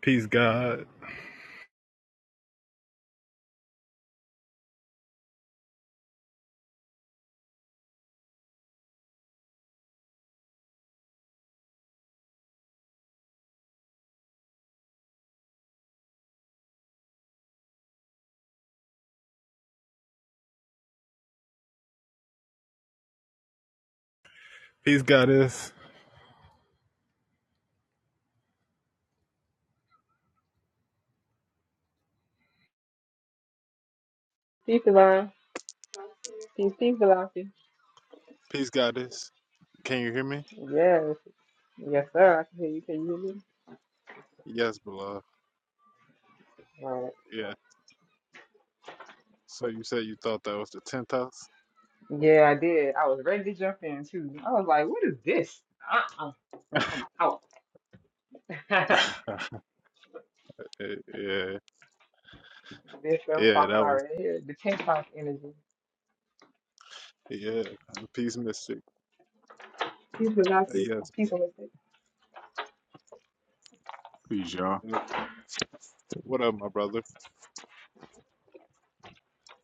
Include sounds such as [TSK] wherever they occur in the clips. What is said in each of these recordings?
Peace, God. Peace, Goddess. Peace, Divine. Peace, peace, Velocity. Peace, Goddess. Can you hear me? Yes. Yes, sir. I can hear you. Can you hear me? Yes, beloved. Right. Yeah. So you said you thought that was the tenth house? Yeah, I did. I was ready to jump in, too. I was like, what is this? Uh-uh. I'm out. [LAUGHS] this [LAUGHS] yeah. is what I'm Yeah, talking that about was. right here. The 10 o'clock energy. Yeah. Peace, Mystic. Peace, Velocity. Yes. Peace, bro. Holistic. Peace, y'all. Yep. What up, my brother?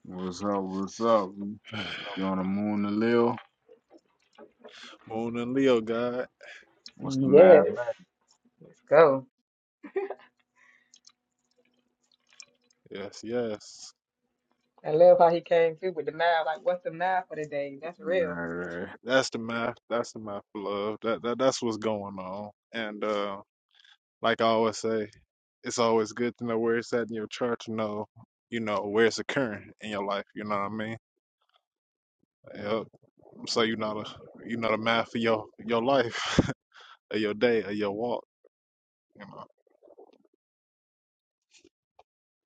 What's up? What's up? [SIGHS] You on the moon and Lil? Moon and Leo, God. What's the Yes. mathematics? Let's go. Yes, yes. I love how he came through with the math. Like, what's the math for the day? That's real. Right, right. That's the math. That's the math, beloved. That, that that's what's going on. And uh, Like I always say, it's always good to know where it's at in your chart to know, you know, where it's occurring in your life. You know what I mean? Yep. So you know the you know the math for your your life, [LAUGHS] or your day, or your walk. You know.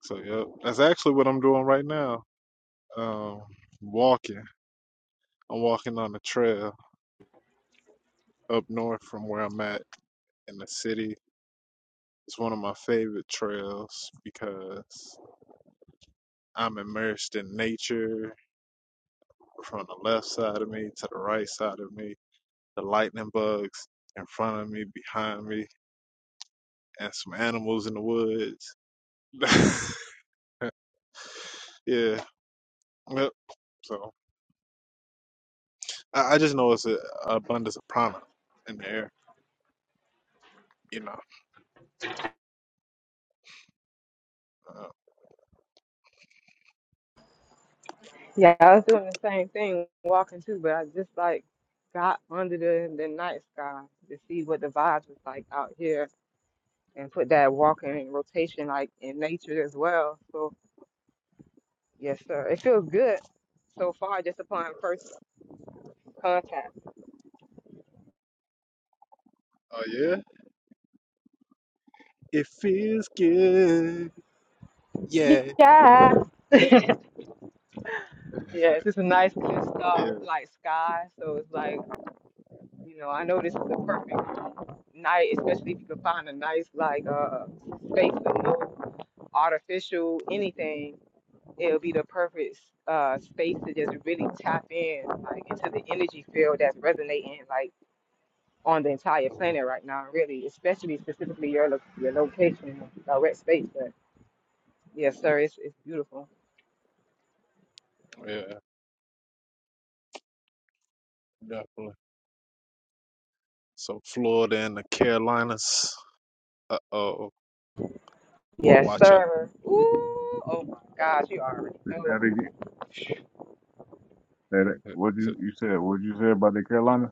So yep, that's actually what I'm doing right now. Um, walking. I'm walking on the trail up north from where I'm at in the city. It's one of my favorite trails because I'm immersed in nature from the left side of me to the right side of me. the lightning bugs in front of me, behind me, and some animals in the woods. [LAUGHS] yeah. Yep. So I, I just know it's a, abundance of prana in the air, you know. Uh, Yeah, I was doing the same thing, walking too, but I just like got under the, the night sky to see what the vibes was like out here and put that walking in rotation like in nature as well. So yes, sir. It feels good so far just upon first contact. oh yeah, it feels good. Yeah. Yeah. [LAUGHS] Yeah. it's just a nice clear Yeah. star like sky. So it's like, you know, I know this is the perfect night, especially if you can find a nice like uh space with no artificial anything, it'll be the perfect uh space to just really tap in like into the energy field that's resonating like on the entire Mhm. planet right now, really, especially specifically your lo- your location, direct space. But yes, sir, it's it's beautiful. Yeah. Definitely. So Florida and the Carolinas. Uh oh. Yes, Watch out. sir. Ooh, oh my gosh, you already Say that know. again. Say that. [LAUGHS] What you you said? What you said about the Carolinas?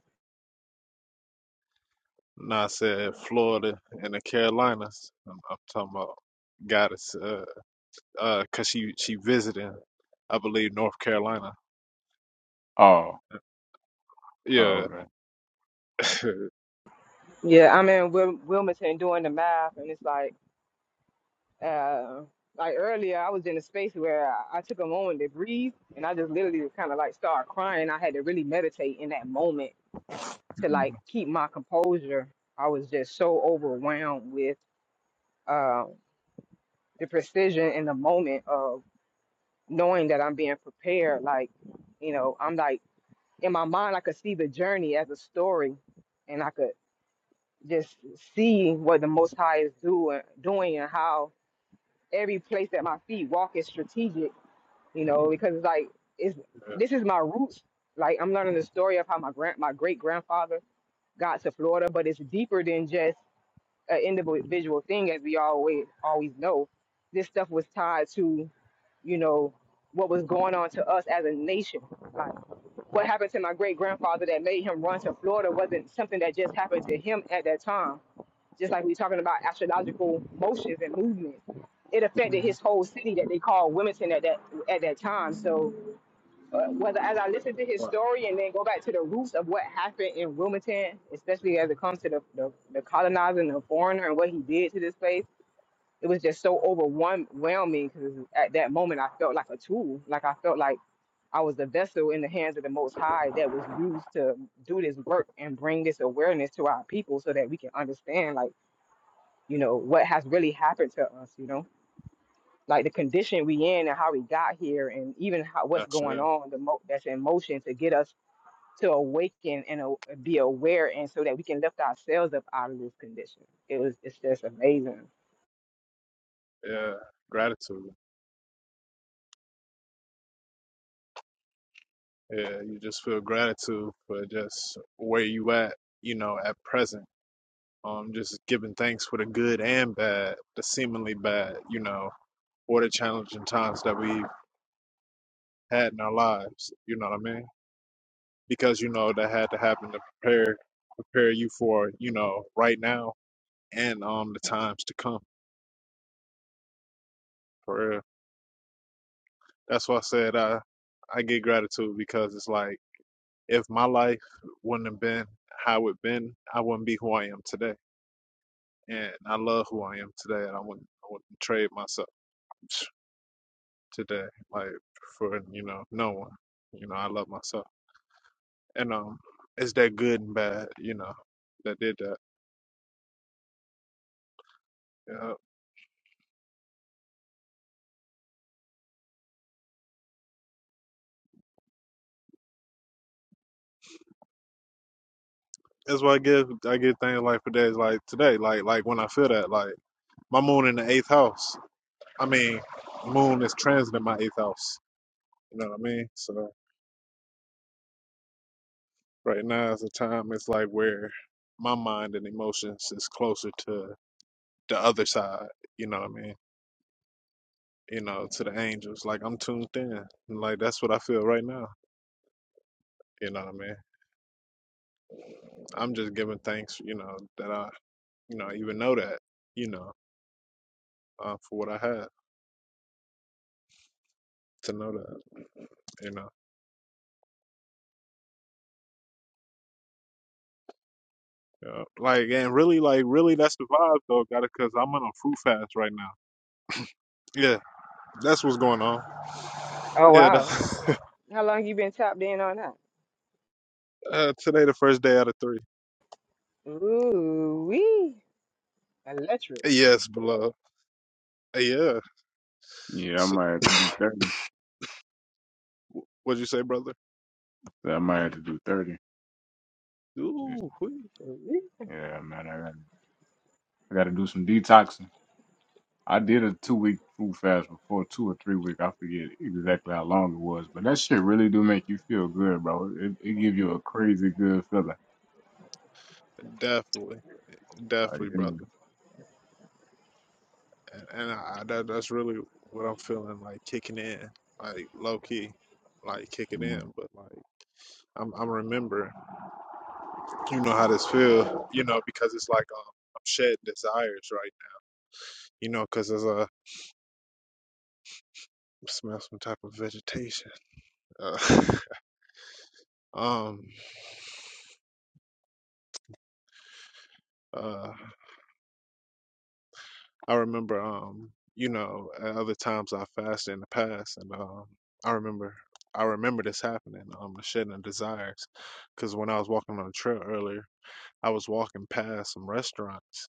Nah, I said Florida and the Carolinas. I'm, I'm talking about goddess. Uh, uh, cause she she visiting, I believe, North Carolina. Oh, oh, Yeah, okay. [LAUGHS] Yeah, I'm in Wil- Wilmington doing the math, and it's like, uh, like earlier, I was in a space where I, I took a moment to breathe, and I just literally kind of like started crying. I had to really meditate in that moment to Mhm. like keep my composure. I was just so overwhelmed with. Uh, the precision in the moment of knowing that I'm being prepared. Like, you know, I'm like in my mind, I could see the journey as a story, and I could just see what the Most High is doing, doing, and how every place that my feet walk is strategic. You know, because it's like it's hmm this is my roots. Like I'm learning the story of how my grand, my great grandfather got to Florida, but it's deeper than just an individual thing, as we always always know. This stuff was tied to you know, what was going on to us as a nation. Like what happened to my great grandfather that made him run to Florida wasn't something that just happened to him at that time. Just like we're talking about astrological motions and movements, it affected his whole city that they called Wilmington at that at that time. So uh, whether as I listen to his wow, story and then go back to the roots of what happened in Wilmington, especially as it comes to the the, the colonizer and the foreigner and what he did to this place it was just so overwhelming because at that moment I felt like a tool. Like I felt like I was the vessel in the hands of the Most High that was used to do this work and bring this awareness to our people so that we can understand, like, you know, what has really happened to us, you know, like the condition we in and how we got here and even how, what's that's going it. on the mo- that's in motion to get us to awaken and a- be aware and so that we can lift ourselves up out of this condition. It was, it's just amazing. Yeah, gratitude. Yeah, you just feel gratitude for just where you at, you know, at present. Um, just giving thanks for the good and bad, the seemingly bad, you know, or the challenging times that we've had in our lives. You know what I mean? Because you know that had to happen to prepare prepare you for, you know, right now and um the times to come. for. real. That's why I said I I get gratitude because it's like if my life wouldn't have been how it been, I wouldn't be who I am today. And I love who I am today, and I wouldn't I wouldn't trade myself today, like for you know no one. You know I love myself, and um, it's that good and bad, you know, that did that. Yeah. That's why I give I give things like for days like today, like like when I feel that, like my moon in the eighth house. I mean, moon is transiting my eighth house. You know what I mean? So Right now is a time it's like where my mind and emotions is closer to the other side, you know what I mean? You know, to the angels. Like I'm tuned in. And like that's what I feel right now. You know what I mean? I'm just giving thanks, you know, that I, you know, even know that, you know, uh, for what I have to know that you know. Yeah. Like and really, like really, that's the vibe though, got it. Cause I'm on a fruit fast right now. Yeah, that's what's going on. Oh, Yeah, wow. that's, How long you been tapped in on that? [LAUGHS] uh, today the first day out of three. Ooh, wee. Electric. Yes, beloved. Uh, Yeah. Yeah, I So, might have to do thirty. what'd you say, brother? Yeah, I might have to do thirty. Just- Ooh, wee. For real. Yeah, man, I got I got to do some detoxing. I did a two week food fast before, two or three week. I forget exactly how long it was, but that shit really do make you feel good, bro. It, it give you a crazy good feeling. definitely, Like, definitely, mm, brother. And, and I, that, that's really what I'm feeling like kicking in, like low key, like kicking in. mm. But like I'm, I'm remembering. You know how this feel, you know, because it's like um, I'm shedding desires, right? now, You know, because there's a smell some type of vegetation. Uh, [LAUGHS] um. uh, I remember, um, you know, at other times I fasted in the past, and um, I remember, I remember this happening, um, the shedding of desires, because when I was walking on the trail earlier, I was walking past some restaurants,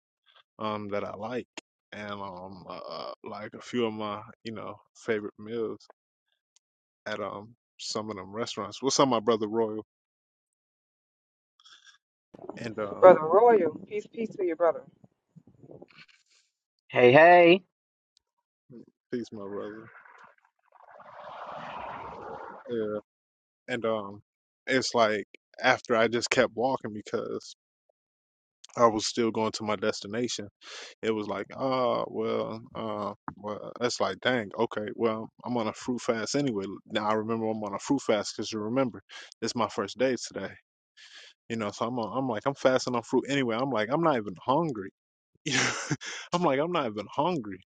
um, that I like, and um, uh, like a few of my, you know, favorite meals at um some of them restaurants. What's up, my brother Royal, and um, Brother Royal. Peace, peace to your brother. Hey, hey, peace, my brother. Yeah, and um, it's like after I just kept walking because. I was still going to my destination. It was like, ah, well, uh, well, that's like, dang, okay, well, I'm on a fruit fast anyway. Now I remember I'm on a fruit fast because you remember, it's my first day today. You know, so I'm, on, I'm like, I'm fasting on fruit anyway. I'm like, I'm not even hungry. [LAUGHS] You know? I'm like, I'm not even hungry.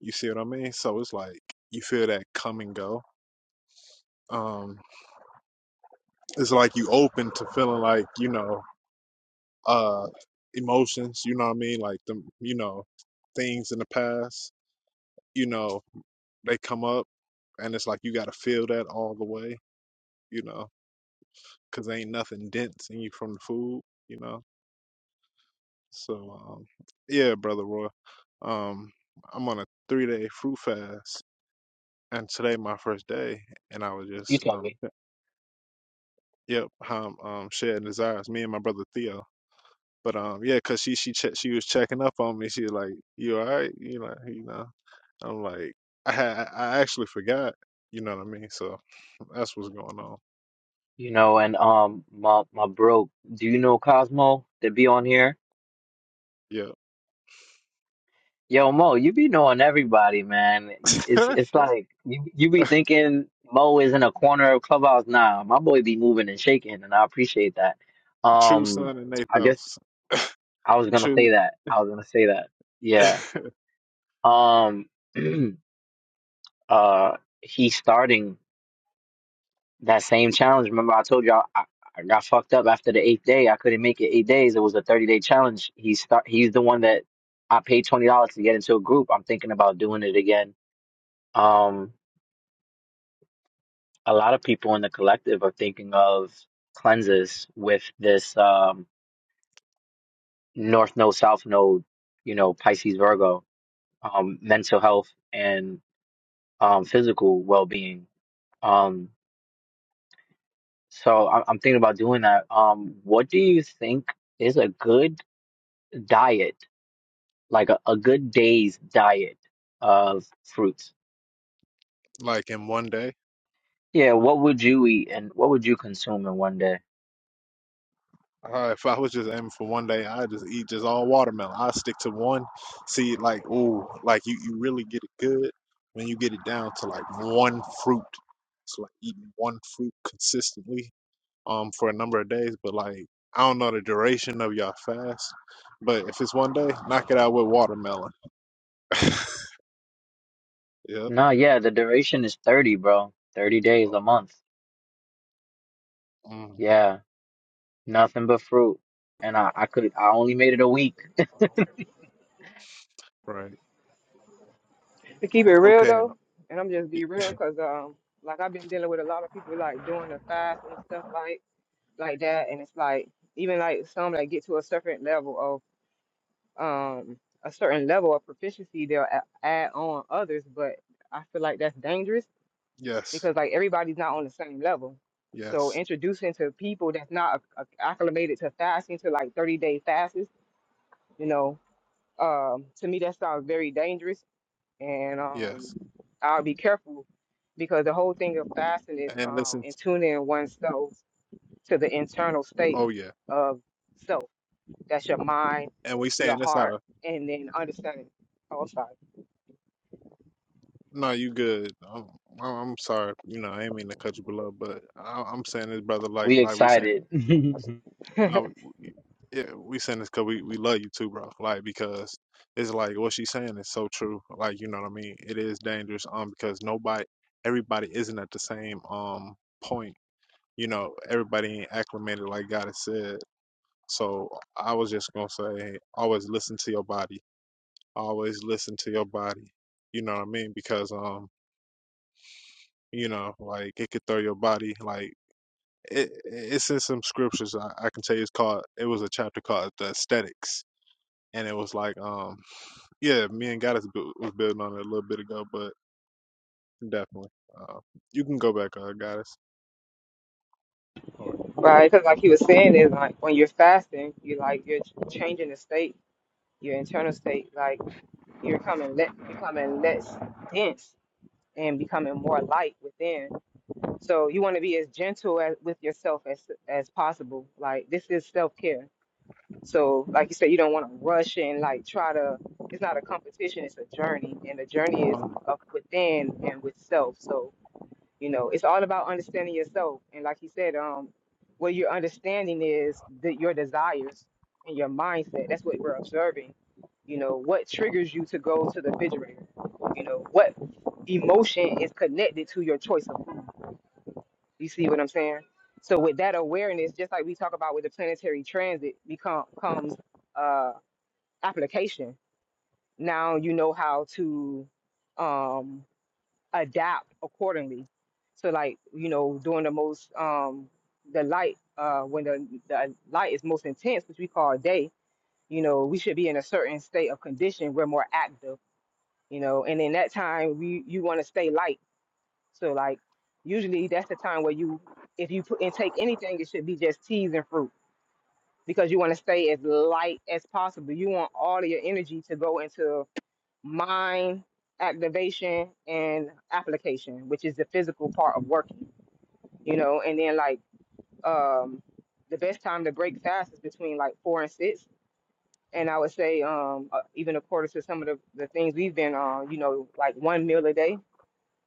You see what I mean? So it's like you feel that come and go. Um, it's like you open to feeling like you know, uh, emotions. You know what I mean? Like the, you know, things in the past you know, they come up and it's like you got to feel that all the way, you know, because ain't nothing dense in you from the food, you know. So, um, yeah, brother Roy, um, I'm on a three day fruit fast, and today my first day, and I was you just, tell um, me. yep, um, um, sharing desires, me and my brother Theo. But um, yeah, cause she she che- she was checking up on me. She was like, "You all right?" You know, you know. I'm like, I had I actually forgot. You know what I mean? So that's what's going on. You know, and um, my my bro, do you know Cosmo that be on here? Yeah. Yo, Mo, you be knowing everybody, man. [LAUGHS] It's it's like you you be thinking Mo is in a corner of clubhouse. Nah, my boy be moving and shaking, and I appreciate that. True Um, son in eighth I guess house. I was gonna say True, that. I was gonna say that. Yeah. [LAUGHS] Um, [CLEARS THROAT] uh, he's starting. That same challenge. Remember, I told y'all I, I got fucked up after the eighth day. I couldn't make it eight days. It was a thirty day challenge. He start. He's the one that I paid twenty dollars to get into a group. I'm thinking about doing it again. Um, a lot of people in the collective are thinking of cleanses with this um North Node, South Node. You know, Pisces, Virgo, um, mental health and um physical well being. Um, so I, I'm thinking about doing that. Um, what do you think? is a good diet, like a, a good day's diet of fruits. like in one day. Yeah, what would you eat and what would you consume in one day? Uh, if I was just aiming for one day, i just eat just all watermelon. I stick to one. See, like, ooh, like you, you really get it good when you get it down to like one fruit. So like eating one fruit consistently, um, for a number of days. But like, I don't know the duration of your fast, but if it's one day, knock it out with watermelon. [LAUGHS] Yep. No, yeah, the duration is 30, bro. 30 days a month. Mm, Yeah, nothing but fruit. And I, I could, I only made it a week. right. To keep it real Okay. and- though, and I'm just y- be real because um like I've been dealing with a lot of people like doing the fast and stuff like like that and it's like even like some that get to a certain level of um a certain level of proficiency they'll a- add on others but I feel like that's dangerous Yes. because like everybody's not on the same level. So Yes. introducing to people that's not acc- acclimated to fasting to like 30 day fasts, you know Um, to me, that sounds very dangerous, and Yes. um, I'll be careful because the whole thing of fasting is and um, listen. t- in tuning oneself to the internal state oh yeah, of self. That's your mind, and we your saying that's out heart, of and then understanding. Oh, I'm sorry. no, you good. I'm, I'm I'm sorry, you know, I ain't mean to cut you below, but I, I'm saying this, brother. Like, We like we saying, excited. [LAUGHS] Listen no, we, yeah, we saying this because we we love you too, bro. Like, because it's like what she's saying is so true. Like, you know what I mean? It is dangerous, um, because nobody, everybody isn't at the same um point. You know, everybody ain't acclimated like God has said. So I was just gonna say, always listen to your body always listen to your body. You know what I mean? Because um, you know, like it could throw your body like it, it's in some scriptures. I, I can tell you it's called. It was a chapter called the aesthetics, and it was like um, yeah, me and Goddess bu- was building on it a little bit ago, but definitely, uh, you can go back, uh, Goddess. All right, [LAUGHS] right, because like you were saying, is like when you're fasting, you like you're ch- changing the state, your internal state. Like you're becoming le- becoming less dense and becoming more light within So you want to be as gentle as, with yourself as as possible. Like this is self care. So like you said, you don't want to rush and like try to. It's not a competition. It's a journey, and the journey one is hundred, up within and with self. So you know, it's all about understanding yourself. And like you said, um, what you're understanding is that your desires and your mindset. That's what we're observing. You know, what triggers you to go to the refrigerator? You know, what emotion is connected to your choice of food? You see what I'm saying? So with that awareness, just like we talk about with the planetary transit, become comes uh, application. Now you know how to um, adapt accordingly. So like you know, during the most um, the light uh, when the, the light is most intense, which we call day. You know, we should be in a certain state of condition. We're more active. You know, and in that time, we you want to stay light so like usually that's the time where you if you put intake anything, it should be just teas and fruit because you want to stay as light as possible. You want all of your energy to go into mind activation and application, which is the physical part of working, you know, and then like um the best time to break fast is between like four and six. And I would say, um, uh, even according to some of the, the things we've been on, you know, like one meal a day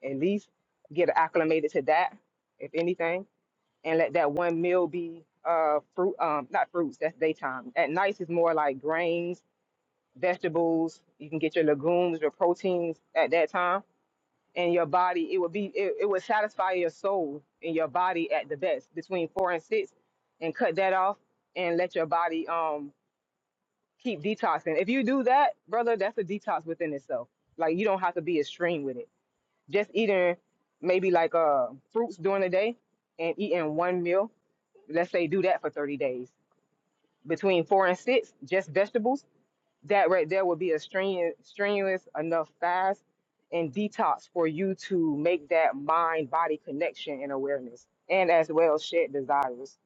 at least, get acclimated to that, if anything and let that one meal be uh fruit um not fruits that's daytime at night is more like grains vegetables you can get your legumes your proteins at that time and your body it would be it, it would satisfy your soul and your body at the best between four and six and cut that off and let your body um keep detoxing if you do that brother that's a detox within itself like you don't have to be extreme with it just eating maybe like uh fruits during the day and eating one meal let's say do that for 30 days between four and six just vegetables that right there would be a strenuous, strenuous enough fast and detox for you to make that mind body connection and awareness and as well shed desires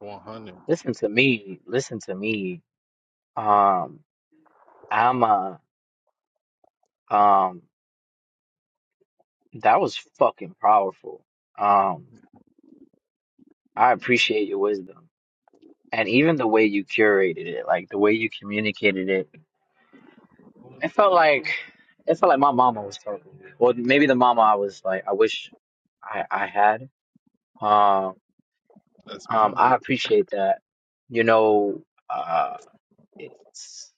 one hundred. to me. Listen to me. Um, I'm a, um, that was fucking powerful. Um, I appreciate your wisdom. and even the way you curated it, like the way you communicated it, it felt like it felt like my mama was talking. to me. Well, maybe the mama I was like, I wish I I had. Um, That's um, I mommy, appreciate that. You know, uh, it's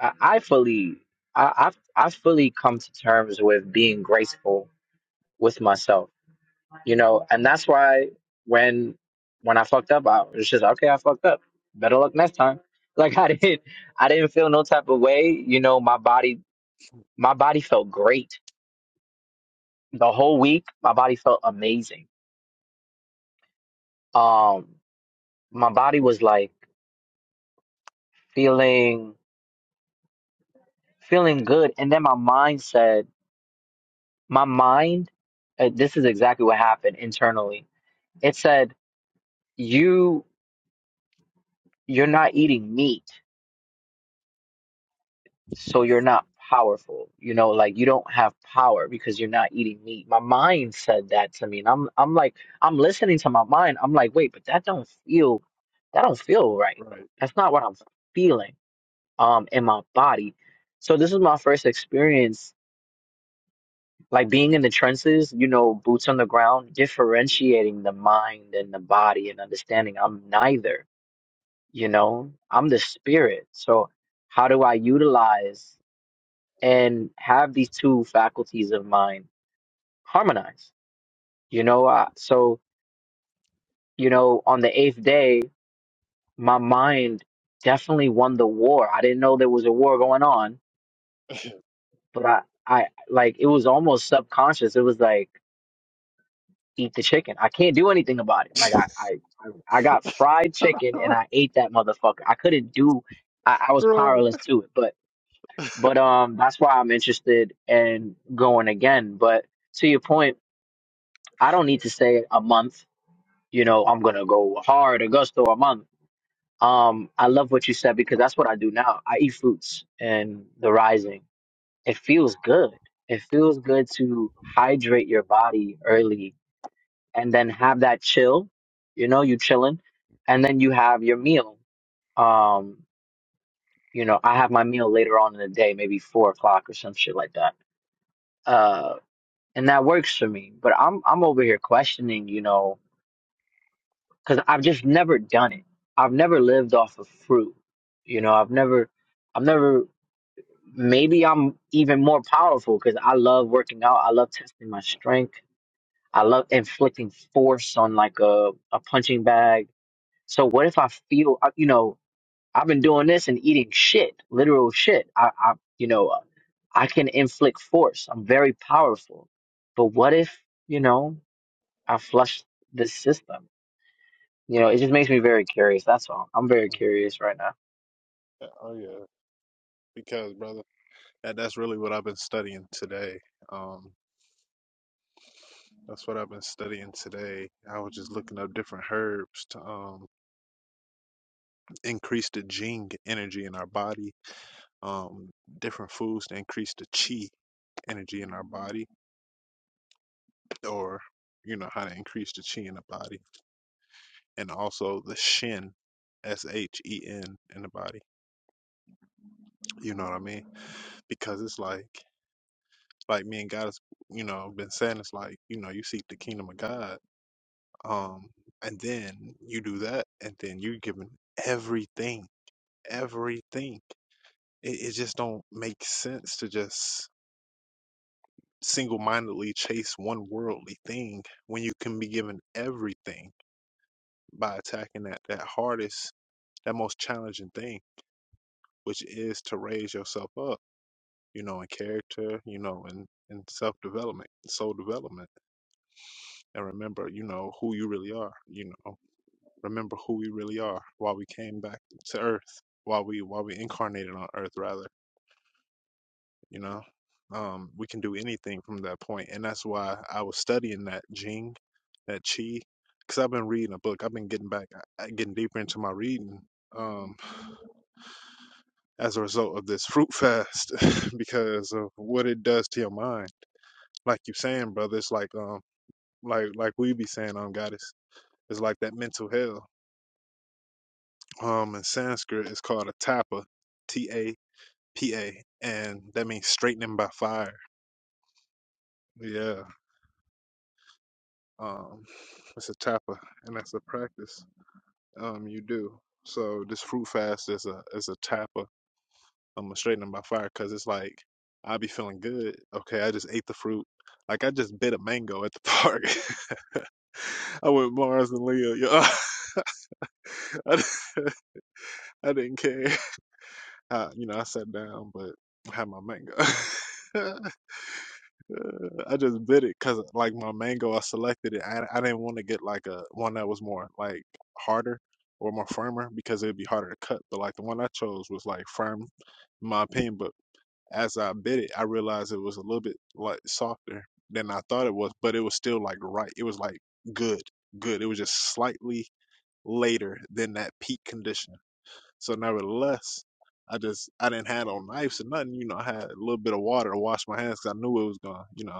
I, I fully I I've, I've fully come to terms with being graceful with myself you know, and that's why when when I fucked up, I was just okay. I fucked up. Better luck next time. [LAUGHS] Like I didn't, I didn't feel no type of way. You know, my body, my body felt great the whole week. My body felt amazing. Um, my body was like feeling feeling good, and then my mind said, my mind, uh, this is exactly what happened internally. It said, you you're not eating meat. so you're not powerful you know like you don't have power because you're not eating meat my mind said that to me and i'm i'm like i'm listening to my mind i'm like wait but that don't feel that don't feel right right? that's not what i'm feeling um in my body so this is my first experience like being in the trenches you know boots on the ground differentiating the mind and the body and understanding i'm neither you know i'm the spirit so how do i utilize and have these two faculties of mine harmonize. You know, uh, so you know, on the eighth day, my mind definitely won the war. I didn't know there was a war going on, but I, I like it was almost subconscious. It was like eat the chicken. I can't do anything about it. Like I, I, I I got fried [LAUGHS] chicken and right. I ate that motherfucker. I couldn't do. I, I was Mhm. powerless to it. But, but um, that's why I'm interested in going again. But to your point, I don't need to say a month you know, I'm gonna go hard Augusto or month. Um, I love what you said because that's what I do now. I eat fruits and the rising. It feels good. It feels good to hydrate your body early and then have that chill. You know, you chilling, and then you have your meal. Um, you know, I have my meal later on in the day, maybe four o'clock or some shit like that. Uh, and that works for me. But I'm I'm over here questioning. You know, because I've just never done it. I've never lived off of fruit. You know, I've never, I've never, maybe I'm even more powerful because I love working out. I love testing my strength. I love inflicting force on like a, a punching bag. So what if I feel, I- you know, I've been doing this and eating shit, literal shit. I, I, you know, I can inflict force. I'm very powerful. But what if, you know, I flush the system? You know, it just makes me very curious. That's all. I'm very curious right now. Yeah, Oh yeah, because brother, that, that's really what I've been studying today. Um, That's what I've been studying today. I was just looking up different herbs to um increase the jing energy in our body, um different foods to increase the chi energy in our body or you know how to increase the chi in the body and also the Shen, S H E N in the body. You know what I mean? Because it's like like me and God has you know been saying it's like, you know, you seek the kingdom of God. Um and then you do that and then you are given everything everything. It, it just don't make sense to just single-mindedly chase one worldly thing when you can be given everything by attacking that that hardest, that most challenging thing, which is to raise yourself up, you know, in character, you know, in in self-development, soul development, and remember, you know, who you really are, you know, remember who we really are, why we came back to earth, why we why we incarnated on earth rather you know um we can do anything from that point and that's why i was studying that jing that chi because i've been reading a book i've been getting back uh, getting deeper into my reading um as a result of this fruit fast [LAUGHS] because of what it does to your mind like you saying brother it's like um like like we be saying on goddess it's like that mental hell um in sanskrit it's called a tapa t-a-p-a and that means straightening by fire yeah Um, it's a tapa, and that's a practice um you do. So this fruit fast is a is a tapa. I'm going a straightening by fire because it's like I be feeling good. Okay, I just ate the fruit. Like I just bit a mango at the park. [LAUGHS] I went Mars and Leo. Yo, [LAUGHS] I, di- [LAUGHS] I didn't care. Uh, you know, I sat down, but I had my mango. [LAUGHS] I just bit it because like my mango, I selected it. I, I didn't want to get like a one that was more like harder or more firmer because it'd be harder to cut. But like the one I chose was like firm, in my opinion. But as I bit it, I realized it was a little bit like softer than I thought it was, but it was still like right. It was like good, good. It was just slightly later than that peak condition. So nevertheless. I just I didn't have no knives or nothing, you know. I had a little bit of water to wash my hands because I knew it was gonna, you know,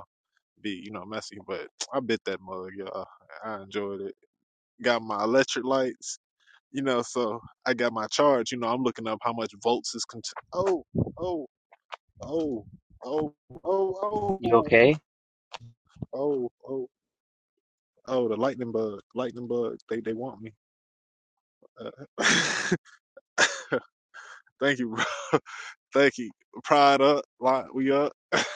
be, you know, messy. But [TSK] I bit that mug, y'all. I enjoyed it. Got my electric lights, you know, so I got my charge. You know, I'm looking up how much volts is cont- oh, oh, oh, oh, oh, You oh, okay? oh, oh, oh, the lightning bug. Lightning bugs, they they want me. Uh, [LAUGHS] thank you, bro. [LAUGHS] Thank you. Pride up, lot we up. [LAUGHS] That's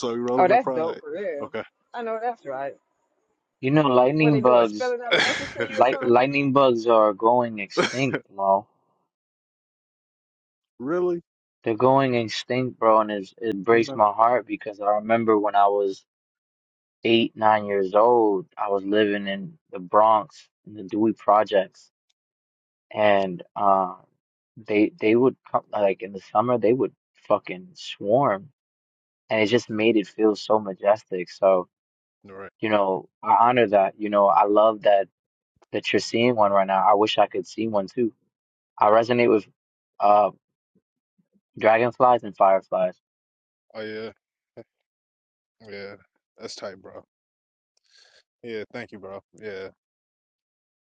why we oh rolling the that's dope pride. for real Okay. i know that's right You know, what lightning they doing bugs, spelling out a message to you or light something lightning bugs are going extinct, Mo. [LAUGHS] really? They're going extinct, bro, and it's, it breaks No. All my heart because I remember when I was eight, nine years old, I was living in the Bronx in the Dewey Projects, and uh, they they would come like in the summer they would fucking swarm, and it just made it feel so majestic. So. Right. You know, I honor that. You know, I love that that you're seeing one right now. I wish I could see one too. I resonate with uh dragonflies and fireflies. Oh yeah. Yeah, that's tight, bro. Yeah, thank you, bro. Yeah,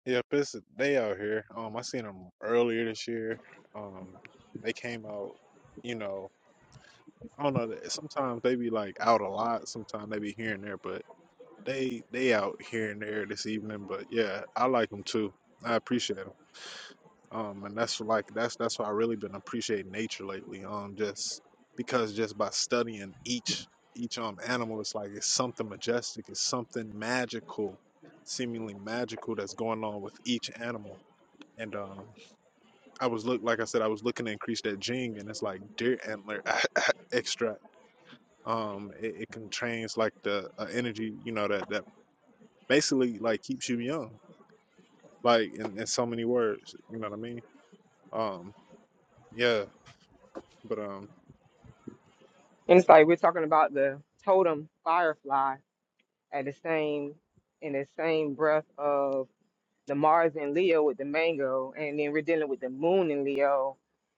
yeah, it's they out here. Um, I seen them earlier this year. Um, they came out. You know, I don't know. th- Sometimes they be like out a lot. Sometimes they be here and there, but they they out here and there this evening. But yeah, I like them too. I appreciate 'em. Um, and that's like that's that's why I really been appreciating nature lately. Um, just because just by studying each each um animal, it's like it's something majestic, it's something magical, seemingly magical that's going on with each animal. And um, I was look like I said, I was looking to increase that jing, and it's like deer antler [LAUGHS] extract. Um, it, it contains like the uh, energy, you know, that that basically like keeps you young, like in, in so many words. You know what I mean? Um, yeah, but um. and it's like we're talking about the totem firefly at the same in the same breath of the Mars in Leo with the mango, and then we're dealing with the moon in Leo,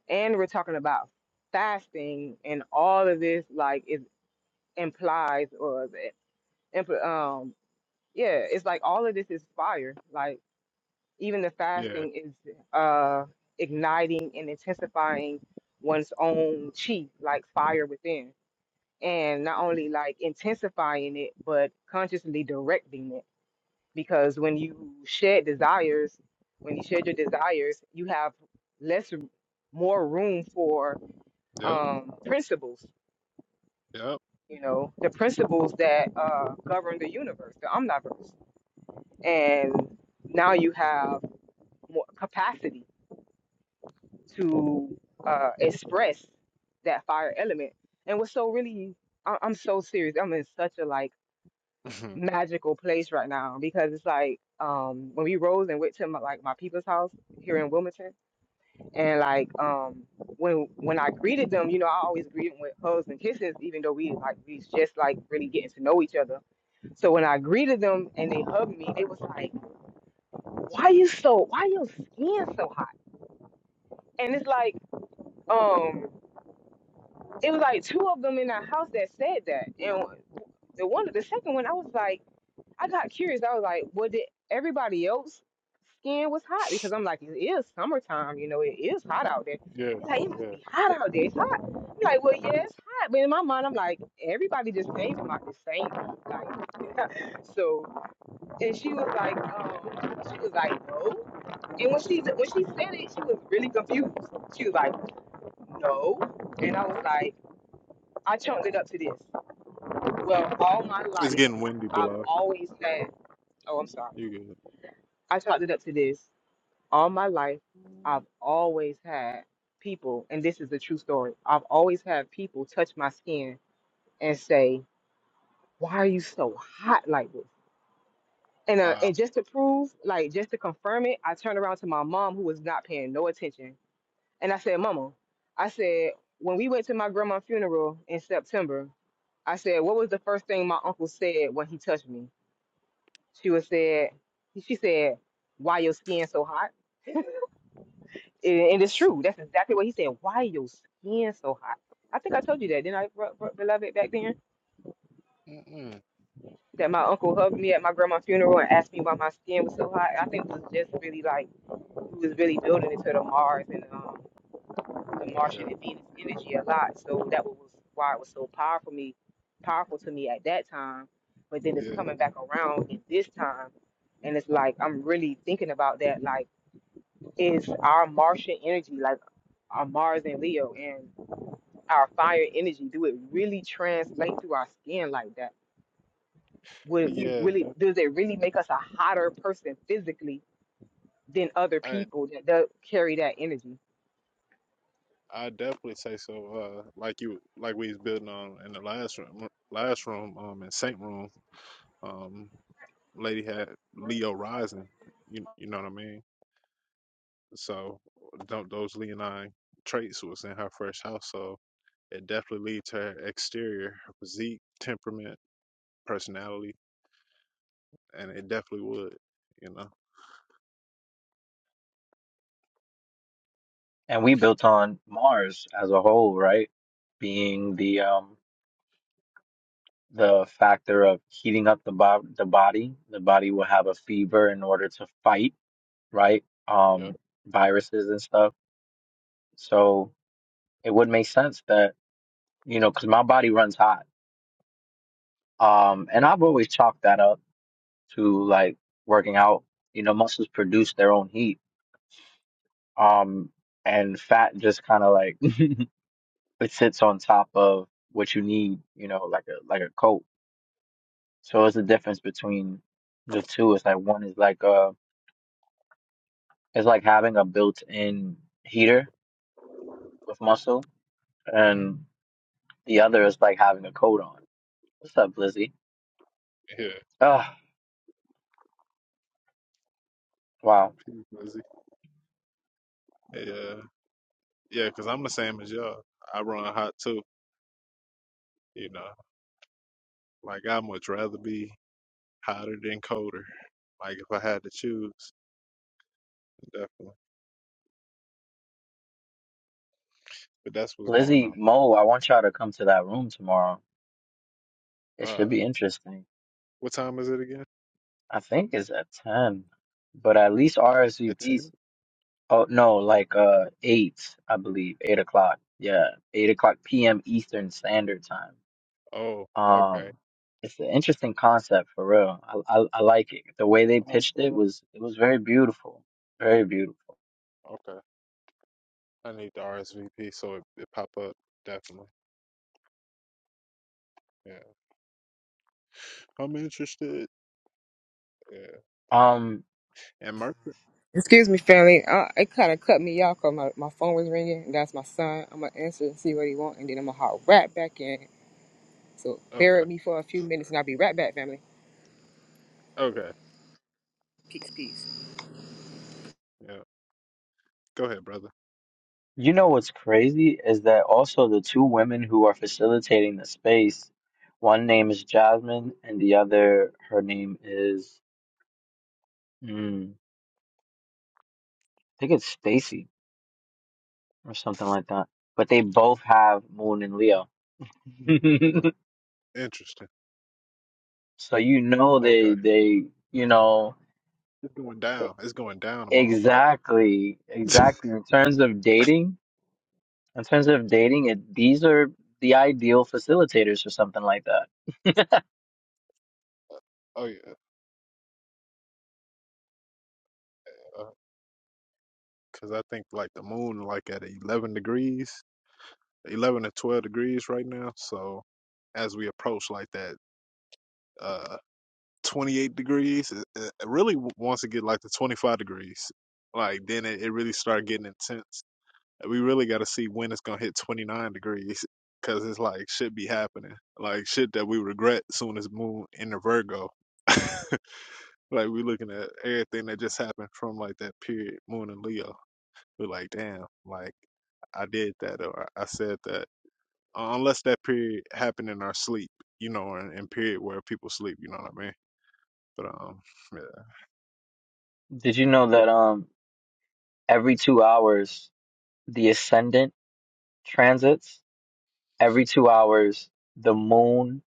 and we're talking about fasting, and all of this like it implies or the impl- um yeah, it's like all of this is fire. Like even the Yeah. fasting is uh igniting and intensifying one's own chi, like fire within. And not only like intensifying it, but consciously directing it because when you shed desires, when you shed your desires, you have less, more room for Yep. um, principles. Yep. You know, the principles that uh, govern the universe, the omniverse, and now you have more capacity to uh, express that fire element. And what's so really, I- I'm so serious. I'm in such a like [LAUGHS] magical place right now because it's like um, when we rose and went to my, like my people's house here in Wilmington And like um when when I greeted them, you know, I always greet them with hugs and kisses, even though we like we just like really getting to know each other. So when I greeted them and they hugged me, they was like, "Why you so? Why your skin so hot?" And it's like, um, it was like two of them in our house that said that, and the one, the second one, I was like. I got curious. I was like, well, did everybody else skin was hot? Because I'm like, it is summertime, you know, it is hot out there. yeah. It's like it must Yeah. be hot out there. It's hot. I'm like, well, yeah, it's hot. But in my mind, I'm like, everybody just came from like the same like [LAUGHS] so and she was like, um, she was like, no. And when she when she said it, she was really confused. She was like, "No," and I was like, I chunked it up to this. Well, all my It's life, getting windy, I've below. always had. Oh, I'm sorry. You good? I chalked it up to this. All my life, I've always had people, and this is the true story. I've always had people touch my skin and say, "Why are you so hot like this?" And uh, Wow. and just to prove, like just to confirm it, I turned around to my mom, who was not paying no attention, and I said, "Mama," I said, when we went to my grandma's funeral in September, I said, "What was the first thing my uncle said when he touched me?" She was said, she said, "Why your skin so hot?" And and it's true. That's exactly what he said. Why your skin so hot? I think I told you that, didn't I, bro, bro, beloved, back then? Mm-mm. That my uncle hugged me at my grandma's funeral and asked me why my skin was so hot. I think it was just really like we was really building into the Mars and um, the Martian Yeah. and Venus energy a lot. So that was why it was so powerful me, powerful to me at that time. But then it's Yeah. coming back around at this time, and it's like I'm really thinking about that. Like, is our Martian energy like our Mars and Leo and our fire energy, do it really translate through our skin like that? Would we Yeah. really def- does it really make us a hotter person physically than other I people that do carry that energy? I definitely say so. Uh, like you, like we was building on in the last room, last room, um, in Saint Room, um, lady had Leo rising. You you know what I mean? So tho- those Leonine traits was in her first house, so it definitely leads to her exterior, her physique, temperament, personality. and it definitely would, you know. And we built on Mars as a whole, right? Being the um the factor of heating up the bo the body. The body will have a fever in order to fight, right? Yeah, Um viruses and stuff. So it would make sense that, you know, because my body runs hot. Um and I've always chalked that up to like working out. You know, muscles produce their own heat. Um, and fat just kind of like [LAUGHS] it sits on top of what you need, you know, like a like a coat. So it's the difference between the two. It's like one is like uh it's like having a built-in heater with muscle and the other is like having a coat on. What's up, Lizzie? yeah, Oh, wow. Peace, Lizzy. yeah, yeah. Cause I'm the same as y'all. I run hot too, you know. Like I much rather be hotter than colder. Like if I had to choose, definitely. But that's what's going Lizzie on. Mo, I want y'all to come to that room tomorrow. It Uh, should be interesting. what time is it again? I think it's a 10, but at least At RSVP's. ten? Oh, no, like uh 8, I believe, 8 o'clock. Yeah, 8 o'clock p.m. Eastern Standard Time. Oh, okay. Um, it's an interesting concept for real. I, I, I like it. The way they Oh, pitched it hold was it was very beautiful, very beautiful. on. okay. I need the RSVP so it, it pop up definitely. Yeah, I'm interested. Yeah, Um, and Mercury. Excuse me, family. Uh, it kind of cut me off because my, my phone was ringing. And that's my son. I'm going to answer and see what he want, and then I'm going to hop right back in. So bear Okay, with me for a few minutes, and I'll be right back, family. okay. Peace, peace. Yeah, go ahead, brother. [LAUGHS] you know what's crazy is that also the two women who are facilitating the space, one name is Jasmine and the other her name is mm, I think it's Stacy or something like that. But they both have Moon and Leo, Mhm. Interesting. [LAUGHS] so you know they Okay. they you know It's going e- down. It's going down tomorrow, bro. exactly [LAUGHS] exactly in terms of dating. In terms of dating, it, these are the ideal facilitators for something like that. Oh yeah, uh, cause I think like the moon like at eleven degrees, eleven to twelve degrees right now. So as we approach like that, uh, twenty eight degrees, it, it really w- wants to get like to twenty five degrees. Like then it, it really start getting intense. We really got to see when it's gonna hit twenty nine degrees, cause it's like shit be happening, like shit that we regret soon as moon in the Virgo. [LAUGHS] Like we looking at everything that just happened from like that period, Moon and Leo. We're like, damn, like I did that or I I said that. Uh, Unless that period happened in our sleep, you know, or in, in period where people sleep, you know what I mean? But um, yeah, Did you know Wha- that um every two hours the ascendant transits? Every two hours the Moon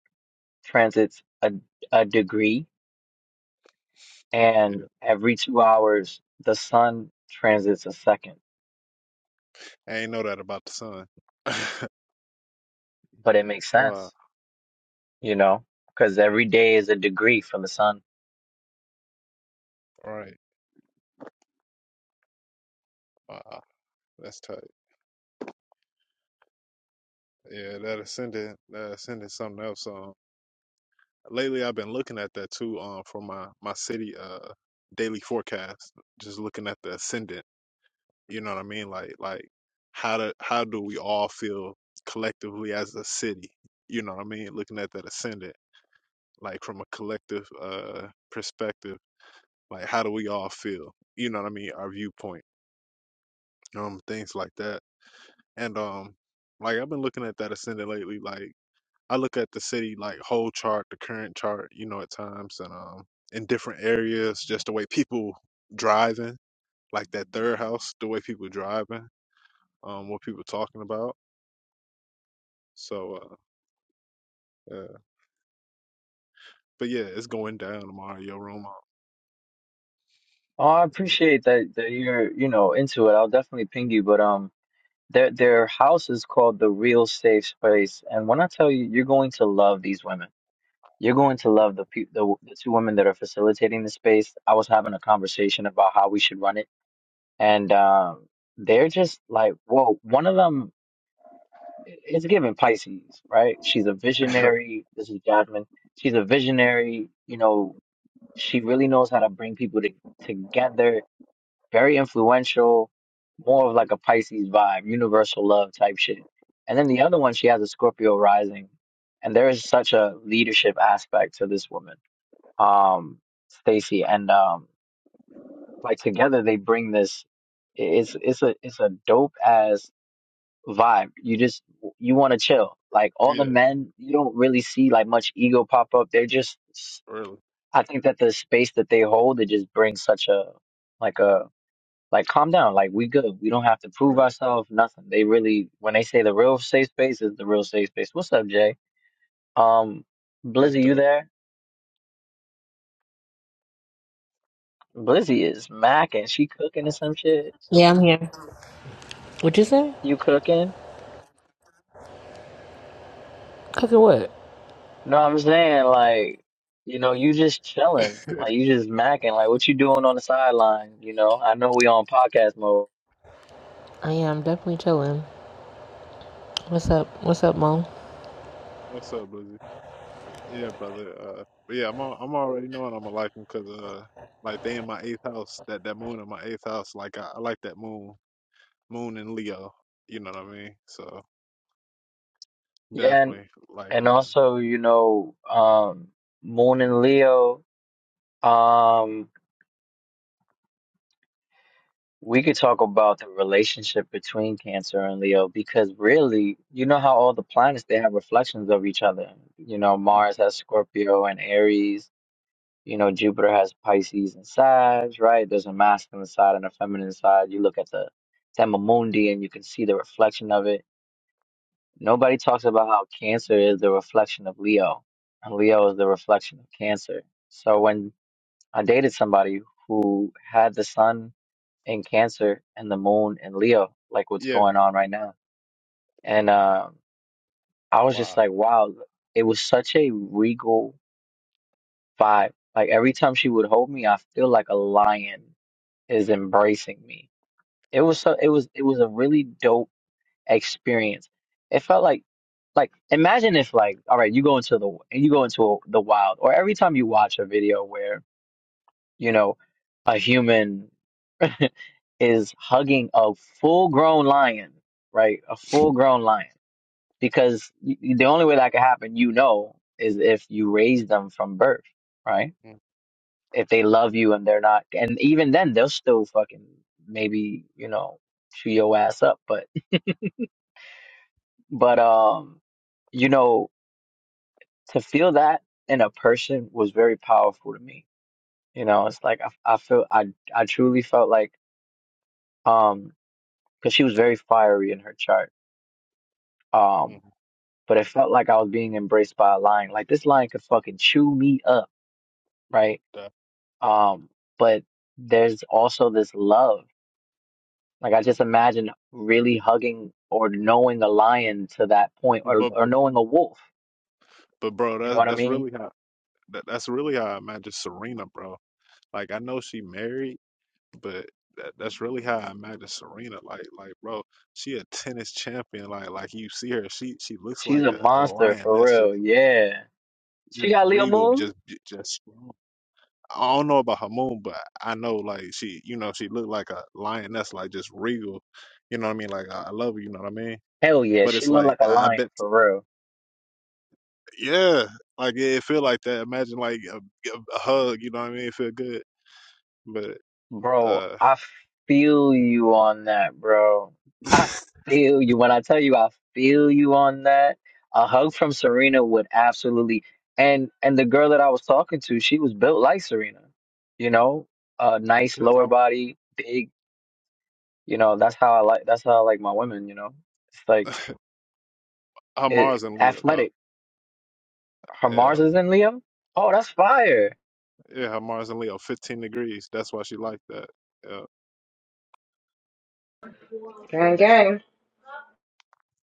transits a a degree, yeah. and every two hours the Sun transits a second. I ain't know that about the sun. [LAUGHS] but it makes wow, sense, you know, because every day is a degree from the sun. right. Wow, that's tight. Yeah, that ascendant, that ascendant, something else. Um, lately I've been looking at that too. Um, for my my city uh daily forecast, just looking at the ascendant. You know what I mean? Like like how do how do we all feel collectively as a city? You know what I mean? Looking at that ascendant, like from a collective uh perspective, like how do we all feel? You know what I mean? Our viewpoint, um, things like that. And um, like I've been looking at that ascendant lately. Like I look at the city like whole chart, the current chart, you know, at times, and um, in different areas, just the way people driving, like that third house, the way people driving, um, what people talking about So, uh, uh, but yeah, it's going down tomorrow. Yo Roma. Oh, I on. appreciate that that you're, you know, into it. I'll definitely ping you, but um, their their house is called the Real Safe Space, and when I tell you, you're going to love these women. You're going to love the peo- the the two women that are facilitating the space. I was having a conversation about how we should run it, and um, they're just like, whoa. One of them i- is giving Pisces, right? She's a visionary. This is Jasmine she's a visionary, you know, She really knows how to bring people to, together. Very influential, more of like a Pisces vibe, universal love type shit. And then the other one, she has a Scorpio rising, and there is such a leadership aspect to this woman, um, Stacy, and um, like together they bring this. It's it's a it's a dope ass vibe. You just you want to [LAUGHS] chill. Like all the yeah, men, you don't really see like much ego pop up. They're just really. I think that the space that they hold, it just brings such a like a like calm down, like we good. We don't have to prove Right. ourselves, nothing. They really when they say the real safe space is the real safe space. What's up, Jay? Um That's Blizzy, you dope. there? Blizzy is macking. She cooking or some shit. Yeah, I'm here. What'd you say? You cooking? Cooking what? No, I'm saying like you know, you just chilling, like [LAUGHS] you just macking, like what you doing on the sideline, you know? I know we on podcast mode. I am definitely chilling. What's up? What's up, Mo? What's up, Blizzy? Yeah, brother. Uh, but yeah, I'm al- I'm already knowing I'm gonna like them because uh, like they in my eighth house. That that moon in my eighth house. Like I, I like that moon. Moon in Leo. You know what I mean? So Yeah, and, definitely like and um. also, you know, um, Moon and Leo. Um, we could talk about the relationship between Cancer and Leo because really, you know how all the planets they have reflections of each other. You know, mhm. Mars has Scorpio and Aries, you know, Jupiter has Pisces and Sag, right? There's a masculine side and a feminine side. You look at the Tema Mundi and you can see the reflection of it. mhm. Nobody talks about how Cancer is the reflection of Leo, and Leo is the reflection of Cancer. So when I dated somebody who had the sun in Cancer and the moon in Leo, like what's Yeah. going on right now. And um, I was just Wow. like, wow, it was such a regal vibe. Like every time she would hold me, I feel like a lion is embracing me. It was so it was it was a really dope experience. It felt like like imagine if like all right, you go into the you go into the wild, or every time you watch a video where you know a human. is hugging a full grown lion, right? A full grown lion. Because y- y- the only way that could happen, you know, is if you raise them from birth, right? mm, If they love you and they're not, and even then they'll still fucking maybe, you know, chew your ass up. But, [LAUGHS] but, um, you know, to feel that in a person was very powerful to me. You know, it's like, I, I feel, I, I truly felt like, um, cause she was very fiery in her chart. Um, Mm-hmm. but it felt like I was being embraced by a lion. Like this lion could fucking chew me up, right? But, Um, but there's also this love. Like I just imagine really hugging or knowing a lion to that point, or but or but knowing a wolf. but bro, You know that's what I that's mean? really how that, that's really how I imagine Serena, bro. Like I know she married, but that, that's really how I imagine Serena. Like like bro, she a tennis champion. Like like you see her, she she looks She's like a a, a monster for lioness, just real. Yeah, she just got Leo regal, Moon. just just strong. I don't know about her moon, but I know like she you know she looked like a lioness, like just regal. You know what I mean? Like I, I love her. You know what I mean? Hell yeah, But she it's looked like like a I, I lion bet, for real. yeah. Like yeah, it feel like that. Imagine like a, a hug. You know what I mean? It feel good, but Bro, uh, I feel you on that, bro. [LAUGHS] I 'cause feel you. When I tell you I feel you on that, a hug from Serena would absolutely and and the girl that I was talking to, she was built like Serena. You know, a nice lower I'm, body, big, you know, that's how I like that's how I like my women, you know. It's like I'm it, Mars and Leo though. athletic. Her Mars Yeah, is in Leo? Oh, that's fire. yeah, how Mars and Leo, 15 degrees. That's why she like that. Yeah, Gang, gang.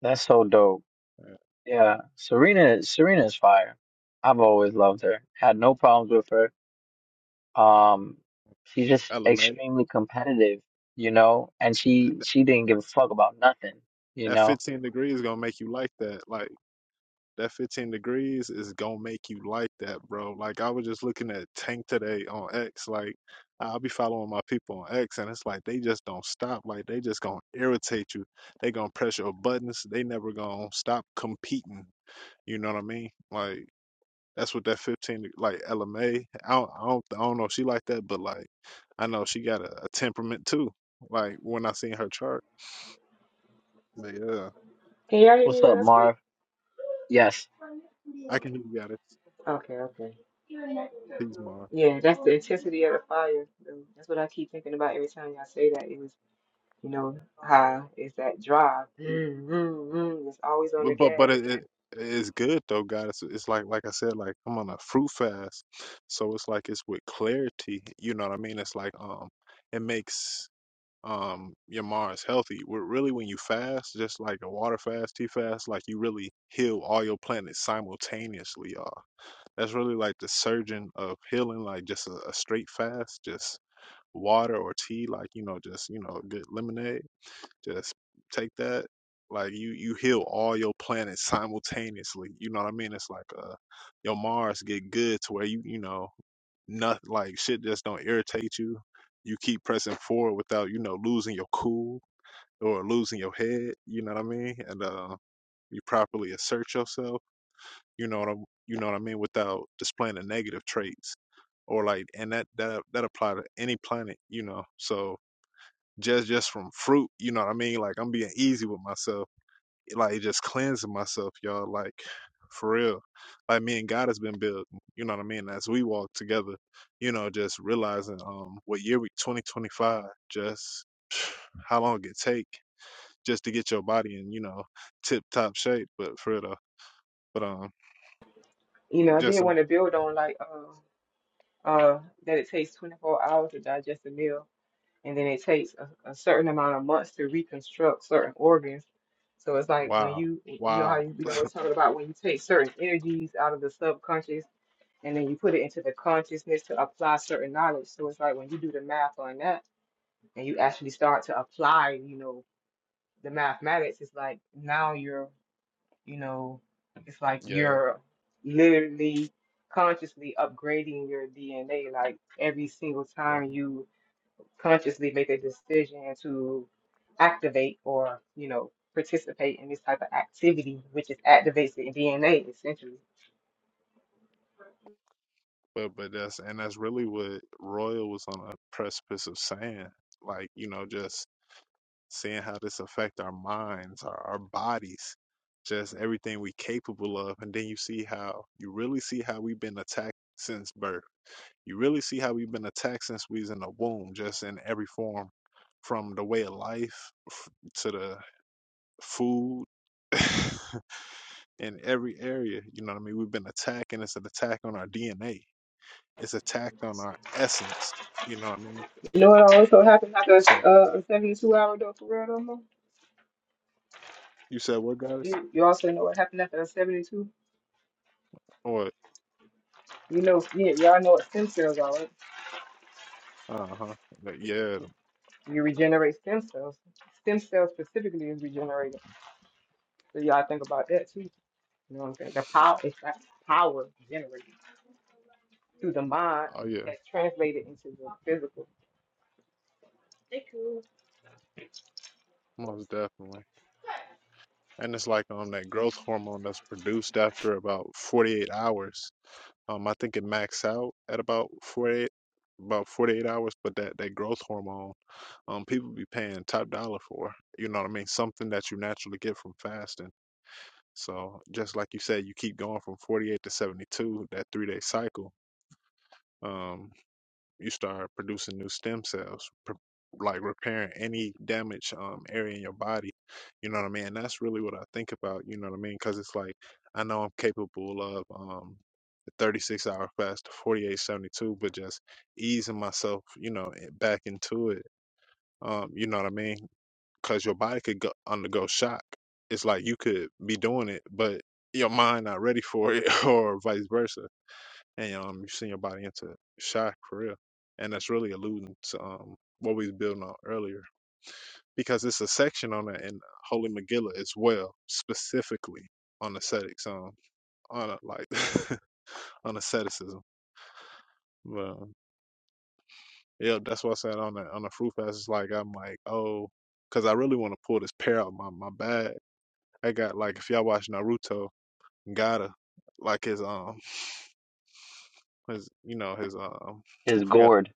That's so dope. yeah. Yeah. Serena Serena is fire. I've always loved her. Had no problems with her Um, she's just LMA. extremely competitive, you know, and she she didn't give a fuck about nothing, you That know. 15 degrees gonna make you like that. Like that 15 degrees is gonna make you like that, bro. Like I was just looking at Tank today on X. Like I'll be following my people on X, and it's like they just don't stop. Like they just gonna irritate you. They gonna press your buttons. They never gonna stop competing. You know what I mean? Like. That's what that fifteen like LMA. I don't, I don't I don't know if she like that, but like I know she got a, a temperament too. Like when I seen her chart, but yeah, Can y'all hear me What's up, when I speak? Marv? Yes, I can hear you got it. Okay, okay. Please, Mar. Yeah, that's the intensity of the fire. That's what I keep thinking about every time y'all say that. You know how is that drive? Mm, mm, mm, It's always on the But but, but gas. it, it it's good though, God. It's, it's like like I said, like I'm on a fruit fast, so it's like it's with clarity. You know what I mean? It's like um, it makes um your Mars healthy. Where really when you fast, just like a water fast, tea fast, like you really heal all your planets simultaneously, y'all That's really like the surgeon of healing, like just a, a straight fast, just water or tea, like you know, just you know, good lemonade. Just take that. Like you, you heal all your planets simultaneously. You know what I mean? It's like uh, your Mars get good to where you, you know, not like shit just don't irritate you. You keep pressing forward without, you know, losing your cool or losing your head. You know what I mean? And uh, you properly assert yourself. You know what I'm, you know what I mean, without displaying the negative traits or like and that that that apply to any planet you know so just just from fruit you know what i mean like i'm being easy with myself like just cleansing myself y'all like for real like me and god has been building you know what i mean as we walk together you know just realizing um what year we 2025 just [SIGHS] how long it take just to get your body in you know tip top shape but for real though but um You know, I did just um, want to build on like uh uh that it takes 24 hours to digest a meal, and then it takes a, a certain amount of months to reconstruct certain organs. So it's like when wow you you know how wow you we always talking about when you take certain energies out of the subconscious and then you put it into the consciousness to apply certain knowledge. So it's like when you do the math on that and you actually start to apply, you know, the mathematics, it's like now you're You know, it's like yeah you're literally consciously upgrading your DNA. Like every single yeah. time you consciously make a decision to activate or, you know, participate in this type of activity, which is activates the DNA essentially. But but that's and that's really what Royal was on a precipice of saying. Like, you know, just seeing how this affect our minds, our, our bodies, just everything we capable of. And then you see how you really see how we've been attacked since birth. You really see how we've been attacked since we was in the womb, just in every form, from the way of life f- to the food. [LAUGHS] in every area, you know what I mean? We've been attacking. It's an attack on our DNA it's attacked on our essence. You know what I mean? You know what also happened after So uh, a 72 hour dose of real though, Mo? you said what guys? You, you also know what happened after a 72? Or You know, yeah, y'all know what stem cells are, right? uh huh. Like, yeah. You regenerate stem cells. Stem cells specifically is regenerated. So y'all think about that too. You know what I'm saying? The power it's that power generated through the mind Oh yeah. that's translated into the physical. Most definitely. And it's like um that growth hormone that's produced after about 48 hours. Um, I think it max out at about 48 about 48 hours, but that that growth hormone, um, people be paying top dollar for. You know what I mean? Something that you naturally get from fasting. So just like you said, you keep going from 48 to 72, that three day cycle. Um. you start producing new stem cells, pr- like repairing any damaged um, area in your body. You know what I mean? And that's really what I think about. You know what I mean? Because it's like I know I'm capable of um, the 36 hour fast, 48, 72, but just easing myself, you know, i- back into it. Um, you know what I mean? Because your body could go, undergo shock. It's like you could be doing it, but your mind not ready for it, [LAUGHS] or vice versa and um, you send your body into shock for real. And that's really alluding to um, what we was building on earlier, because it's a section on it in Holy Megillah as well, specifically on ascetics, um, on a, like [LAUGHS] on asceticism. But um, yeah, that's what I said on the on the fruit fast. It's like I'm like, oh, because I really want to pull this pair out of my my bag. I got like if y'all watch Naruto, Gaara, like his um his you know his um I it's forgot Gord.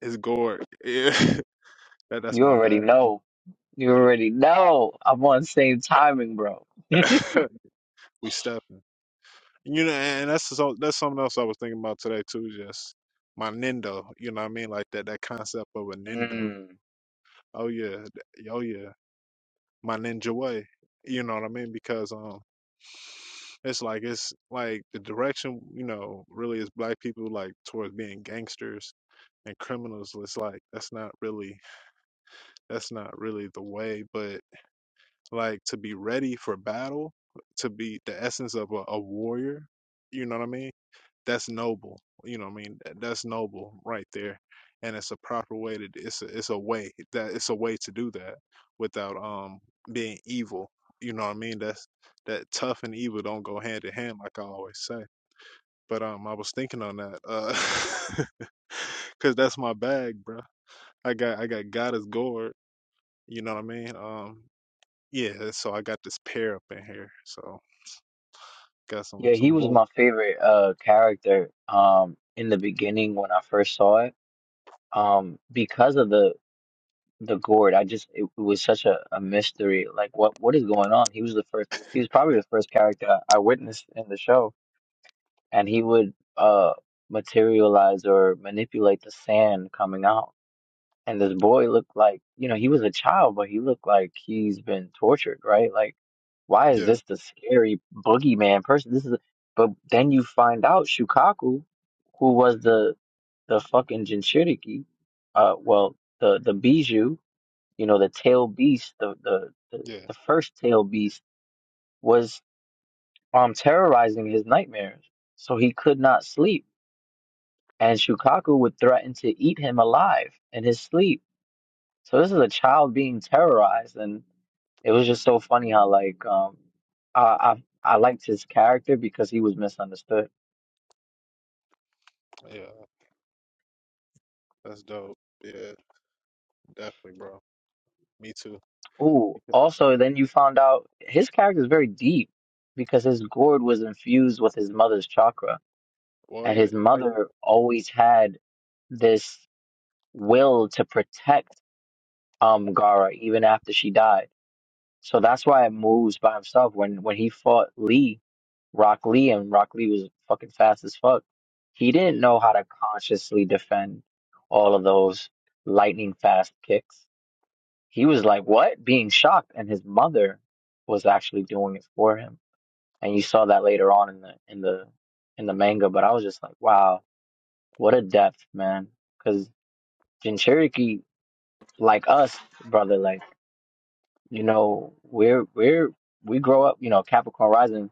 his gourd. [LAUGHS] Yeah, that that's You my already bag. know. You already know. I'm on same timing, bro. [LAUGHS] we stepping. You know, and that's so, that's something else I was thinking about today too. Just my Nindo. You know what I mean? Like that that concept of a Nindo. Mm. Oh yeah, th- oh yeah, my ninja way. You know what I mean? Because um, it's like it's like the direction. You know, really is black people like towards being gangsters and criminals. It's like that's not really that's not really the way. But like to be ready for battle, to be the essence of a, a warrior. You know what I mean? that's noble. You know what I mean? That- That's noble right there. And it's a proper way to it's a it's a way that it's a way to do that without um being evil. You know what I mean? That's that tough and evil don't go hand in hand like I always say. But um I was thinking on that. Uh [LAUGHS] cuz that's my bag, bro. I got I got God is gourd, you know what I mean? Um yeah, so I got this pair up in here. So got some Yeah, he some was volt. my favorite uh character um in the beginning when I first saw it. Um, because of the the Gourd. I just it, was such a, a mystery. Like, what what is going on? He was the first. He was probably the first character I I witnessed in the show and he would uh materialize or manipulate the sand coming out. And this boy looked like, you know, he was a child, but he looked like he's been tortured, right? Like, why is Yeah. this the scary boogeyman person? This is, but then you find out Shukaku, who was the the fucking Jinchuriki, uh, well, the the Bijou, you know, the tail beast, the the the, Yeah. the first tail beast was um terrorizing his nightmares, so he could not sleep and Shukaku would threaten to eat him alive in his sleep. So this is a child being terrorized, and it was just so funny how like um I I, I liked his character because he was misunderstood. Yeah. That's dope. Yeah, definitely, bro. Me too. Ooh, Because- also then you found out his character is very deep because his gourd was infused with his mother's chakra, and his What? Oh yeah. mother always had this will to protect um Gara even after she died So that's why it moves by himself. When when he fought Lee, Rock Lee, and Rock Lee was fucking fast as fuck. He didn't Yeah. know how to consciously defend all of those lightning fast kicks. He was like, "What?" Being shocked, and his mother was actually doing it for him. And you saw that later on in the in the in the manga. But I was just like, "Wow, what a depth, man!" Because Jinchuriki, like us, brother, like. you know, we're we're we grow up, you know, Capricorn rising.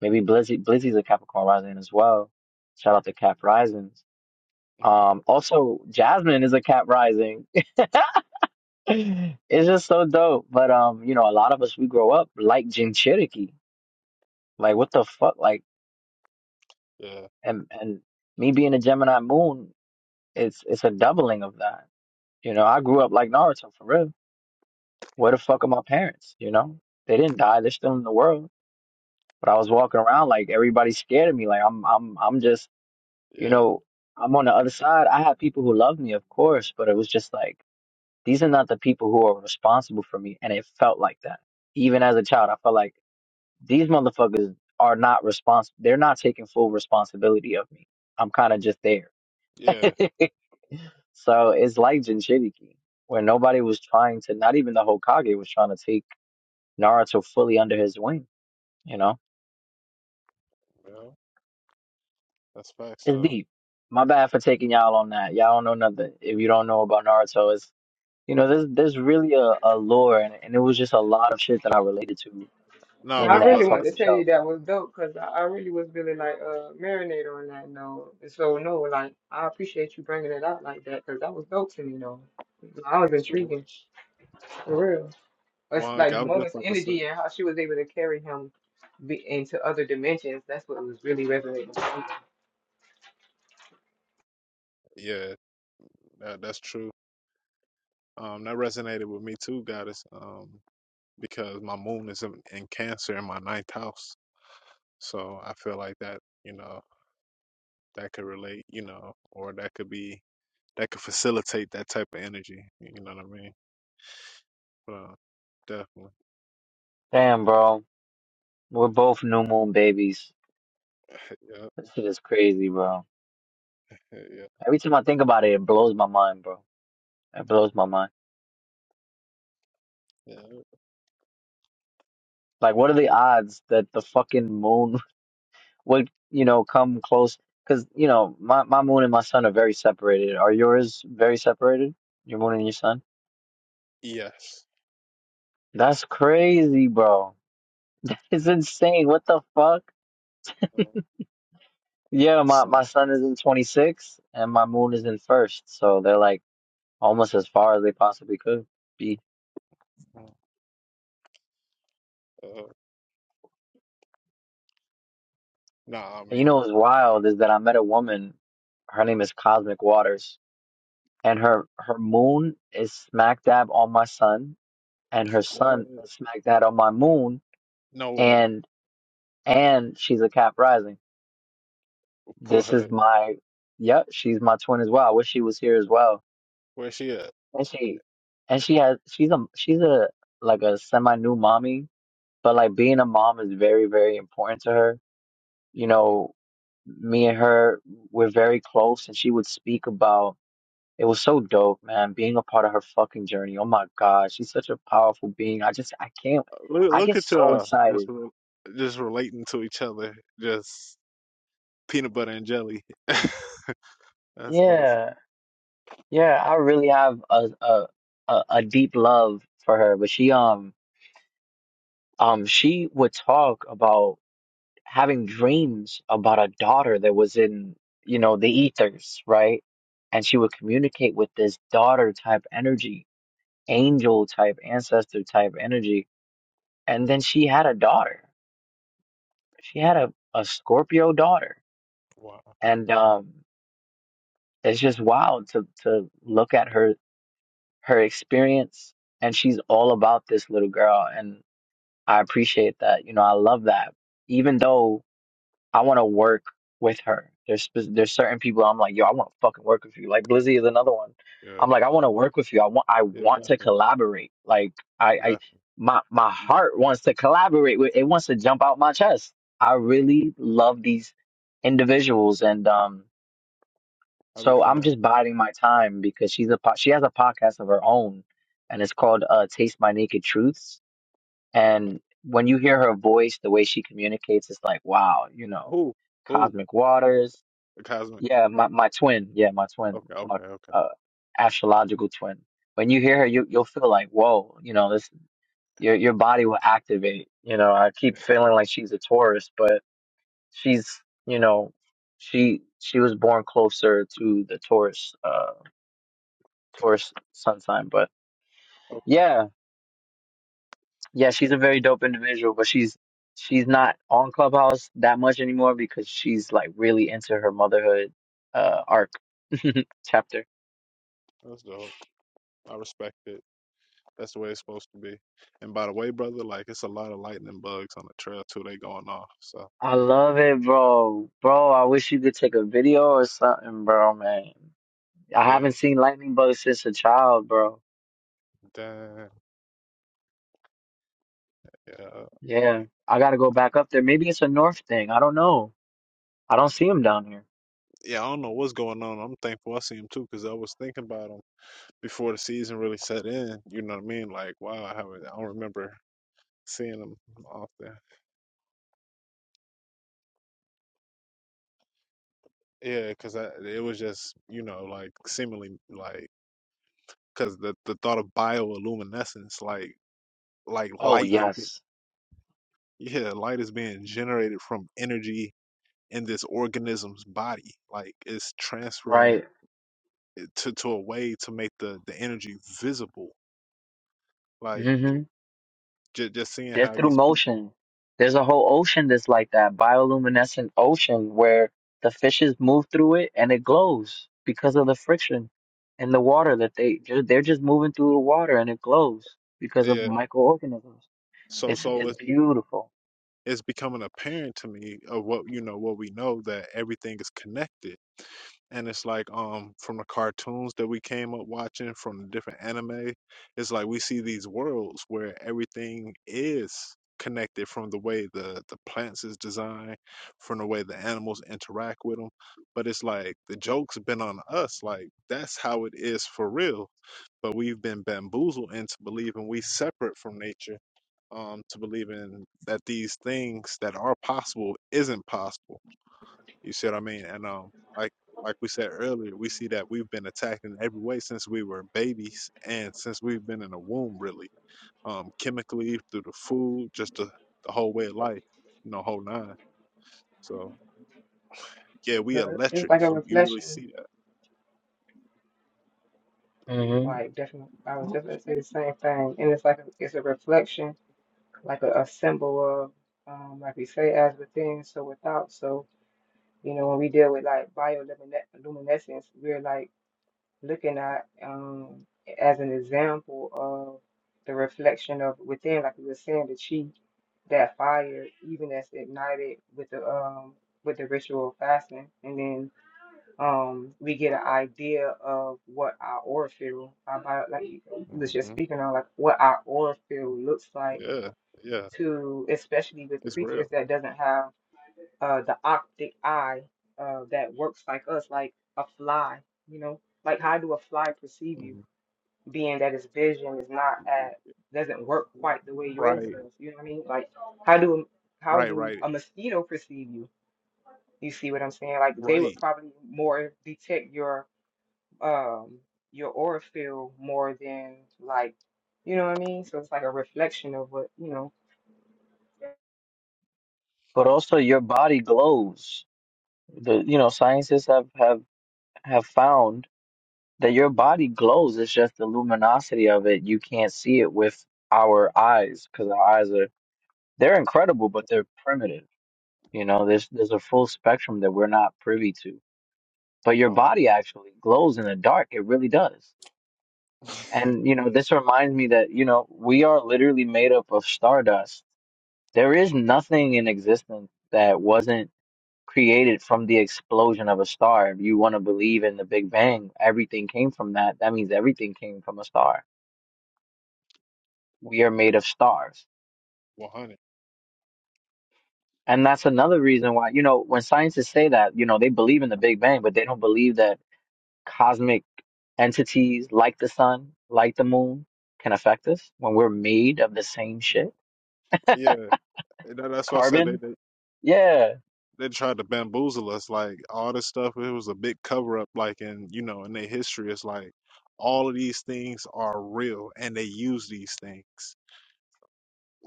Maybe Blizzy Blizzy's a Capricorn rising as well. Shout out to Cap Risings. mhm, Um, also Jasmine is a Cap rising. [LAUGHS] it's just so dope. But um, you know, a lot of us we grow up like Jim Cherokee. Like what the fuck? Like Yeah. and and me being a Gemini moon, it's it's a doubling of that. You know, I grew up like Naruto for real. Where the fuck are my parents? You know, they didn't die. They're still in the world But I was walking around like everybody's scared of me. Like I'm I'm I'm just, you Yeah. know, I'm on the other side. I have people who love me, of course, but it was just like these are not the people who are responsible for me. And it felt like that. Even as a child, I felt like these motherfuckers are not responsible. They're not taking full responsibility of me. I'm kind of just there. [LAUGHS] Yeah. so it's like Jinchuriki, where nobody was trying to, not even the Hokage was trying to take Naruto fully under his wing, you know? Yeah. That's facts It's though. deep. My bad for taking y'all on that. Y'all don't know nothing. If you don't know about Naruto, it's you know, there's there's really a, a lore and, and it was just a lot of shit that I related to So No, I in but that really but wanted us. fucking to tell you show. that was dope because I, I really was really like uh marinated on that note. And So no, like I appreciate you bringing it out like that because that was dope to me though. I was uh, intriguing for real. It's Well, like, like the I was just mother's about to say. energy and how she was able to carry him be, into other dimensions. That's what was really resonating. with me. Yeah, that, that's true. Um, that resonated with me too, goddess. Um, because my moon is in, in Cancer in my ninth house, so I feel like that. You know, that could relate. You know, or that could be that could facilitate that type of energy. You know what I mean? But, uh, definitely. Damn, bro. We're both new moon babies. Yeah. This shit is crazy, bro. Yeah. Yeah. Every time I think about it, it blows my mind, bro. It blows my mind. yeah. Like what are the odds that the fucking moon [LAUGHS] would, you know, come close? Because, you know, my, my moon and my sun are very separated. Are yours very separated? Your moon and your sun? Yes. That's crazy, bro. [LAUGHS] It's insane. What the fuck? um, Yeah, my, So, my sun is in 26 and my moon is in first. So they're like almost as far as they possibly could be. uh, nah, I And you mean, know what's wild is that I met a woman. Her name is Cosmic Waters. And her, her moon is smack dab on my sun. And her what? sun is smack dab on my moon. No way. And and she's a cap rising. Put This is her my, yep, she's my twin as well. I wish she was here as well where she at? And she and she has she's a she's a like a semi new mommy, but like being a mom is very, very important to her. You Mm. know, me and her we're very close and she would speak about it was so dope, man, being a part of her fucking journey. Oh my God, she's such a powerful being. I just I can't Look, I look get at so y'all. Just, excited. re- just relating to each other. Just peanut butter and jelly. [LAUGHS] That's awesome. Yeah. Yeah, I really have a a a, a deep love for her, but she um um she would talk about having dreams about a daughter that was in, you know, the ethers, right? And she would communicate with this daughter type energy, angel type, ancestor type energy. And then she had a daughter. She had a, a Scorpio daughter. Wow. And um, it's just wild to, to look at her her experience. And she's all about this little girl. And I appreciate that. You know, I love that. Even though I want to work with her. There's spe- there's certain people I'm like, yo, I want to fucking work with you. Like Blizzy is another one. Yeah. I'm like, I want to work with you. I want I Yeah. Definitely. want to collaborate. Like I I Definitely. my my heart wants to collaborate with it wants to jump out my chest. I really yeah. love these individuals and um I be so I'm feeling like, just biding my time because she's a po- she has a podcast of her own and it's called uh Taste My Naked Truths like and when you hear her voice, the way she communicates, it's like, wow, you know, who? Who? cosmic waters. The cosmic. Yeah, my, my twin. Yeah, my twin, Okay. my Okay. Okay. uh, astrological twin. When you hear her, you, you'll feel like, whoa, you know, this, your, your body will activate. You know, I keep feeling like she's a Taurus, but she's, you know, she, she was born closer to the Taurus, uh, Cos- Taurus sun sign. But Okay. yeah, yeah, she's That's a very dope. dope individual, but she's she's not on Clubhouse that much anymore because she's like really into her motherhood uh arc [LAUGHS] chapter. That's dope. I respect it. That's the way it's supposed to be. And by the way, brother, like it's a lot of lightning bugs on the trail too. They going off. So I love it, bro. Bro, I wish you could take a video or something, bro, man. I yeah. haven't seen lightning bug since a child, bro. Dang, yeah, Yeah, I gotta go back up there. Maybe it's a north thing. I don't know. I don't see him down here. yeah. I don't know what's going on. I'm thankful I see him too, because I was thinking about him before the season really set in. You know what I mean? Like, wow, I haven't. I don't remember seeing him often. Yeah, because I it was just you know like seemingly like because the the thought of bioluminescence, like like Oh light is be- yes, yeah, light is being generated from energy in this organism's body. Like it's transferring right. it to to a way to make the the energy visible. Like. Mm-hmm. just, just seeing how just through these motion. There's a whole ocean that's like that, bioluminescent ocean where the fishes move through it and it glows because of the friction in the water that they they're just moving through the water and it glows because of yeah microorganisms. so It's so it's it's beautiful. it's becoming apparent to me of what you know what we know that everything is connected and it's like um from the cartoons that we came up watching from the different anime it's like we see these worlds where everything is connected from the way the the plants is designed from the way the animals interact with them but it's like the joke's been on us like that's how it is for real but we've been bamboozled into believing we separate from nature um, to believe in that these things that are possible isn't possible. You see what I mean? And um, like like we said earlier, we see that we've been attacked in every way since we were babies and since we've been in the womb, really, um, chemically through the food, just the, the whole way of life, you know, whole nine. So yeah, we So it's electric. like a You you really reflection. see that? hmm Like definitely, I was just But gonna say the same thing, and it's like a, it's a reflection, like a, a symbol of, um, like we say, as within, so without. So you know, when we deal with like bioluminescence, we're like looking at um as an example of the reflection of within, like we were saying, the chi, that fire, even that's ignited with the um with the ritual of fasting, and then um, we get an idea of what our oil field, our bio, like you was just hmm speaking on, like what our oil field looks like Yeah, yeah, to, especially with it's real. creatures that doesn't have uh, the optic eye uh, that works like us, like a fly, you know, like how do a fly perceive you, Mhm. being that its vision is not at, doesn't work quite the way yours Right, does, you know what I mean? Like how do how right, do right, a mosquito perceive you? You see what I'm saying? Like they would right. probably more detect your um your aura feel more than like you know what I mean? So it's like a reflection of what you know. also your body glows. The you know scientists have have have found that your body glows. It's just the luminosity of it. You can't see it with our eyes because our eyes are they're incredible, but they're primitive. You know, there's there's a full spectrum that we're not privy to. But your Wow, body actually glows in the dark. It really does. [LAUGHS] And you know, this reminds me that you know we are literally made up of stardust. There is nothing in existence that wasn't created from the explosion of a star. If you want to believe in the Big Bang, everything came from that. That means everything came from a star. We are made of stars. one hundred. And that's another reason why, you know, when scientists say that, you know, they believe in the Big Bang, but they don't believe that cosmic entities like the sun, like the moon can affect us when we're made of the same shit? Yeah, that, that's why I said they, Carbon? they Yeah, they tried to bamboozle us. Like all this stuff, it was a big cover up. Like in you know in their history, it's like all of these things are real, and they use these things.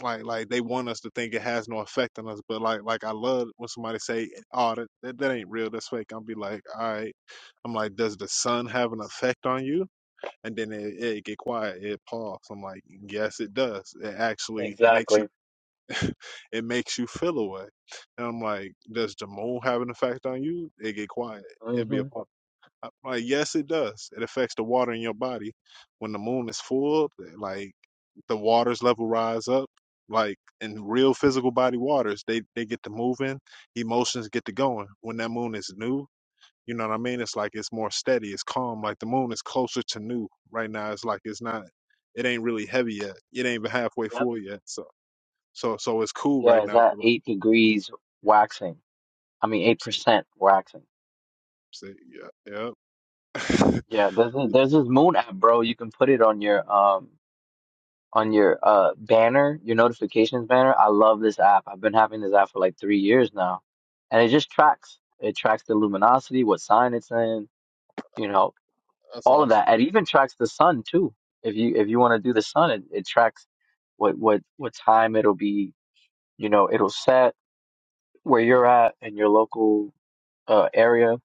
like like they want us to think it has no effect on us but like like i love when somebody say oh that, that, that ain't real that's fake i'll be like all right i'm like does the sun have an effect on you and then it, it get quiet it pause i'm like yes it does it actually makes exactly. you it makes you feel away and i'm like does the moon have an effect on you it get quiet it be hmm a pause uh, Like, yes, it does. It affects the water in your body. When the moon is full, eh, like the waters level rise up. Like in real physical body waters, they they get to moving, emotions get to going. When that moon is new, you know what I mean? It's like it's more steady, it's calm. Like the moon is closer to new right now. It's like it's not, it ain't really heavy yet. It ain't even halfway Yep. full yet. So so so it's cool right Yeah, is now. that But like, eight degrees waxing. I mean, eight see, percent waxing. see, yeah, yeah, [LAUGHS] Yeah, there's this, there's this moon app, bro. You can put it on your um on your uh banner, your notifications banner. I love this app. I've been having this app for like three years now, and it just tracks. It tracks the luminosity, what sign it's in, you know, that's all of awesome. that. It even tracks the sun too. If you if you want to do the sun, it, it tracks what what what time it'll be. You know, it'll set where you're at in your local uh, area.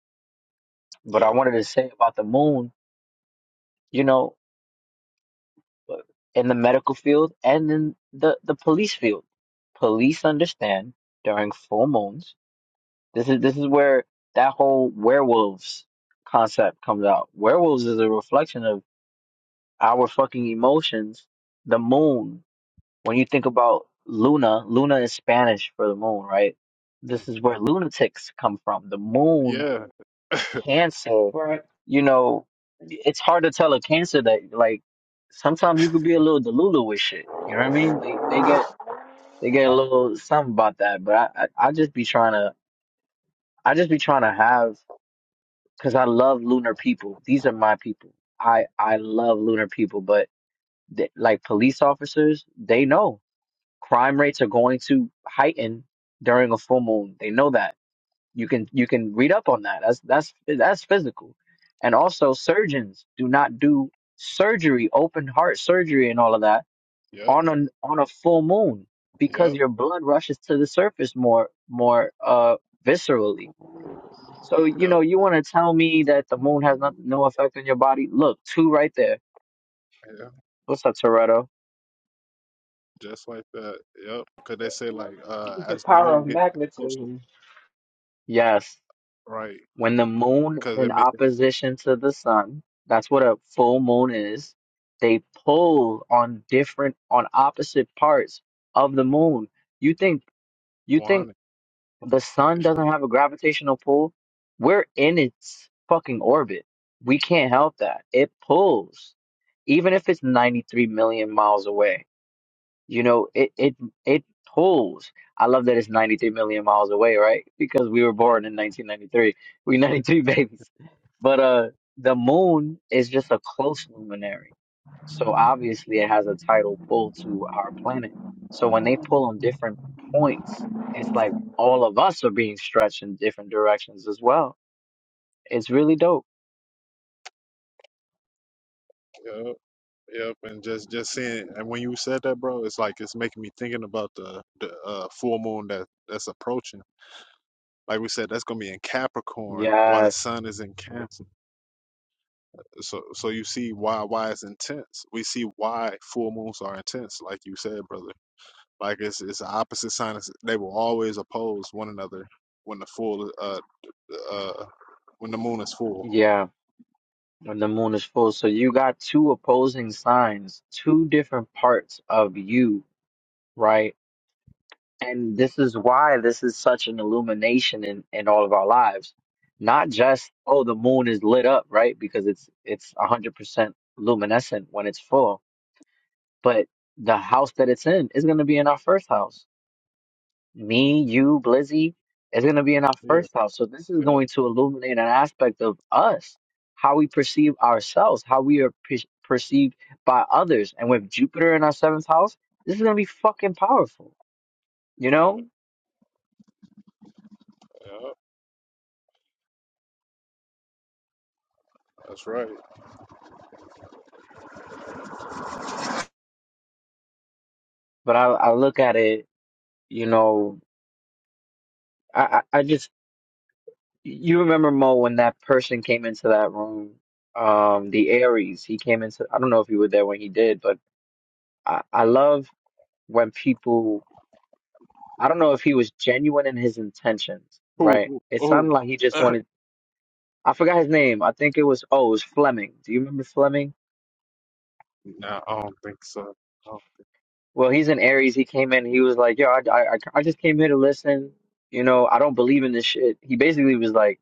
But I Yeah, wanted to say about the moon. You know, uh, in the medical field and in the the police field, police understand during full moons. This is this is where that whole werewolves concept comes out. Werewolves is a reflection of our fucking emotions. The moon, When you think about Luna, Luna is Spanish for the moon, right? This is hmm where lunatics come from. The moon, yeah, Cancer, Right. you know, it's hard to tell a Cancer that like sometimes you could be a little delulu with shit. You know what I mean? They they get they get a little something about that, but I I, I just be trying to I just be trying to have because I love lunar people. These are my people. I I love lunar people, but th- like police officers, they know. crime rates are going to heighten during a full moon. They know that. You can you can read up on that. That's that's that's physical. And also surgeons do not do surgery, open heart surgery and all of that yep, on a on a full moon yep. because your blood rushes to the surface more more uh viscerally. So you Yep, know, you want to tell me that the moon has not, no effect on your body? Look, two right there. yeah, What's up, Toretto? just like that. Yep, because they say like uh, The as the power moon of get like closer, magnetism. Yes. right? When the moon is Because they in make it opposition to the sun, that's what a full moon is. They pull on different, on opposite parts of the moon. You think, you one think hundred, the sun [LAUGHS] doesn't have a gravitational pull? We're in its fucking orbit. We can't help that. It pulls, even if it's 93 million miles away. You know, it it it pulls. I love that it's 93 million miles away, right? Because we were right? born in 1993. We 93 [LAUGHS] babies. But uh the moon is just a close luminary. So obviously it has a tidal pull to our planet. So when they pull on different points, it's like all of us are being stretched in different directions as well. It's really dope. Yep, yep. And just just seeing, and when you said that, bro, it's like it's making me thinking about the the uh, full moon that that's approaching. Like we said, that's gonna be in Capricorn while the Yeah, sun is in Cancer. So so you see why why it's intense. We see why full moons are intense, like you said, brother. Like it's it's the opposite sign. It's- They will always oppose one another when the full uh, the, uh when the moon is full. yeah. when the moon is full. So you got two opposing signs, two different parts of you, right? And this is why this is such an illumination in, in all of our lives. Not just, oh, the moon is lit up, right? Because it's it's 100% luminescent when it's full, but the house that it's in is going to be in our first house me, you, Blizzy, is going to be in our Yeah, first house. So this is yeah, going to illuminate an aspect of us, how we perceive ourselves, how we are per- perceived by others. And with Jupiter in our seventh house, this is going to be fucking powerful, you yeah. know? yeah, That's right. But I, I look at it, you know, I, I I just, you remember Mo when that person came into that room, um, the Aries, he came into, I don't know if you were there when he did, but I, I love when people I don't know if he was genuine in his intentions, Who? right? Who? It who? sounded like he just [LAUGHS] [CLEARS THROAT] wanted. I forgot his name. I think it was oh, it was Fleming. Do you remember Fleming? Nah, I don't think so. Oh, Well, he's an Aries. He came in. He was like, "Yo, I, I, I just came here to listen. You know, I don't believe in this shit." He basically was like,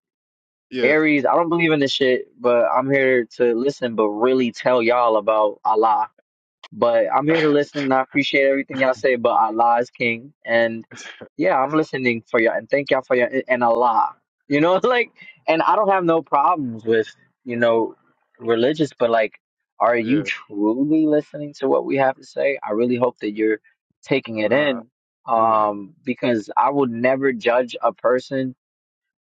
yeah, "Aries, I don't believe in this shit, but I'm here to listen, but really tell y'all about Allah But I'm [LAUGHS] here to [CLEARS THROAT] listen. and I appreciate everything y'all say, but Allah is king. And yeah, I'm listening for y'all and thank y'all for y'all and Allah. You know, [LAUGHS] like, and I don't have no problems with, you know, religious, but like, are you yeah. truly listening to what we have to say? I really hope that you're taking it Nah, in you ain't. um, because I would never judge a person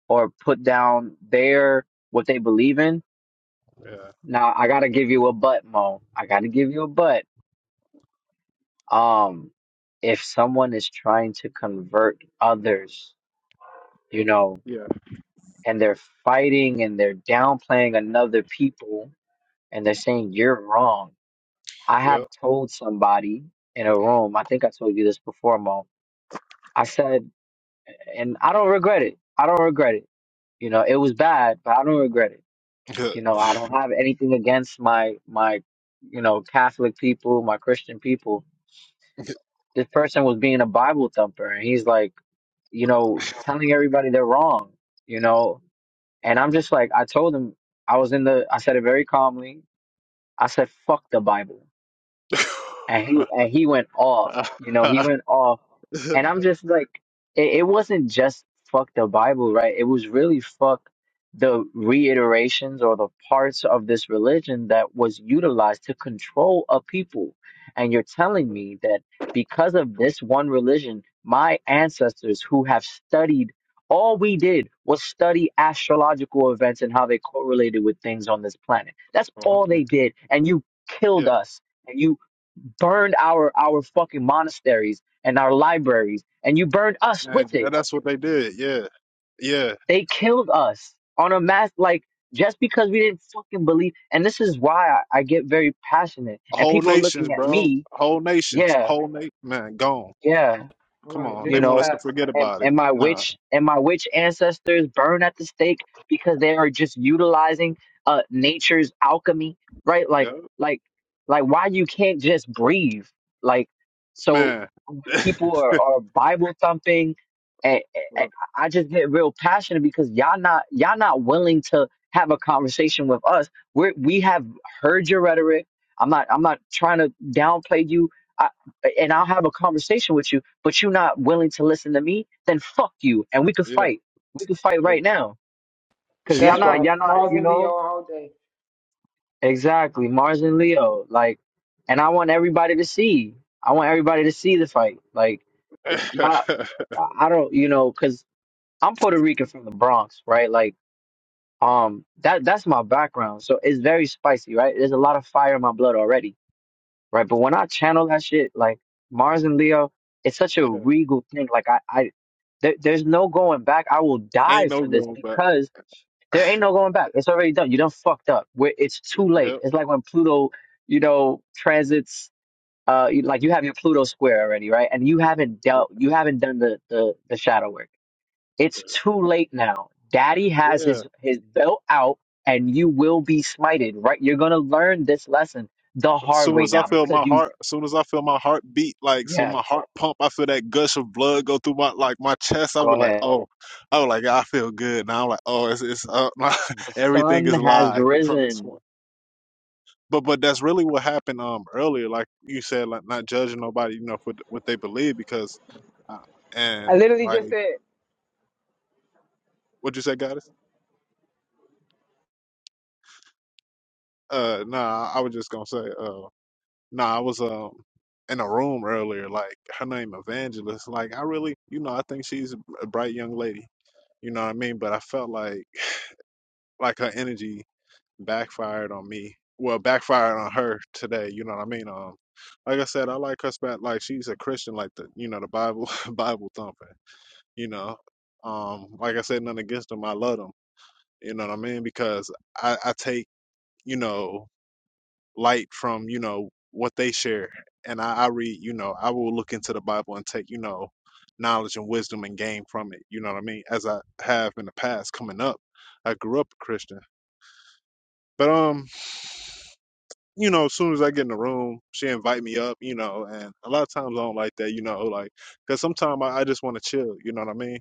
or put down their what they believe in. Yeah, Now, I got to give you a butt, Mo. I got to give you a butt um if someone is trying to convert others you know yeah, and they're fighting and they're downplaying another people and they're saying you're wrong i yeah. have told somebody in a room i think i told you this before mo i said and i don't regret it i don't regret it you know it was bad but i don't regret it you Good. know i don't have anything against my my you know catholic people my christian people this person was being a bible thumper and he's like you know, telling everybody they're wrong, you know. And I'm just like, I told him, I was in the, I said it very calmly. I said, fuck the Bible and he [LAUGHS] and he went off. You know, he went off, and I'm just like, it, it wasn't just fuck the Bible, right? It was really fuck the reiterations or the parts of this religion that was utilized to control a people. And you're telling me that because of this one religion, my ancestors who have studied. All we did was study astrological events and how they correlated with things on this planet. That's Oh, all man. they did. And you killed yeah, us and you burned our our fucking monasteries and our libraries and you burned us and with it that's what they did. Yeah, yeah. they killed us on a mass like just because we didn't fucking believe and this is why I, I get very passionate and Whole people are nations, looking at bro. me Whole nations. yeah Whole nation. Man, gone. yeah Come Right. on, This they You is want us know, to facts. forget and, about it. and my Nah, witch and my witch ancestors burn at the stake because they are just utilizing uh nature's alchemy, right? Like, yeah, like, like why you can't just breathe? Like, so man. when [LAUGHS] people are, are Bible thumping, and, and well, I just get real passionate because y'all not y'all not willing to have a conversation with us. We we have heard your rhetoric. I'm not I'm not trying to downplay you. I, and I'll have a conversation with you but you're not willing to listen to me, then fuck you, and we could yeah, fight. We could fight there right now, cause y'all we That's go. not, right. y'all not, Mars you and Leo know, all day. exactly Mars and Leo, like, and I want everybody to see. I want everybody to see the fight. Like, [LAUGHS] like, yep. y'all, [LAUGHS] I I don't, you know, cause I'm Puerto Rican from the Bronx, right? Like, um, that that's my background, so it's very spicy, right? There's a lot of fire in my blood already right? But when I channel that shit, like Mars and Leo, it's such a yeah, regal thing. Like I, I there, there's no going back. I will die ain't no for this going back. because there ain't no going back. It's already done. You done fucked up. Where it's Y- too late. Yep. It's like when Pluto, you know, transits. Uh, you- like you have your Pluto square already, right? And you haven't dealt. You haven't done the the the shadow work. It's too late now. Daddy has Yeah. his his belt out, and you will be smited. Right? You're gonna learn this lesson the As hard soon way as I now feel because my you. heart, as soon as I feel my heart beat, like Yes soon my heart pump, I feel that gush of blood go through my like my chest. I'll Go be like, ahead. oh, I was like, I feel good now. I'm like, oh, it's it's up. [LAUGHS] My, The everything sun is has live from this risen. point. But but that's really what happened um earlier, like you said, like not judging nobody, you know, for th- what they believe, because Uh, I and literally just like, said what'd you say, Goddess? Uh, nah, I was just gonna say, uh, nah, I was um in a room earlier. Like her name Evangelist. Like I really, you know, I think she's a bright young lady. You know what I mean? But I felt like [SIGHS] like her energy backfired on me. Well, backfired on her today. You know what I mean? Um, like I said, I like her spot. Like she's a Christian, like the you know the Bible [LAUGHS] Bible thumping. You know, um, like I said, nothing against them. I love them. You know what I mean? Because I, I take you know, light from, you know, what they share. And I, I read, you know, I will look into the Bible and take, you know, knowledge and wisdom and gain from it. You know what I mean? As I have in the past coming up. I grew up a Christian. But um, you know, as soon as I get in the room, she invite me up, you know, and a lot of times I don't like that, you know, like because sometimes I, I just want to chill, you know what I mean?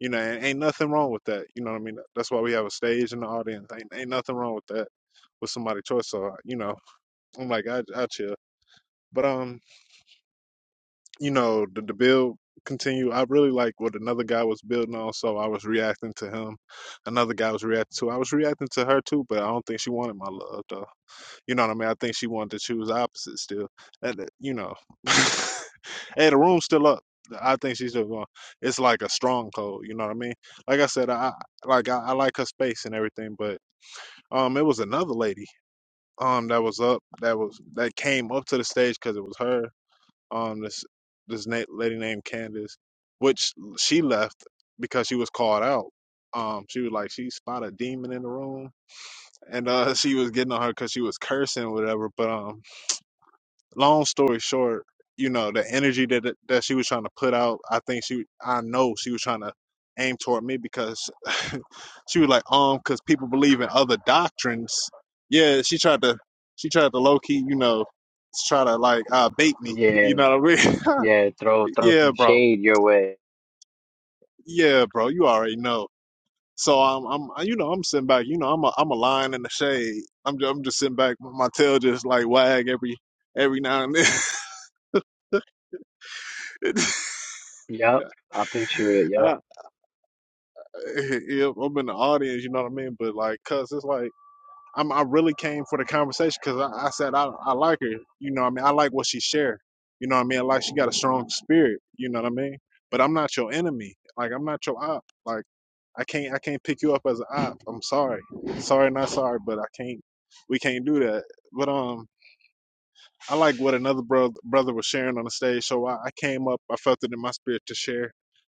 You know, and ain't nothing wrong with that, you know what I mean? That's why we have a stage and the audience. Ain't, ain't nothing wrong with that with somebody's choice. So you know, I'm like, I I chill. But um, you know, the, the build continue. I really like what another guy was building on, so I was reacting to him. Another guy was reacting to. I was reacting to her too, but I don't think she wanted my love though. You know what I mean? I think she wanted to choose opposite still. And, uh, you know, [LAUGHS] hey, the room's still up. I think she's still going. It's like a stronghold. You know what I mean? Like I said, I I- like I, I like her space and everything, but um, it was another lady um that was up that was that came up to the stage because it was her um this this na- lady named Candace, which she left because she was called out. Um, she was like she spotted a demon in the room, and uh, [LAUGHS] she was getting on her because she was cursing or whatever. But um, long story short, you know the energy that that she was trying to put out, I think she, I know she was trying to aim toward me because [LAUGHS] she was like um because people believe in other doctrines. Yeah, she tried to she tried to low key, you know, try to like uh bait me. You Yeah, know what I mean? [LAUGHS] yeah. Throw throw Yeah, some bro. shade your way. Yeah, bro. You already know. So I'm, I'm, I- you know, I'm sitting back. You know, I'm a, I'm a lion in the shade. I'm, just, I'm just sitting back. My tail just like wag every, every now and then. Yup, I picture it. [LAUGHS] Yup. I, yeah, I'm in the audience. You know what I mean? But like, cause it's like, I'm, I really came for the conversation because I, I said I, I like her. You know, what I mean, I like what she shared. You know, what I mean, like she got a strong spirit. You know what I mean? But I'm not your enemy. Like, I'm not your op. Like. I can't I can't pick you up as an op. I'm sorry. Sorry, not sorry, but I can't we can't do that. But um I like what another bro- brother was sharing on the stage, so I, I came up, I felt it in my spirit to share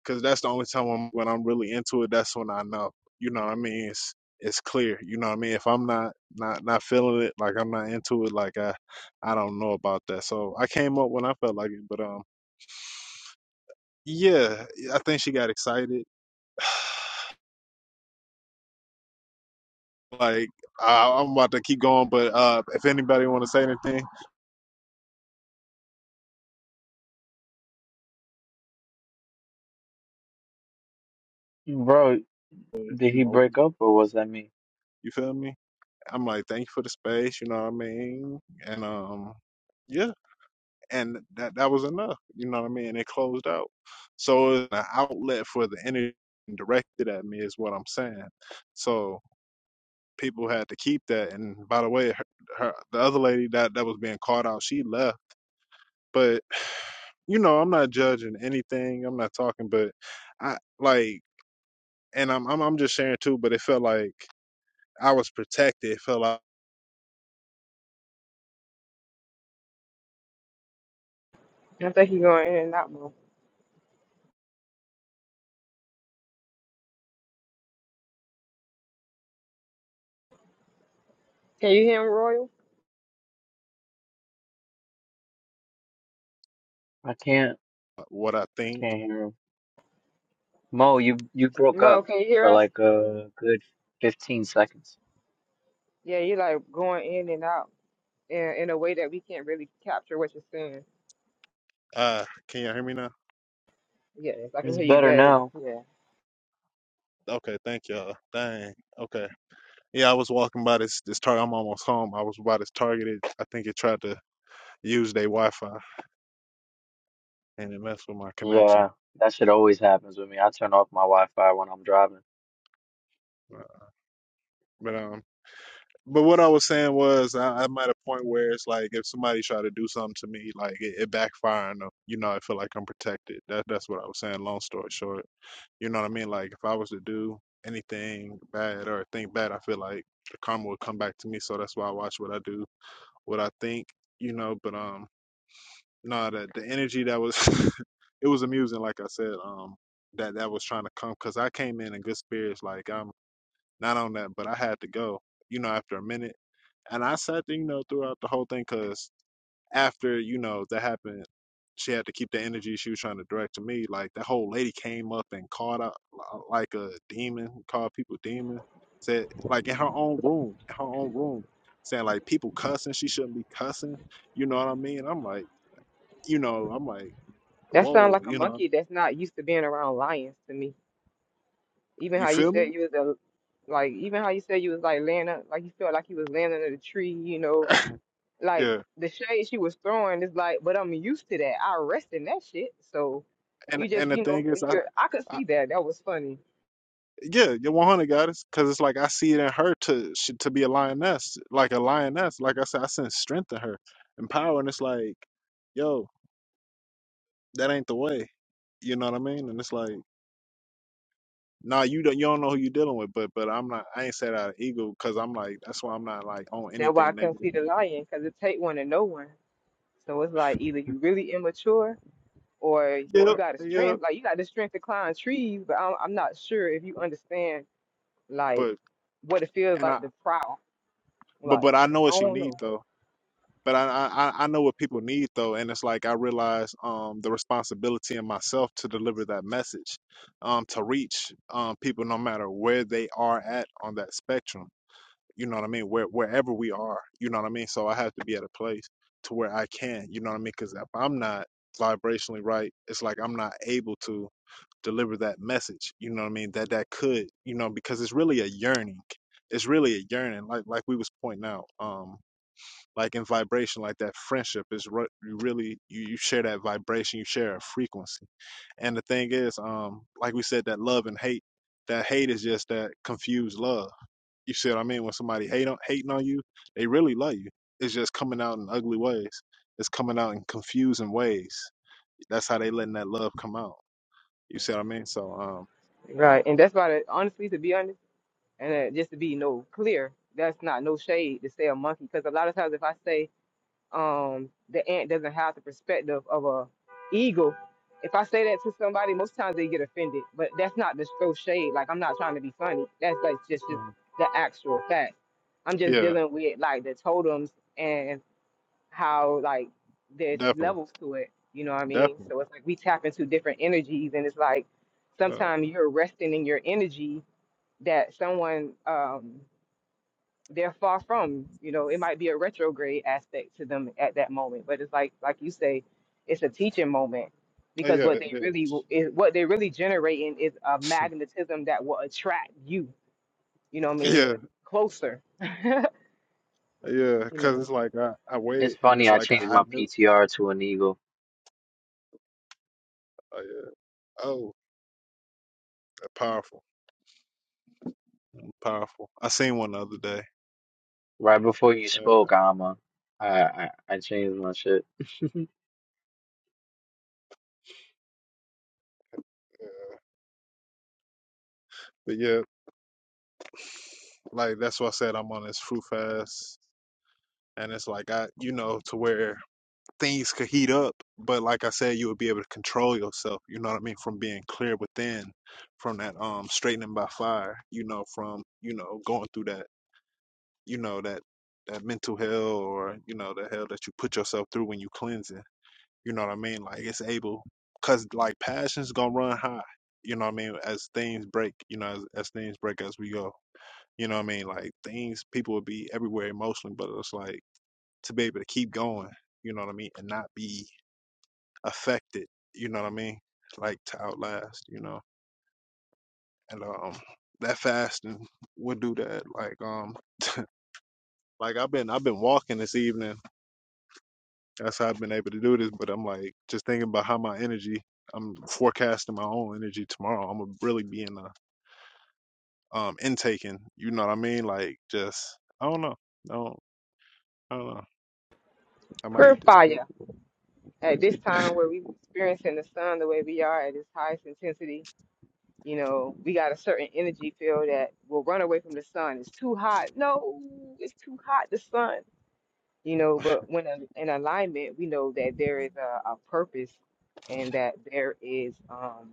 cuz that's the only time I'm, when I'm really into it, that's when I know. You know what I mean? It's it's clear. You know what I mean? If I'm not not not feeling it, like I'm not into it, like I I don't know about that. So I came up when I felt like it, but um yeah, I think she got excited. [SIGHS] Like I, I'm about to keep going, but uh, if anybody want to say anything, Bro, uh, did you he know, break up or was that me? you feel me? I'm like, thank you for the space. You know what I mean? And um, yeah, and that that was enough. You know what I mean? It closed out. So it's an outlet for the energy directed at me is what I'm saying. So people had to keep that. And by the way, her, her the other lady that that was being called out, she left. But you know, I'm not judging anything. I'm not talking, but I like. and I'm, I'm I'm just sharing too, but it felt like I was protected. It felt like I think he's going in and out, Mo. Can you hear him, Royal? I can't. what I I think. can't hear him. Mo, you you broke up Mo, can you hear for us? like a good fifteen seconds. Yeah, you're like going in and out in, in a way that we can't really capture what you're saying. Uh, can y'all hear me now? Yes, I can It's hear you better better. now. Yeah. Okay, thank y'all. Dang. Okay. Yeah, I was walking by this this target. I'm almost home. I was by this targeted. I think it tried to use their Wi-Fi and it messed with my connection. Yeah, that shit always happens with me. I turn off my Wi-Fi when I'm driving. Uh, But um, But what I was saying was, I, I'm at a point where it's like if somebody try to do something to me, like it, it backfire on them. You know, I feel like I'm protected. That that's what I was saying. Long story short, you know what I mean. Like if I was to do anything bad or think bad, I feel like the karma would come back to me. So that's why I watch what I do, what I think. You know, but um, no, the the energy that was, [LAUGHS] it was amusing. Like I said, um, that that was trying to come because I came in in good spirits. Like I'm not on that, but I had to go. You know, after a minute. And I sat there, you know, throughout the whole thing because after, you know, that happened, she had to keep the energy she was trying to direct to me. Like that whole lady came up and called out li- like a demon, called people demon. Said like in her own room, in her own room, saying like people cussing, she shouldn't be cussing. You know what I mean? I'm like, you know, I'm like, That sounds whoa, like a you know, monkey that's not used to being around lions to me. Even you how you feel said me? you was a, like, even how you said you was like laying up, like you felt like you was laying under the tree, you know, like Yeah. the shade she was throwing is like, but I'm used to that. I rest in that shit. So And you just, and the you know, thing is, you could, I could I see that. That was funny. Yeah, you're 100 goddess, because it's like I see it in her to sh- to be a lioness, like a lioness. Like I said, I sense strength in her and power, and it's like, yo, that ain't the way. You know what I mean? And it's like, nah, you don't you don't know who you're dealing with, but but I'm not. I ain't said out of ego, because I'm like that's why I'm not like on That's why I anything couldn't negative. see the lion because it take one to know one. So it's like either you really immature or you Yep, got a yep. strength. Like you got the strength to climb trees, but I'm, I'm not sure if you understand like But what it feels and I like to prowl. but Like but I know what I she don't know. needs though. but I, I I I know what people need though, and it's like I realize um the responsibility in myself to deliver that message, um to reach um people no matter where they are at on that spectrum. You know what I mean? Where wherever we are, you know what I mean. So I have to be at a place to where I can, you know what I mean? Because if I'm not vibrationally right, it's like I'm not able to deliver that message. You know what I mean? That that could, you know, because it's really a yearning. It's really a yearning, like like we was pointing out. um like in vibration like that friendship is re- you really you, you share that vibration you share a frequency and the thing is um like we said that love and hate that hate is just that confused love you see what i mean when somebody hate on hating on you they really love you it's just coming out in ugly ways it's coming out in confusing ways that's how they letting that love come out you see what i mean so um Right, and that's why, that, honestly, to be honest, and uh, just to be no clear, that's not no shade to say a monkey, because a lot of times if I say um the ant doesn't have the perspective of a eagle, if I say that to somebody, most times they get offended. But that's not just no shade. Like I'm not trying to be funny. That's like just just Mhm. the actual fact. I'm just yeah dealing with like the totems and how like there's definitely levels to it. You know what I mean? definitely So it's like we tap into different energies, and it's like uh, sometimes you're resting in your energy that someone um they're far from. You know, it might be a retrograde aspect to them at that moment, but it's like like you say, it's a teaching moment yeah, because what it they is. really is what they really generating is a magnetism that will attract you. You know what I mean? Yeah, Closer. yeah, You because know, it's like I, I It's waited and funny. it's I like changed I, I my knew PTR to an eagle Oh, yeah. Oh, uh, powerful, powerful. I seen one the other day. right before you Yeah, spoke, Alma. I I, I changed my shit. [LAUGHS] yeah. but yeah, like that's why I said I'm on this fruit fast, and it's like I, you know, to where things could heat up, but like I said, you would be able to control yourself. You know what I mean? From being clear within, from that um straightening by fire. You know, from you know going through that, you know that that mental hell or you know the hell that you put yourself through when you cleansing. You know what I mean? Like it's able, cause like passion's gonna run high. You know what I mean? As things break, you know, as, as things break as we go. You know what I mean? Like things, people will be everywhere emotionally, but it's like to be able to keep going. You know what I mean? And not be affected. You know what I mean? Like to outlast. You know, and um, that fasting would do that. Like um, like I've been I've been walking this evening That's how I've been able to do this. But I'm like just thinking about how my energy. I'm forecasting my own energy tomorrow. I'm gonna really be in the um intaking. You know what I mean? Like just I don't know. No, I don't know. I might eat this pig. purifier. at this time where we experiencing the sun the way we are at its highest intensity, you know, we got a certain energy field that will run away from the sun. It's too hot. No, it's too hot. The sun, you know. But when a- in alignment, we know that there is a, a purpose, and that there is um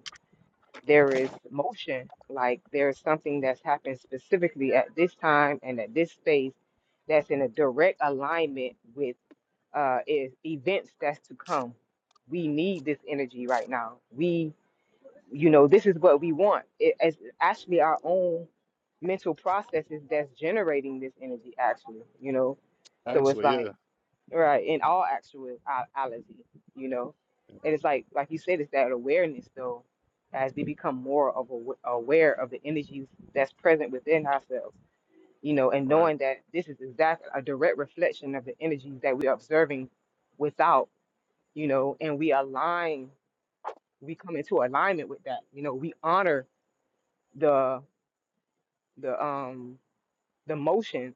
there is motion. Like there's something that's happened specifically at this time and at this space that's in a direct alignment with uh, is events that's to come. We need this energy right now. We, you know, this is what we want. It, it's actually our own mental processes that's generating this energy, actually, you know. So it's Actually, yeah. like, right, in all actuality, you know. And it's like, like you said, it's that awareness, though, as we become more of aw- aware of the energies that's present within ourselves you know, and Right. knowing that this is exact a direct reflection of the energies that we're observing without, you know, and we align, we come into alignment with that. You know, we honor the the um the motion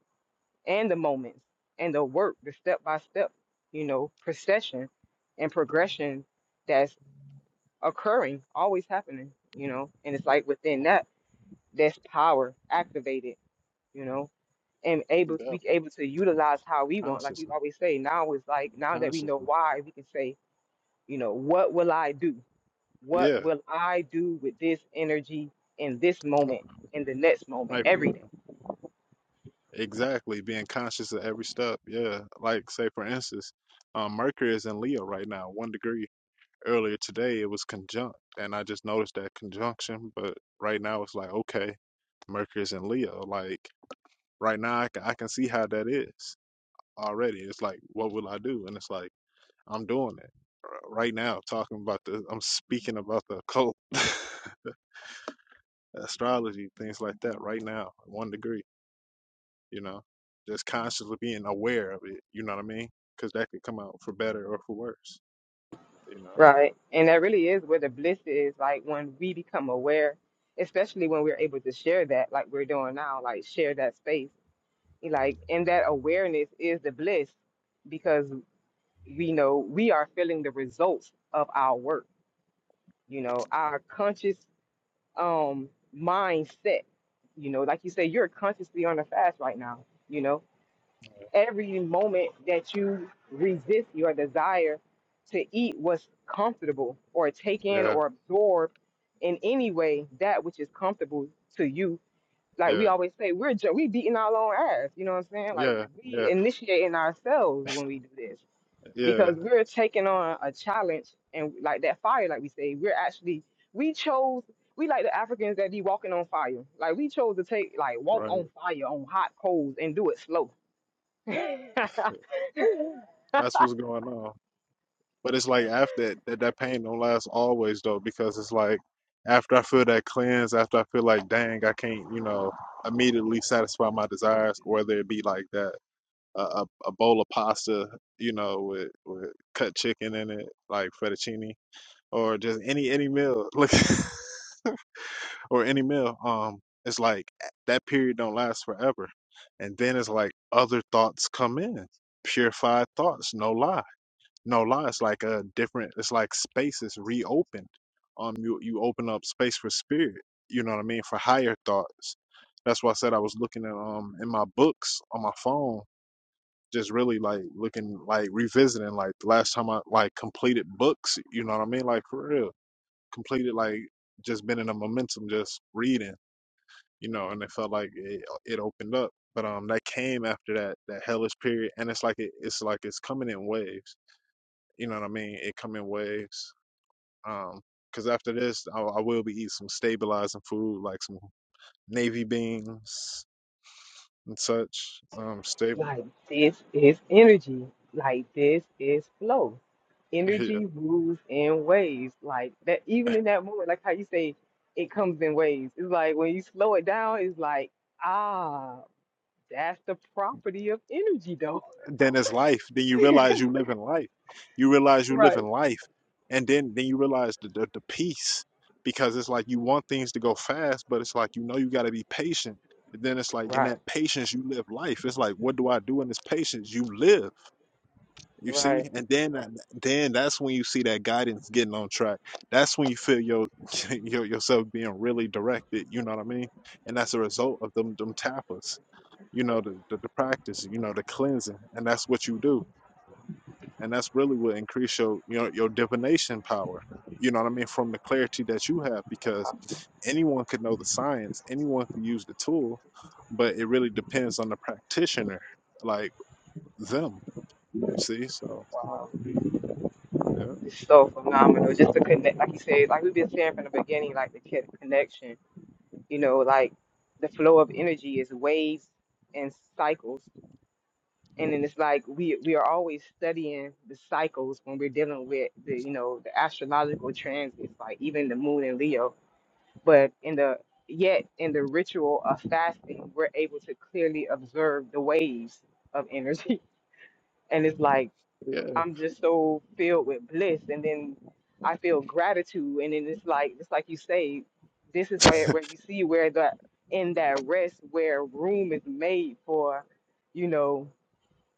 and the moments and the work, the step by step, you know, procession and progression that's occurring, always happening, you know. And it's like within that, there's power activated, you know and able to Def- be able to utilize how we want. Like you consciously, always say, now it's like now that we know consciously. why, we can say, you know, what will I do? What Yeah. will I do with this energy in this moment, in the next moment, Like every for day? exactly being conscious of every step. Yeah. Like say for instance, um, Mercury is in Leo right now, one degree. earlier today it was conjunct and i just noticed that conjunction but right now it's like okay mercury's in leo like right now i can, I can see how that is already it's like what will i do and it's like i'm doing it r- right now talking about the i'm speaking about the occult [LAUGHS] astrology things like that right now one degree you know just consciously being aware of it you know what i mean because that could come out for better or for worse you Right. And that really is where the bliss is, like when we become aware, especially when we're able to share that, like we're doing now, like share that space. Like and that awareness is the bliss because we know we are feeling the results of our work you know our conscious um mindset. You know, like you say, you're consciously on a fast right now. You know, every moment that you resist your desire to eat what's comfortable or take in know or absorb in any way that which is comfortable to you. yeah Like we yeah always say, we're ju- we beating our own ass. You know what I'm saying? Like yeah we yeah initiating ourselves when we do this yeah because we're taking on a challenge and like that fire like we say we're actually we chose we like the africans that be walking on fire like we chose to take like walk Right. on fire on hot coals and do it slow [LAUGHS] That's what's going on. But it's like after that, that, that pain don't last always though, because it's like after I feel that cleanse, after I feel like, dang, I can't, you know, immediately satisfy my desires, whether it be like that, a, a, a bowl of pasta, you know, with, with cut chicken in it, like fettuccine, or just any any meal, [LAUGHS] look, or any meal. Um, it's like that period don't last forever, and then it's like other thoughts come in, purified thoughts, no lie no lie, it's like a different. It's like space is reopened. Um, you you open up space for spirit. You know what I mean for higher thoughts. That's why I said I was looking at um in my books on my phone, just really like looking like revisiting like the last time I like completed books. You know what I mean, like for real, completed like just been in a momentum, just reading. You know, and it felt like it it opened up. But um, that came after that that hellish period, and it's like it, it's like it's coming in waves you know what I mean? It come in waves. Um, cause after this, I, I will be eating some stabilizing food, like some navy beans and such. Um, stable. like this is energy like this is flow [LAUGHS] energy Yeah. moves in waves like that even in that moment like how you say it comes in waves it's like when you slow it down it's like ah that's the property of energy though then it's life. Then you realize you live in life. You realize you [LAUGHS] live in life, and then then you realize the the, the peace because it's like you want things to go fast, but it's like you know you got to be patient. And then it's like in Right, that patience you live life. It's like what do I do in this patience? You live. You see, right. and then uh, then that's when you see that guidance getting on track. That's when you feel your, [LAUGHS] your yourself being really directed. You know what I mean? And that's a result of them them tapas. You know the, the the practice. You know the cleansing, and that's what you do. And that's really what increase your your your divination power. You know what I mean? From the clarity that you have, because anyone could know the science, anyone could use the tool, but it really depends on the practitioner, like them. You see? So Wow. yeah. It's so phenomenal. Just to connect, like you said, like we've been saying from the beginning, like the kid connection, you know, like the flow of energy is waves and cycles. And then it's like we we are always studying the cycles when we're dealing with the, you know, the astrological transits, like even the moon in Leo. But in the yet in the ritual of fasting, we're able to clearly observe the waves of energy. [LAUGHS] And it's like Yeah, I'm just so filled with bliss, and then I feel gratitude, and then it's like it's like you say, this is where where you see where the in that rest where room is made for, you know,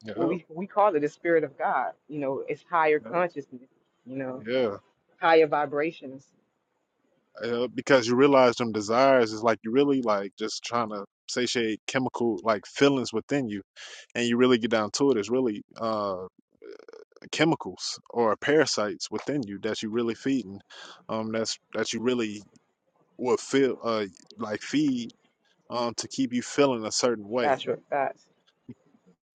Yep, what we we call it the spirit of God. You know, it's higher yep, consciousness. You know, yeah, higher vibrations. yeah. Because you realize them desires is like you really like just trying to satiate chemical like feelings within you, and you really get down to it. It's really uh chemicals or parasites within you that you really feeding, um, that's that you really would feel uh like feed um to keep you feeling a certain way. That's what that's.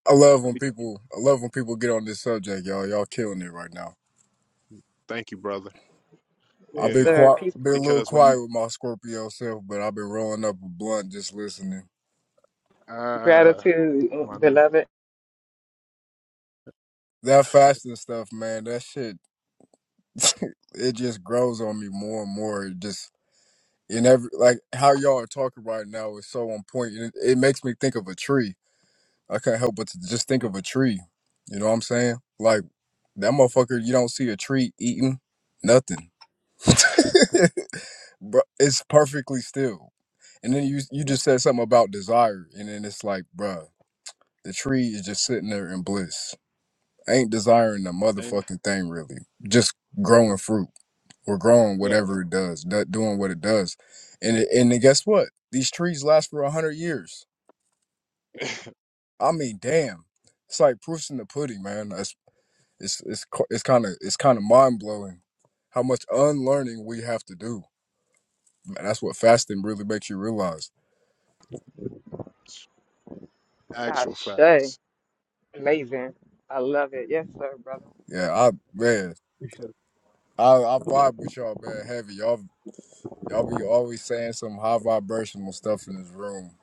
I love I when be- people I love when people get on this subject, y'all. Y'all killing it right now. Thank you, brother. I've Yes, been Yeah, sir. quiet, Peace, been a brother. little because when you quiet with my Scorpio self, but I've been rolling up a blunt just listening. ah Gratitude, my nigga, beloved. That fasting stuff, man, that shit, [LAUGHS] it just grows on me more and more. It just in every like how y'all are talking right now is so on point. It, it makes me think of a tree. I can't help but to just think Mm, of a tree. You know what I'm saying? Like that motherfucker, you don't see a tree eating nothing. mhm. [LAUGHS] bro, it's perfectly still. And then you you just [LAUGHS] said something about desire, and then it's like, bruh, the tree is just sitting there in bliss. I ain't desiring a ain't it? motherfucking thing really. Just Ain't it? growing fruit or growing Yo. whatever it does, do- doing what it does. And it, and then guess what? These trees last for a hundred years. I mean, damn, it's like proofs in the pudding, man. That's it's it's co- it's kind of it's kind of mind blowing how much unlearning we have to do. Man, that's what fasting really makes you realize. Actual Ashe. facts. Amazing. I love it. Yes, sir, brother. Yeah, I man. I I vibe with y'all, man. Heavy, y'all y'all be always saying some high vibrational stuff in this room,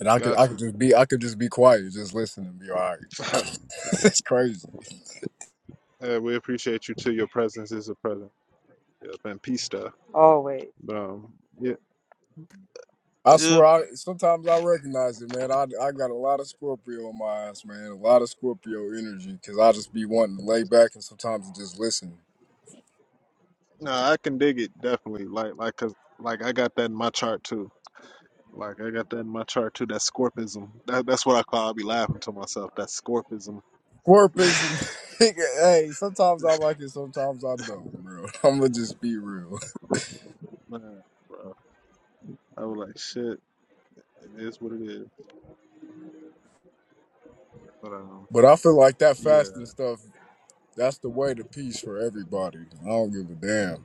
and I could Got I could just be I could just be quiet, just listen and be all right. to. [LAUGHS] it's crazy. [LAUGHS] yeah, we appreciate you too. Your presence is a present. Yeah, and peace stuff. Always But um, yeah, I yeah, swear, I sometimes I recognize it, man. I I got a lot of Scorpio in my ass, man. A lot of Scorpio energy, because I just be wanting to lay back and sometimes just listen. no, I can dig it definitely. Like, like, cause like I got that in my chart too. Like I got that in my chart too. That scorpism. That, that's what I call. I'll be laughing to myself. That scorpism. Scorpism, [LAUGHS] [LAUGHS] hey, sometimes I like it, sometimes I don't, bro. [LAUGHS] I'm gonna just be real. bro, man, bro. I was like, shit. It is what it is. But um, But I feel like that yeah. fasting stuff. That's the way to peace for everybody. I don't give a damn.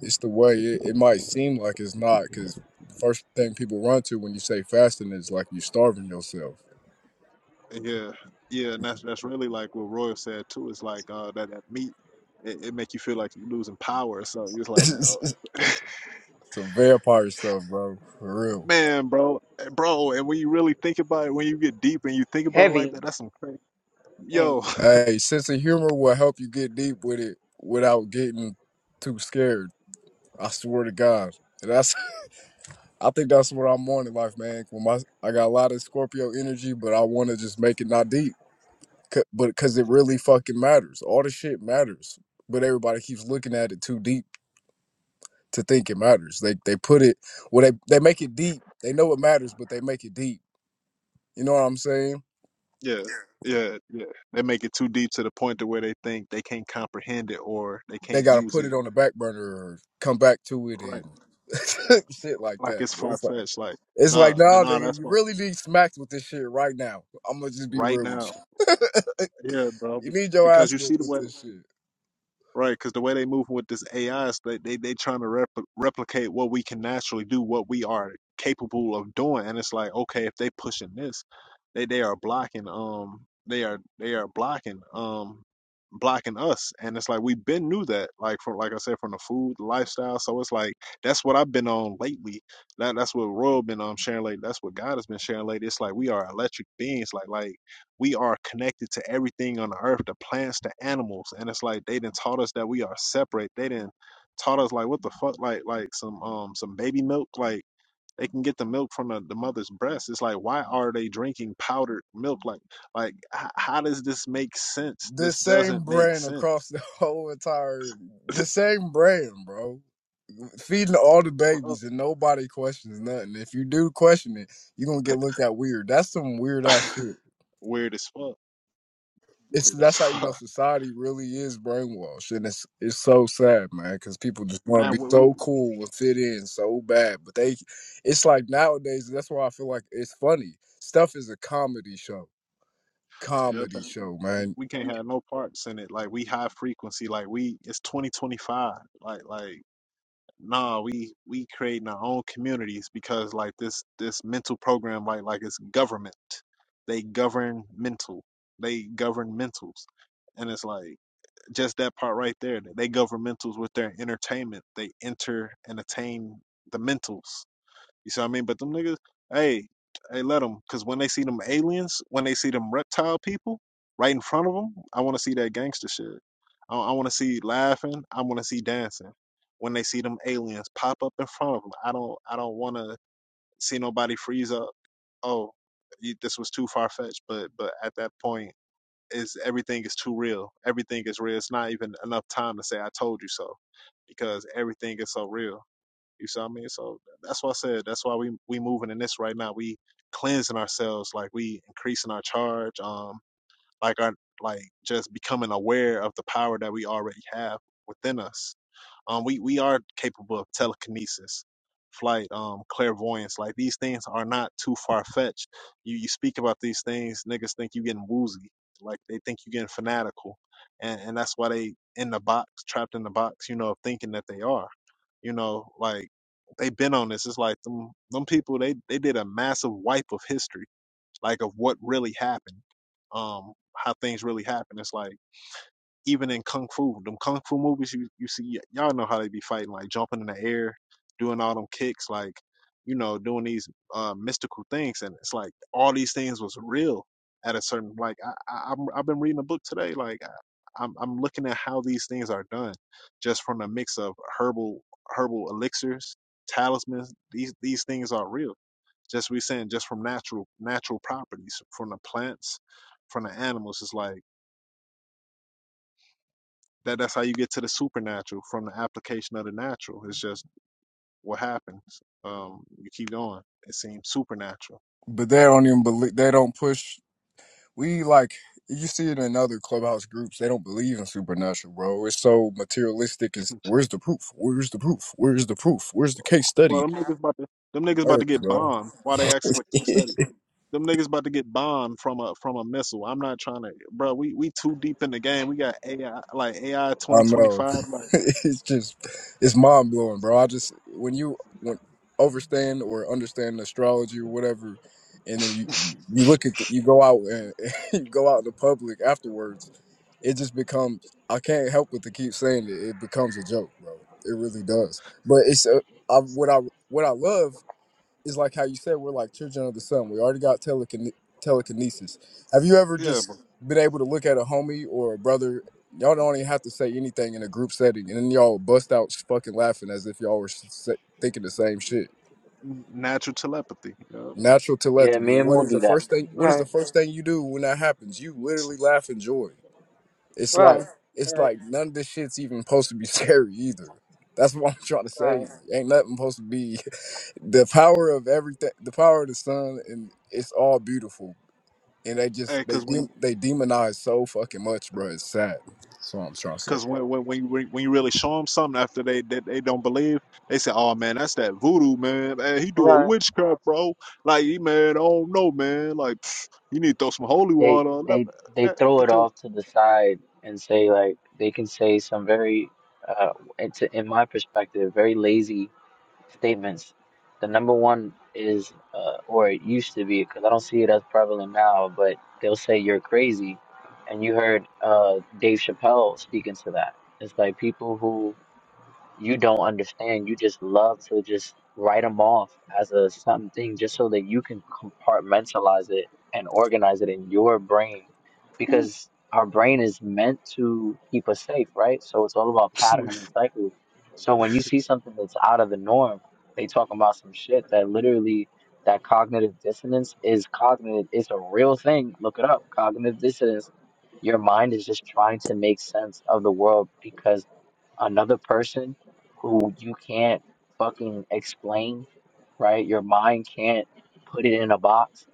It's the way it, it might seem like it's not, because first thing people run to when you say fasting is like you starving yourself. Yeah, yeah, and that's that's really like what Royal said too. It's like uh that that meat, it, it make you feel like you're losing power. So it's like no, [LAUGHS] [LAUGHS] Some vampire stuff, bro. For real. man, bro, eh, bro. And when you really think about it, when you get deep and you think about it like heavy that, that's some crazy. and Yo, Hey, sense of humor will help you get deep with it without getting too scared. I swear to God. And that's [LAUGHS] I think that's what I'm on in life, man. When my I got a lot of Scorpio energy, but I wanna just make it not deep. C- but because it really fucking matters. All the shit matters, but everybody keeps looking at it too deep to think it matters. They they put it well. They they make it deep. They know it matters, but they make it deep. You know what I'm saying? [LAUGHS] yeah, yeah, yeah. They make it too deep to the point to where they think they can't comprehend it or they They can't gotta use put it. it on the back burner or come back to it Right, and [LAUGHS] shit like like that. it's far It's like fetched. Like it's like nah, nah, nah, nigga, that's you what really need smacked with this shit right now. I'm gonna just be right real with now. you. Yeah, bro, You be- need your because ass you see whooped the with way. this shit. Right, because the way they move with this AI is they they they trying to repl- replicate what we can naturally do, what we are capable of doing, and it's like okay, if they pushing this, they they are blocking um they are they are blocking um blocking us, and it's like we've been knew that like from like I said from the food the lifestyle, so it's like that's what I've been on lately. That that's what Royal been um sharing lately. That's what God has been sharing lately. It's like we are electric beings, like like we are connected to everything on the earth, the plants, the animals. And it's like they didn't taught us that we are separate. They didn't taught us like what the fuck like like some um some baby milk like they can get the milk from the, the mother's breast. It's like why are they drinking powdered milk? Like like h- how does this make sense? The This doesn't same make brand sense, across the [LAUGHS] whole entire, the [LAUGHS] same brand, bro feeding all the bro. babies and nobody questions nothing. If you do question it, you're gonna get looked at weird. That's some weird ass [LAUGHS] shit. Weird as fuck. It's Weird as that's how you know fuck. society really is brainwashed, and it's it's so sad, man, because people just want to And be we, we, so cool and fit in so bad, but they, it's like nowadays. That's why I feel like it's funny. Stuff is a comedy show, yep, comedy show, man. we can't have no parts in it. Like we high frequency. Like we it's 2025. Like like nah, we we creating our own communities because like this this mental program like like it's government. They govern mental. They govern mentals. And it's like just that part right there. that They govern mentals with their entertainment. They enter and attain the mentals. You see what I mean? But them niggas, hey, hey, let them. Cause when they see them aliens, when they see them reptile people right in front of them, I want to see that gangster shit. I, I want to see laughing. I want to see dancing. When they see them aliens pop up in front of them, I don't, I don't want to see nobody freeze up. Oh, you, this was too far fetched. But, but at that point, is everything is too real. Everything is real. It's not even enough time to say I told you so, because everything is so real. You see what I mean? So that's why I said that's why we we moving in this right now. We cleansing ourselves, like we increasing our charge, um, like our like just becoming aware of the power that we already have within us. Um, we we are capable of telekinesis, flight, um, clairvoyance. Like these things are not too far fetched. You you speak about these things, niggas think you getting woozy. Like they think you getting fanatical, and and that's why they in the box, trapped in the box. You know, of thinking that they are. You know, like they been on this. It's like them them people. They they did a massive wipe of history, like of what really happened. Um, how things really happened. It's like even in kung fu, them kung fu movies you, you see, y'all know how they be fighting, like jumping in the air, doing all them kicks, like you know, doing these uh, mystical things, and it's like all these things was real at a certain. Like I, I I'm, I've been reading a book today, like I, I'm I'm looking at how these things are done, just from a mix of herbal herbal elixirs, talismans. These these things are real. Just we saying, just from natural natural properties from the plants, from the animals. It's like that that's how you get to the supernatural from the application of the natural. It's just what happens. Um, you keep going. It seems supernatural. But they don't even believe they don't push. we like you see it in other clubhouse groups they don't believe in supernatural bro it's so materialistic it's [LAUGHS] where's the proof where's the proof where's the proof where's the case Well, study them niggas about to them niggas about to Earth, get bro bombed. Why they ask for [LAUGHS] i case study? Them niggas about to get bombed from a from a missile. I'm not trying to, bro. We we too deep in the game. We got AI like AI know 2025. Like [LAUGHS] it's just it's mind-blowing bro i just when you when overstand or understand astrology or whatever and then you you look at the, you go out and [LAUGHS] you go out in the public afterwards it just becomes I can't help but to keep saying it. It becomes a joke, bro. It really does. But it's uh, I, what I what I love is like how you said we're like children of the sun. We already got telekine- telekinesis. Have you ever yeah, bro. just been able to look at a homie or a brother? Y'all don't even have to say anything in a group setting, and then y'all bust out fucking laughing as if y'all were s- s- thinking the same shit. Natural telepathy. Yeah. Natural Yeah, telepathy. me and What will is do the that. first thing? What is right. the first thing you do when that happens? You literally laugh in joy. It's like Right, it's right, like none of this shit's even supposed to be [LAUGHS] scary either. That's what I'm trying to say. right, Ain't nothing supposed to be [LAUGHS] the power of everything the power of the sun and it's all beautiful. And they just Hey, they cause when de- they demonize so fucking much, bro. It's sad. That's what I'm trying to say. Cause when when when you re- when you really show them something after they that they, don't believe, they say, "Oh man, that's that voodoo man. Man, he do a right. witchcraft, bro. Like he man, I don't know, man. Like [SNIFFS] you need to throw some holy They water on that. they they Man, throw it get your off to the side and say like they can say some very uh it's in my perspective very lazy statements. The number one is uh or it used to be because I don't see it as prevalent now, but they'll say you're crazy, and you heard uh Dave Chappelle speaking to that. It's like people who you don't understand. You just love to just write them off as a something just so that you can compartmentalize it and organize it in your brain because our brain is meant to keep us safe, right? So it's all about [LAUGHS] patterns and cycles. So when you see something that's out of the norm, they talk about some shit that literally that cognitive dissonance is cognitive. It's a real thing. Look it up. Cognitive dissonance. Your mind is just trying to make sense of the world because another person who you can't fucking explain, right? Your mind can't put it in a box.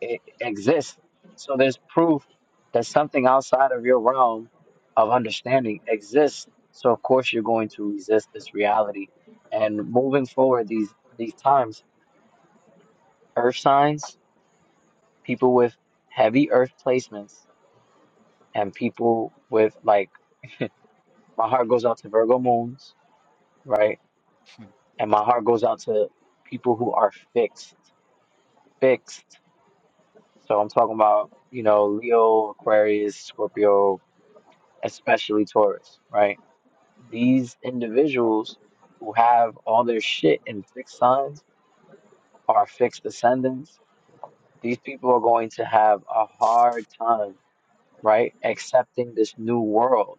It exists. So there's proof that something outside of your realm of understanding exists. So of course you're going to resist this reality. And moving forward these these times, earth signs, people with heavy earth placements and people with like my heart goes out to Virgo moons, right? And my heart goes out to people who are fixed, fixed. So I'm talking about, you know, Leo, Aquarius, Scorpio, especially Taurus, right? These individuals who have all their shit in fixed signs are fixed ascendants. These people are going to have a hard time, right? Accepting this new world.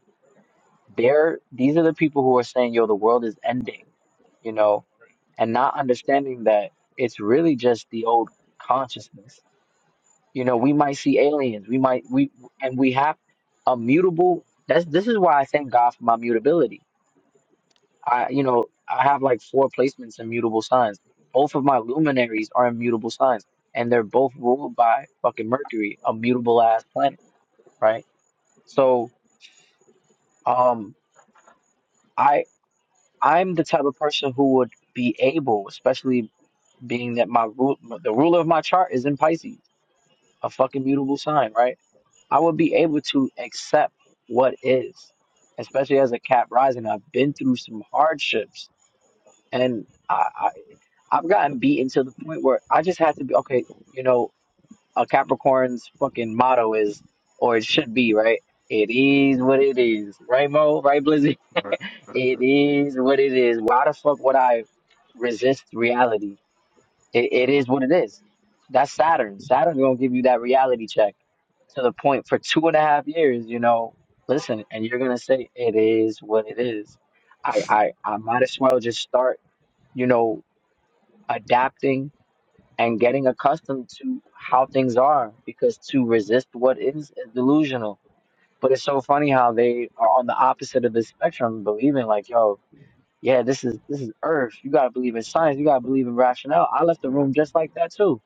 They're, these are the people who are saying, yo, the world is ending, you know, and not understanding that it's really just the old consciousness You know, we might see aliens. We might we and we have a mutable. That's this is why I thank God for my mutability. I you know I have like four placements in mutable signs. Both of my luminaries are immutable signs, and they're both ruled by fucking Mercury, a mutable ass planet, right? So um I I'm the type of person who would be able, especially being that my rule the ruler of my chart is in Pisces, a fucking mutable sign, right? I would be able to accept what is, especially as a cat rising. I've been through some hardships and I, I, I've gotten beaten to the point where I just had to be okay. You know, a Capricorn's fucking motto is, or it should be, right? It is what it is, right, Mo? Right, Blizzy? [LAUGHS] right, it is what it is. Why the fuck would I resist reality? It, it is [LAUGHS] what it is. That's Saturn. Saturn gonna give you that reality check to the point for two and a half years. You know, listen, and you're gonna say it is what it is. I I I might as well just start. You know, adapting and getting accustomed to how things are because to resist what is is delusional. But it's so funny how they are on the opposite of the spectrum, believing like, yo, yeah, this is this is Earth. You gotta believe in science. You gotta believe in rationale. I left the yeah, room just like that too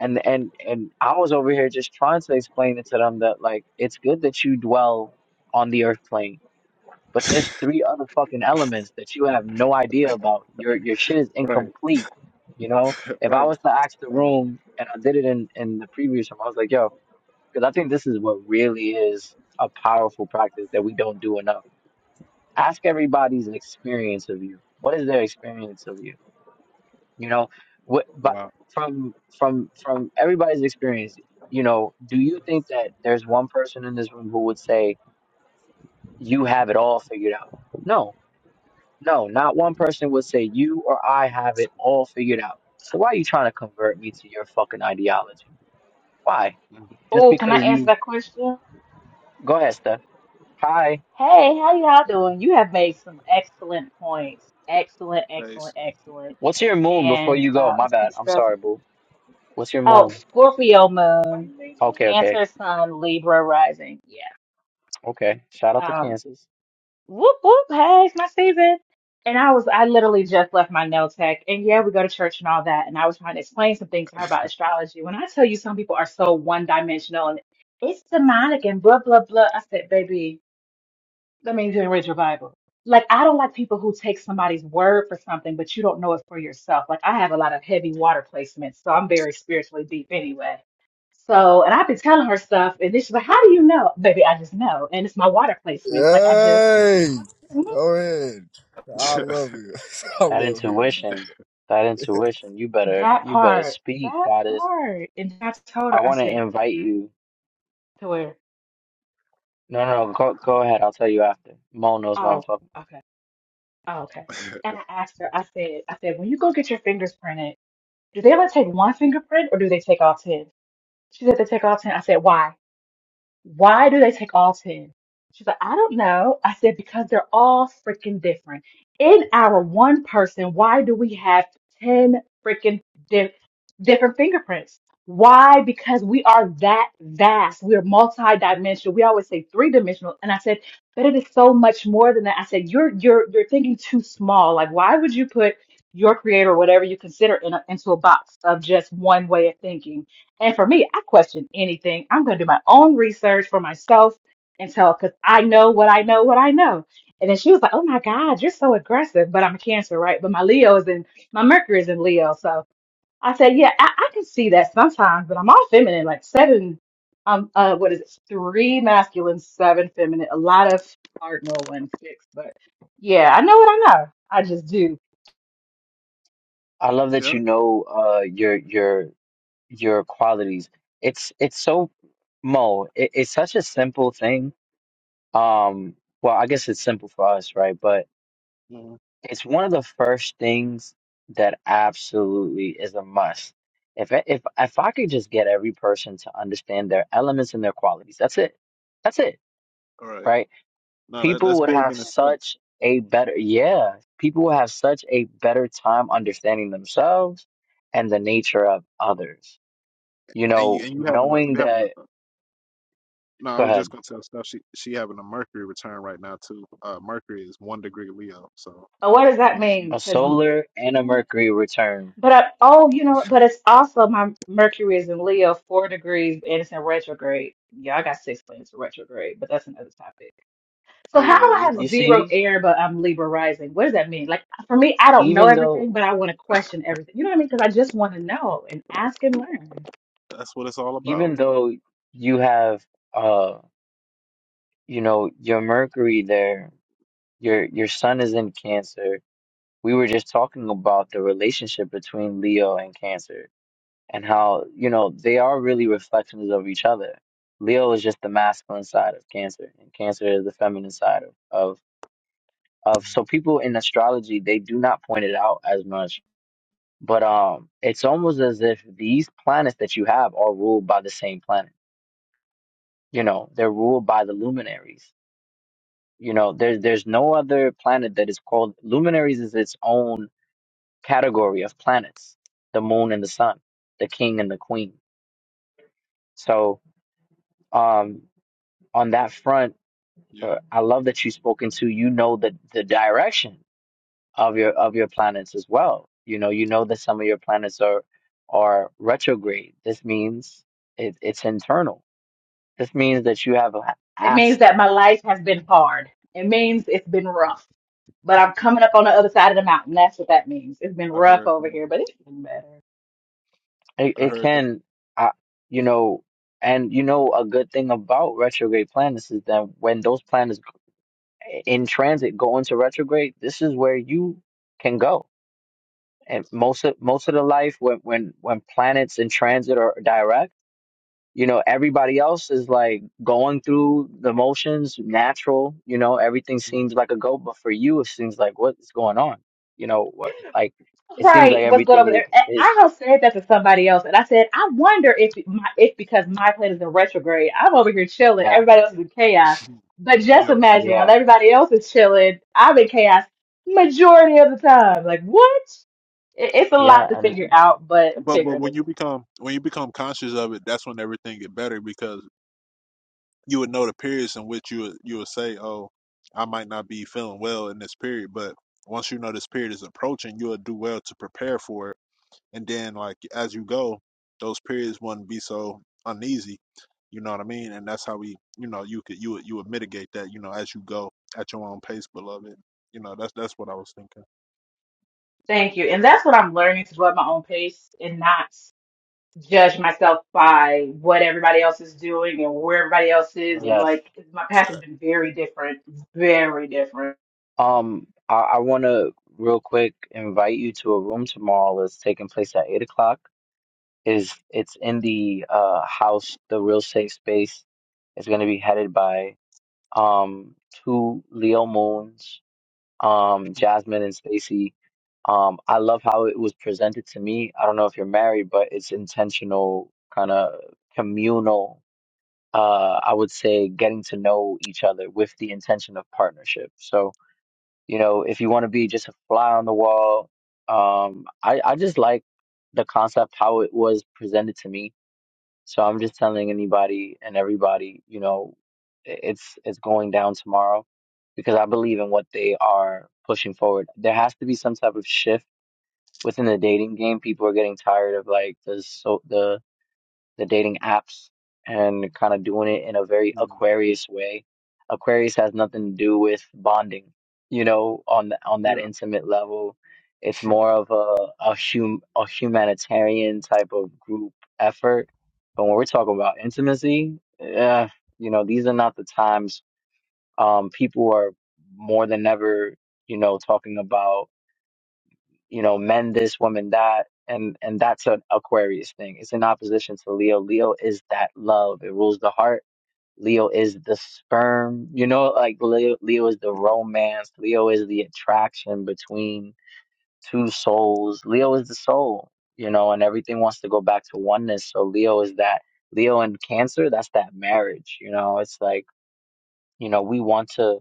and and and I was over here just trying to explain it to them that like it's good that you dwell on the earth plane, but there's three other fucking elements that you have no idea about. Your your shit is right, incomplete. You know, [LAUGHS] if I right. was to ask the Oh, room, and I did it in in the previous room, I was like, yo, because I think this is what really is a powerful practice that we don't do enough. Ask everybody's experience of you. What is their experience of you? you know what but Wow. from from from everybody's experience you know do you think that there's one person in this room who would say you have it all figured out no no not one person would say you or i have it all figured out so why are you trying to convert me to your fucking ideology why Mm. just Oh, can I because answer you that question? go ahead steph hi Hey, how y'all doing? You have made some excellent points. Excellent, excellent, nice. excellent. what's your moon before And you go uh my Peace, bad peace, i'm stuff. sorry boo what's your oh, moon Scorpio Why moon, you ain't okay okay Cancer sun, Libra rising. Yeah. okay shout out to Um kansas whoop whoop, hey, it's my season. And I was I literally just left my nail tech and yeah, we go to church and all that and I was trying to explain some things to her about astrology. When I tell you some people are so one dimensional and it's demonic and blah blah blah. I said, baby, Let me even read your Bible. Like, I don't like people who take somebody's word for something, but you don't know it for yourself. Like, I have a lot of heavy water placements, so I'm very spiritually deep anyway. So, and I've been telling her stuff, and then she's like, How do you know? Baby, I just know. And it's my water placements. Like, I just, Mm. Yay! Go ahead. I love you. [LAUGHS] I That love you. intuition, that intuition. You better, that you better part, speak, that goddess. part. And I told I her, I want to said invite you. to her, No, no, no, go, go ahead. I'll tell you after. Mo knows what I'm Oh, talking. okay. Oh, okay. [LAUGHS] yeah, And I asked her, I said, I said, when you go get your fingers printed, do they only take one fingerprint or do they take all 10?" She said, They take all 10." I said, Why? why do they take all 10? She's like, I don't know. I said, because they're all freaking different. In our one person, why do we have 10 freaking di- different fingerprints? Why? Because we are that vast. We are multi-dimensional. We always say three-dimensional. And I said, but it is so much more than that. I said, you're you're you're thinking too small. Like, why would you put your creator, whatever you consider, in a, into a box of just one way of thinking? And for me, I question anything. I'm going to do my own research for myself and tell because I know what I know, what I know. And then she was like, "Oh my God, you're so aggressive." But I'm a Cancer, right? But my Leo is in my Mercury is in Leo, so I said, "Yeah, I, I can see that sometimes." But I'm all feminine, like seven. Um, uh, what is it? Three masculine, seven feminine. A lot of cardinal one six, but yeah, I know what I know. I just do. I love that yeah. you know uh your your your qualities. It's it's so Mo. It, it's such a simple thing. Um, well, I guess it's simple for us, right? But Mhm. It's one of the first things that absolutely is a must. If I- if if I could just get every person to understand their elements and their qualities, that's it. That's it, All right. right? No, that People that's would big have in itself. such a better yeah, people would have such a better time understanding themselves and the nature of others. You And know, you and you having a knowing you having that a No, I go was just ahead, gonna tell stuff. She she having a Mercury return right now too. Uh, Mercury is one degree Leo, so But what does that you you mean? a Because um, solar and a Mercury return. But I, oh, you know, but it's also my Mercury is in Leo, four degrees, and it's in retrograde. Yeah, I got six planets in retrograde, but that's another topic. So oh how yeah, do I it's have You about to. zero see, air, but I'm Libra rising? What does that mean? Like for me, I don't know even though everything, but I want to question everything. You know what I mean? Because I just want to know and ask and learn. that's what it's all about. even though you have uh. you know, your Mercury there, your your sun is in Cancer. We were just talking about the relationship between Leo and Cancer and how, you know, they are really reflections of each other. Leo is just the masculine side of Cancer, and Cancer is the feminine side of of, of so people in astrology they do not point it out as much. But um it's almost as if these planets that you have are ruled by the same planet. You know, they're ruled by the luminaries You know, there, there's no other planet that is called luminaries is its own category of planets, the moon and the sun, the king and the queen. So, um, on that front, uh, Yep, I love that you spoke into, you know, the, the direction of your, of your planets as well. You know, you know that some of your planets are, are retrograde. This means it, it's internal. This means that you have a It a means that my life has been hard. It means it's been rough, but I'm coming up on the other side of the mountain. That's what that means. It's been I rough heard over that. here, but it's been better. It, I it heard that. can, I, you know, and you know, a good thing about retrograde planets is that when those planets in transit go into retrograde, this is where you can go. And most of most of the life when when when planets in transit are direct, you know, everybody else is like going through the motions, natural. You know, everything [LAUGHS] seems like a go, but for you, it seems like what is going on? You know, what like it seems right like what's going everything over is there. And is I have said that to somebody else, and I said, I wonder if my if because my planet is in retrograde, I'm over here chilling. yeah, Everybody else is in chaos. Mhm. But just Yep. imagine while yeah, everybody else is chilling, I'm in chaos majority of the time. Like what? It, it's a yeah, lot to and figure out, but I'm But but figuring when it you out. become when you become conscious of it, that's when everything get better because you would know the periods in which you would, you would say, oh, I might not be feeling well in this period, but once you know this period is approaching, you'll do well to prepare for it And then like as you go, those periods wouldn't be so uneasy. You know what I mean? And that's how we, you know, you could you would you would mitigate that, you know, as you go at your own pace, beloved. You know, that's that's what I was thinking. Thank you. And that's what I'm learning to go at my own pace and not judge myself by what everybody else is doing and where everybody else Nice. is. And yes. like my path has Fact. been very different, very different. Um, I, I want to real quick invite you to a room tomorrow. It's taking place at eight o'clock. Is it's in the uh house, the real safe space. It's going to be headed by um two Leo Moons, um Jasmine and Stacy. Um, I love how it was presented to me. I don't know if you're married, but it's intentional, kind of communal. Uh, I would say getting to know each other with the intention of partnership. So you know, if you want to be just a fly on the wall, um, I, I just like the concept how it was presented to me. So I'm just telling anybody and everybody, you know, i- it's it's going down tomorrow because I believe in what they are pushing forward. There has to be some type of shift within the dating game. People are getting tired of like the so the the dating apps and kind of doing it in a very Yeah. Aquarius way. Aquarius has nothing to do with bonding, you know, on th- on that intimate level. It's Yeah. [LAUGHS] more of a a, hum, a humanitarian type of group effort. But when we're talking about intimacy, uh, you know, these are not the times um, people are more than ever, you know, talking about you know, men this, women that. And and that's an Aquarius thing. It's in opposition to Leo. Leo is that love. It rules the heart. Leo is the sperm. You know, like Leo, Leo is the Yeah. romance. Leo is the attraction between two souls. Leo is the soul, you know, and everything wants to go back to oneness. So Leo is that Leo and Cancer, that's that marriage, you know. It's like, you know, we want to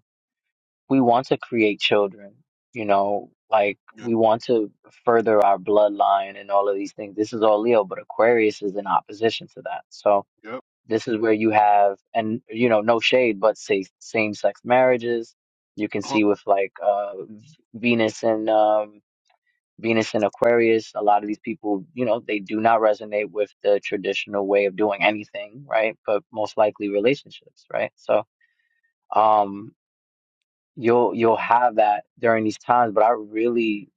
we want to create children, you know, like we want to further our bloodline and all of these things. This is all Leo, but Aquarius is in opposition to that. So Yeah. this is where you have, and you know, no shade, but say same sex marriages. You can Yep. see with like uh, Venus and um, Venus and Aquarius, a lot of these people, you know, they do not resonate with the traditional way of doing anything, right? But most likely relationships, right? So, um you'll you'll have that during these times but i really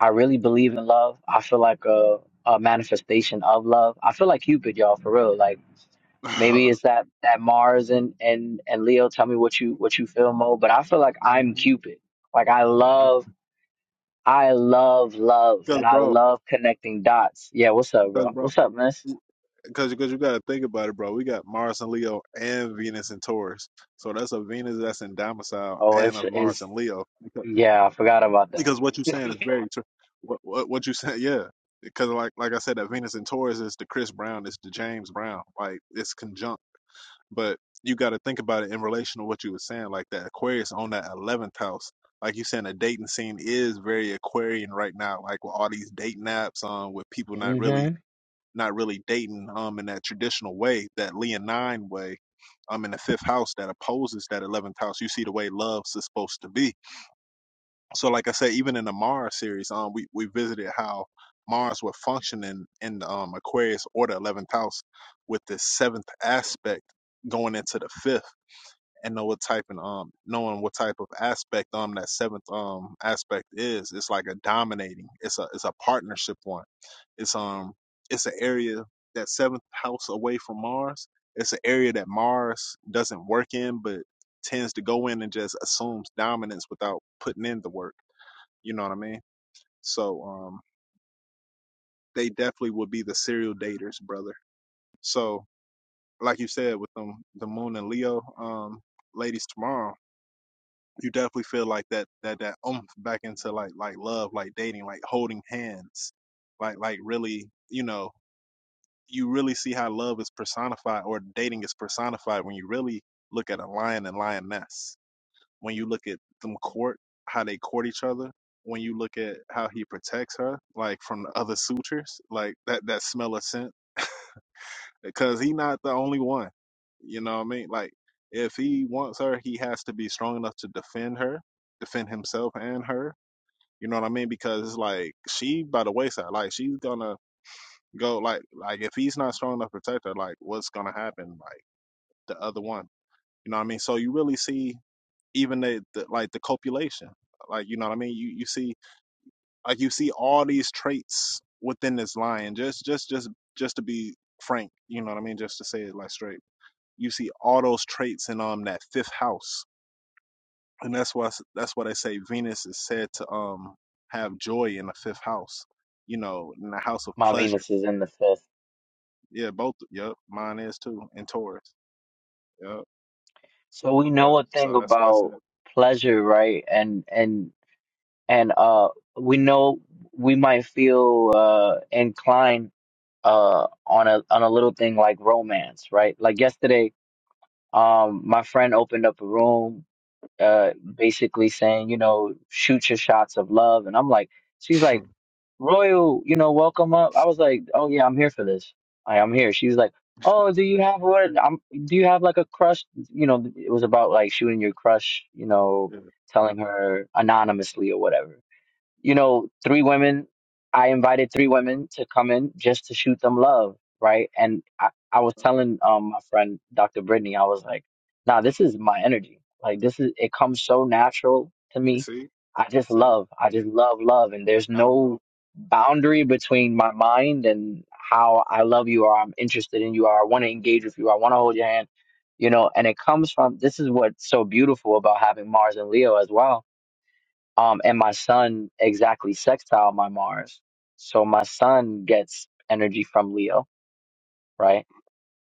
i really believe in love i feel like a, a manifestation of love i feel like cupid y'all for real like maybe [LAUGHS] it's that that mars and and and leo tell me what you what you feel mo but i feel like i'm Mm-hmm. cupid like i love i love love Because and i bro, love connecting dots yeah what's up because bro bro, what's up miss because because you got to think about it, bro. We got Mars and Leo and Venus and Taurus, so that's a Venus that's in domicile oh and it's a Mars it's and Leo. yeah i forgot about because what you're that saying is very true. What, what what you said, [LAUGHS] yeah. Because like like I said, that Venus and Taurus is the Chris Brown, it's the James Brown, like it's conjunct. But you got to think about it in relation to what you were saying, like that Aquarius on that eleventh house. Like you saying, the dating scene is very Aquarian right now, like with all these dating apps, um, with people [LAUGHS] not hmm really not really dating, um, in that traditional way, that Leonine way, um, in the fifth house that opposes that eleventh house. You see the way love's is supposed to be so like I said, even in the Mars series, um, we we visited how Mars would function in in um Aquarius or the eleventh house with the seventh aspect going into the fifth, and know what type and um knowing what type of aspect um that seventh um aspect is. It's like a dominating. It's a it's a partnership one. It's um it's an area that seventh house away from Mars. It's an area that Mars doesn't work in, but tends to go in and just assumes dominance without putting in the work you know what I mean? So um, they definitely would be the serial daters, brother. So like you said, with them, the Moon and Leo um, ladies tomorrow, you definitely feel like that that that oomph back into like like love, like dating, like holding hands, like like really, you know, you really see how love is personified or dating is personified when you really look at a lion and lioness When you look at them court, how they court each other, when you look at how he protects her, like from the other sutures, like that that smell of scent, because he not the only one. You know what I mean? Like if he wants her, he has to be strong enough to defend her, defend himself and her. You know what I mean? Because it's like she by the wayside, like she's gonna go like like if he's not strong enough to protect her, like what's gonna happen? Like the other one. You know what I mean? So you really see even the, the like the copulation like you know what i mean you you see like you see all these traits within this lion just just just just to be frank you know what i mean just to say it like straight you see all those traits in um that fifth house and that's why that's why they say venus is said to um have joy in the fifth house you know in the house of my pleasure venus is in the fifth yeah both yep mine is too and taurus yep So we yep know a thing so that's why i said about pleasure, right? And and and uh we know we might feel uh inclined uh on a on a little thing like romance, right? Like yesterday, um my friend opened up a room uh basically saying, you know, shoot your shots of love and I'm like she's like [LAUGHS] Royal, you know, welcome up. I was like, oh yeah, I'm here for this. I, I'm here. She's like, oh, do you have what? I'm. Do you have like a crush? You know, it was about like shooting your crush. You know, yeah. telling her anonymously or whatever you know, three women. I invited three women to come in just to shoot them love, right? And I, I was telling um my friend Dr. Brittany, I was like, nah, this is my energy. Like this is it comes so natural to you me. see I just see love. I just love love. And there's out in the no open. boundary between my mind and how I love you or I'm interested in you or I want to engage with you or I want to hold your hand. You know, and it comes from this is what's so beautiful about having Mars and Leo as well um, and my son exactly sextile my Mars. So my son gets energy from Leo, right?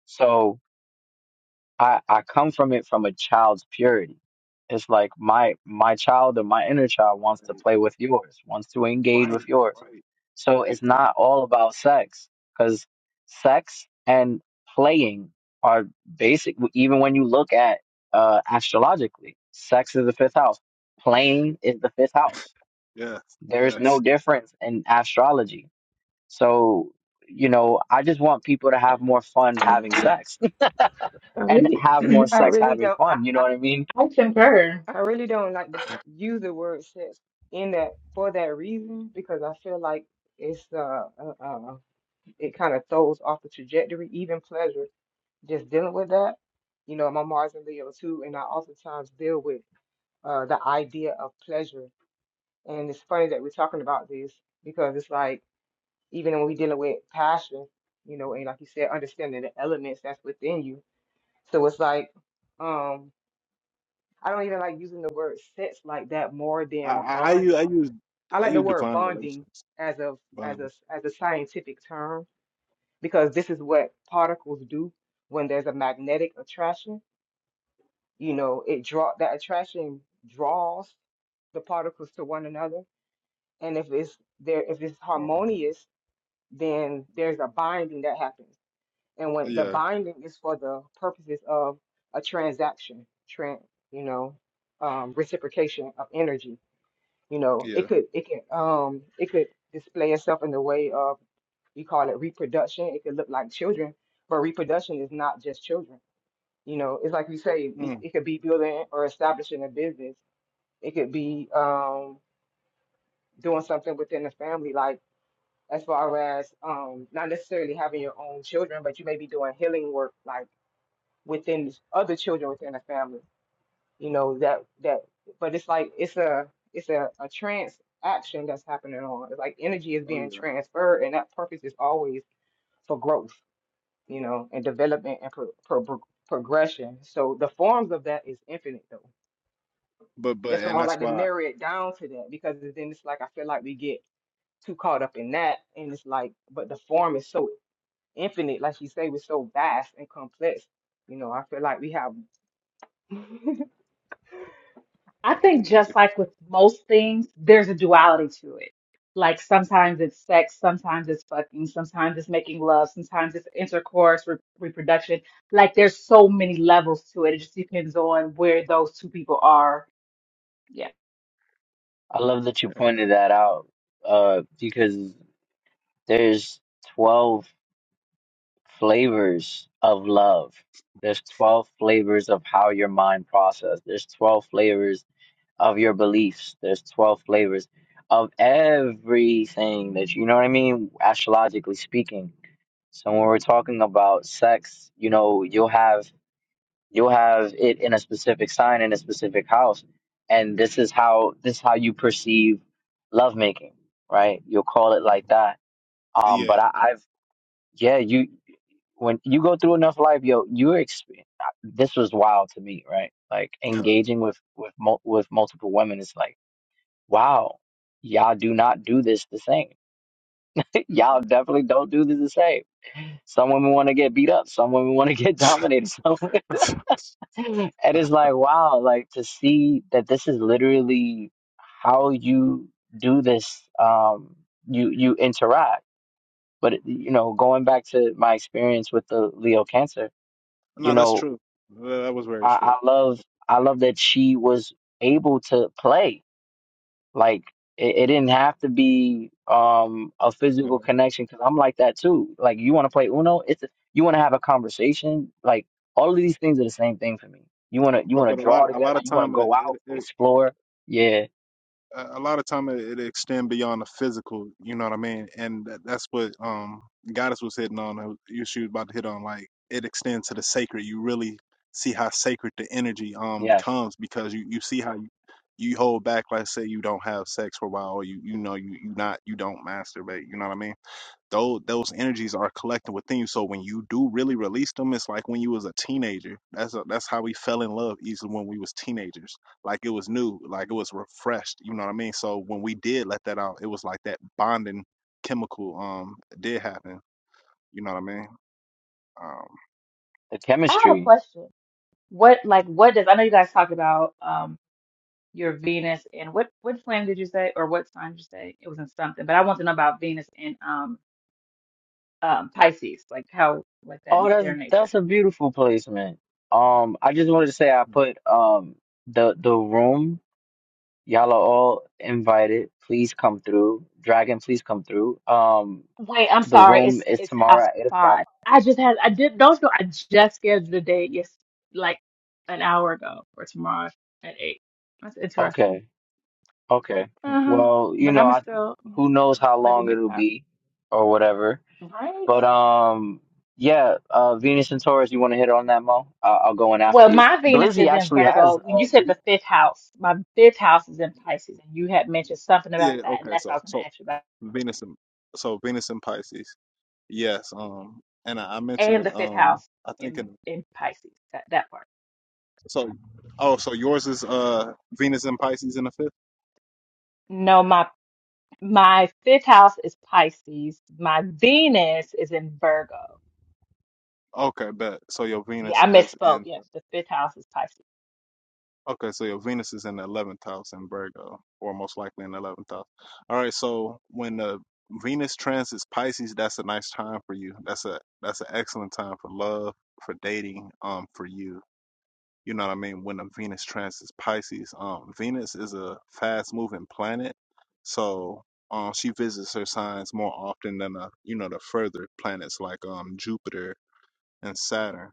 So I, I come from it from a child's purity. It's like my my child or my inner child wants Yeah. to play with yours, wants to engage with Right, yours. right. So it's Exactly. not all about sex because sex and playing are basic. Even when you look at uh, astrologically, sex is the fifth house. Playing is the fifth house Yes, there's no yes. difference in astrology. So, you know, I just want people to have more fun doing having sex I [LAUGHS] and really, have more [CLEARS THROAT] I sex really having don't, I, fun. You know I, what I mean? I concur. I really don't like to use the word sex in that for that reason because I feel like it's uh, uh, uh it kind of throws off the trajectory, even pleasure, just dealing with that. You know, my Mars and Leo too, and I oftentimes deal with uh the idea of pleasure. And it's funny that we're talking about this because it's like. even when we dealing with passion, you know, and like you said, understanding the elements that's within you. So it's like, um, I don't even like using the word sex like that more I, than I, I use I bonding. use I I like the use word divine bonding relations. as a as Divine. a as a scientific term because this is what particles do when there's a magnetic attraction. You know, it draw that attraction draws the particles to one another, and if it's there, if it's uh-huh. harmonious, then there's a binding that happens And when the Yeah, binding is for the purposes of a transaction, tran you know, um, reciprocation of energy. You know, yeah. it could it can um it could display itself in the way of you call it reproduction. It could look like children, but reproduction is not just children. You know, it's like you say, it Mm. it could be building or establishing a business. It could be um doing something within the family, like as far as um not necessarily having your own children, but you may be doing healing work, like within these other children within the family. You know that that, but it's like it's a it's a, a trans action that's happening on. It's like energy is Oh being yeah. transferred, and that purpose is always for growth, you know, and development and pro, pro, pro- progression. So the forms of that is infinite, though. But but That's why and I that's like to why. narrow it down to that because then it's like I feel like we get too caught up in that, and it's like, but the form is so infinite, like you say, was so vast and complex. You know, I feel like we have. [LAUGHS] I think just like with most things, there's a duality to it. Like sometimes it's sex, sometimes it's fucking, sometimes it's making love, sometimes it's intercourse, re- reproduction. Like there's so many levels to it. It just depends on where those two people are. Yeah. I love that you pointed Uh, that out uh, because there's 12 flavors of love. There's 12 flavors of how your mind process. There's 12 flavors of your beliefs. There's 12 flavors of everything that you know what I mean, astrologically speaking So when we're talking about sex, you know, you'll have you'll have it in a specific sign in a specific house, and this is how this is how you perceive lovemaking, right? You'll call it like mm, that. Um, yeah. but I, I've yeah, you when you go through enough life, yo, you experience this was wild to me, right? Like [LAUGHS] engaging with with mul- with multiple women is like wow, y'all do not do this the same. [LAUGHS] y'all definitely don't do this the same Some women want to get beat up. Some women want to [LAUGHS] get dominated. Some [LAUGHS] and it's like wow, like to see that this is literally how you do this. Um, you you interact. But you know, going back to my experience with the Leo Cancer, you no, that's know, true. That, that was very I, true. I love I love that she was able to play Like it, it didn't have to be um a Yeah. physical connection because I'm like that too. Like you want to play Uno, it's a, you want to have a conversation. Like all of these things are the same thing for me. You want to you But want to but a draw lot a together. lot of You want to time it, go out, it, explore. Yeah, a a lot of time it, it extend beyond the physical. You know what I mean? And that, that's what um Goddess was hitting on. uh, You she was about to hit on like it extends to the sacred. You really see how sacred the energy um yes, becomes because you you see how you, you hold back. Like say you don't have sex for a while, or you you know you you not you don't masturbate. You know what I mean? Those those energies are collecting within you. So when you do really release them, it's like when you was a teenager. That's a, that's how we fell in love easily when we was teenagers. Like it was new, like it was refreshed. You know what I mean? So when we did let that out, it was like that bonding chemical um did happen. You know what I mean? Um, the I have a chemistry. question. What like what does I know you guys talked about um your Venus and what what plan did you say or what sign did you say? It was in something, but I want to know about Venus and um um Pisces, like how like that Oh, that's their nature. that's a beautiful placement. Um, I just wanted to say I put um the the room. Y'all are all invited. Please come through. Dragon, please come through. Um, Wait, I'm the sorry. room It's is it's half tomorrow at eight o'clock. five. I just had I did don't know. I just scheduled a date yes, like an hour ago for tomorrow at eight. That's interesting. Okay. Okay. hmm. Uh huh. Well, you But know, I'm I still yeah, who knows how maybe long next it'll time. be or whatever. Right. But um yeah, uh Venus and Taurus, you want to hit on that, Mo? I I'll go in Well, after you. my Venus Blizzy is in actually has Virgo. When you uh said the fifth house, my fifth house is in Pisces, and you had mentioned something yeah. about that, and Okay. that's what I So was going to so ask you about. Venus and so Venus and Pisces. Yes. Um, and I, I mentioned And it. the fifth Um, house I think in in in Pisces, that that part. so. Oh, so yours is uh Venus and Pisces in the fifth. No, my My fifth house is Pisces. My Venus is in Virgo. Okay, bet. So your Yeah, Venus I is misspoke. in. Yes, the fifth house is Pisces. Okay, so your Venus is in the eleventh house in Virgo, or most likely in the eleventh house. All right. So when the Venus transits Pisces, that's a nice time for you. That's a that's an excellent time for love, for dating, um, for you. You know what I mean? When the Venus transits Pisces, um, Venus is a fast moving planet, so um, she visits her signs more often than uh, you know, the further planets like um Jupiter and Saturn.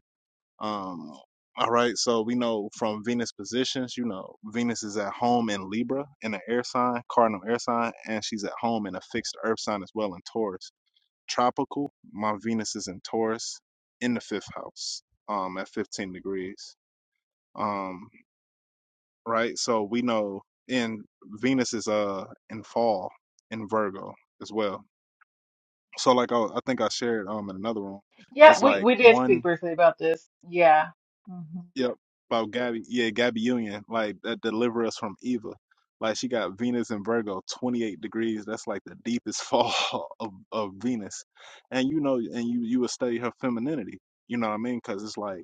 Um, all right, so we know from Venus positions, you know, Venus is at home in Libra in an air sign, cardinal air sign, and she's at home in a fixed earth sign as well in Taurus. Tropical, my Venus is in Taurus in the fifth house, um, at 15 degrees. Um, right, so we know in Venus is uh in fall in Virgo as well. So like I, I think I shared um in another room, Yep, it's we like we did speak one. briefly about this. Yeah. Mhm. Yep. About Gabby. Yeah, Gabby Union. Like that deliver us from evil. Like she got Venus and Virgo, 28 degrees. That's like the deepest fall [LAUGHS] of, of Venus. And you know, and you you would study her femininity. You know what I mean? Because it's like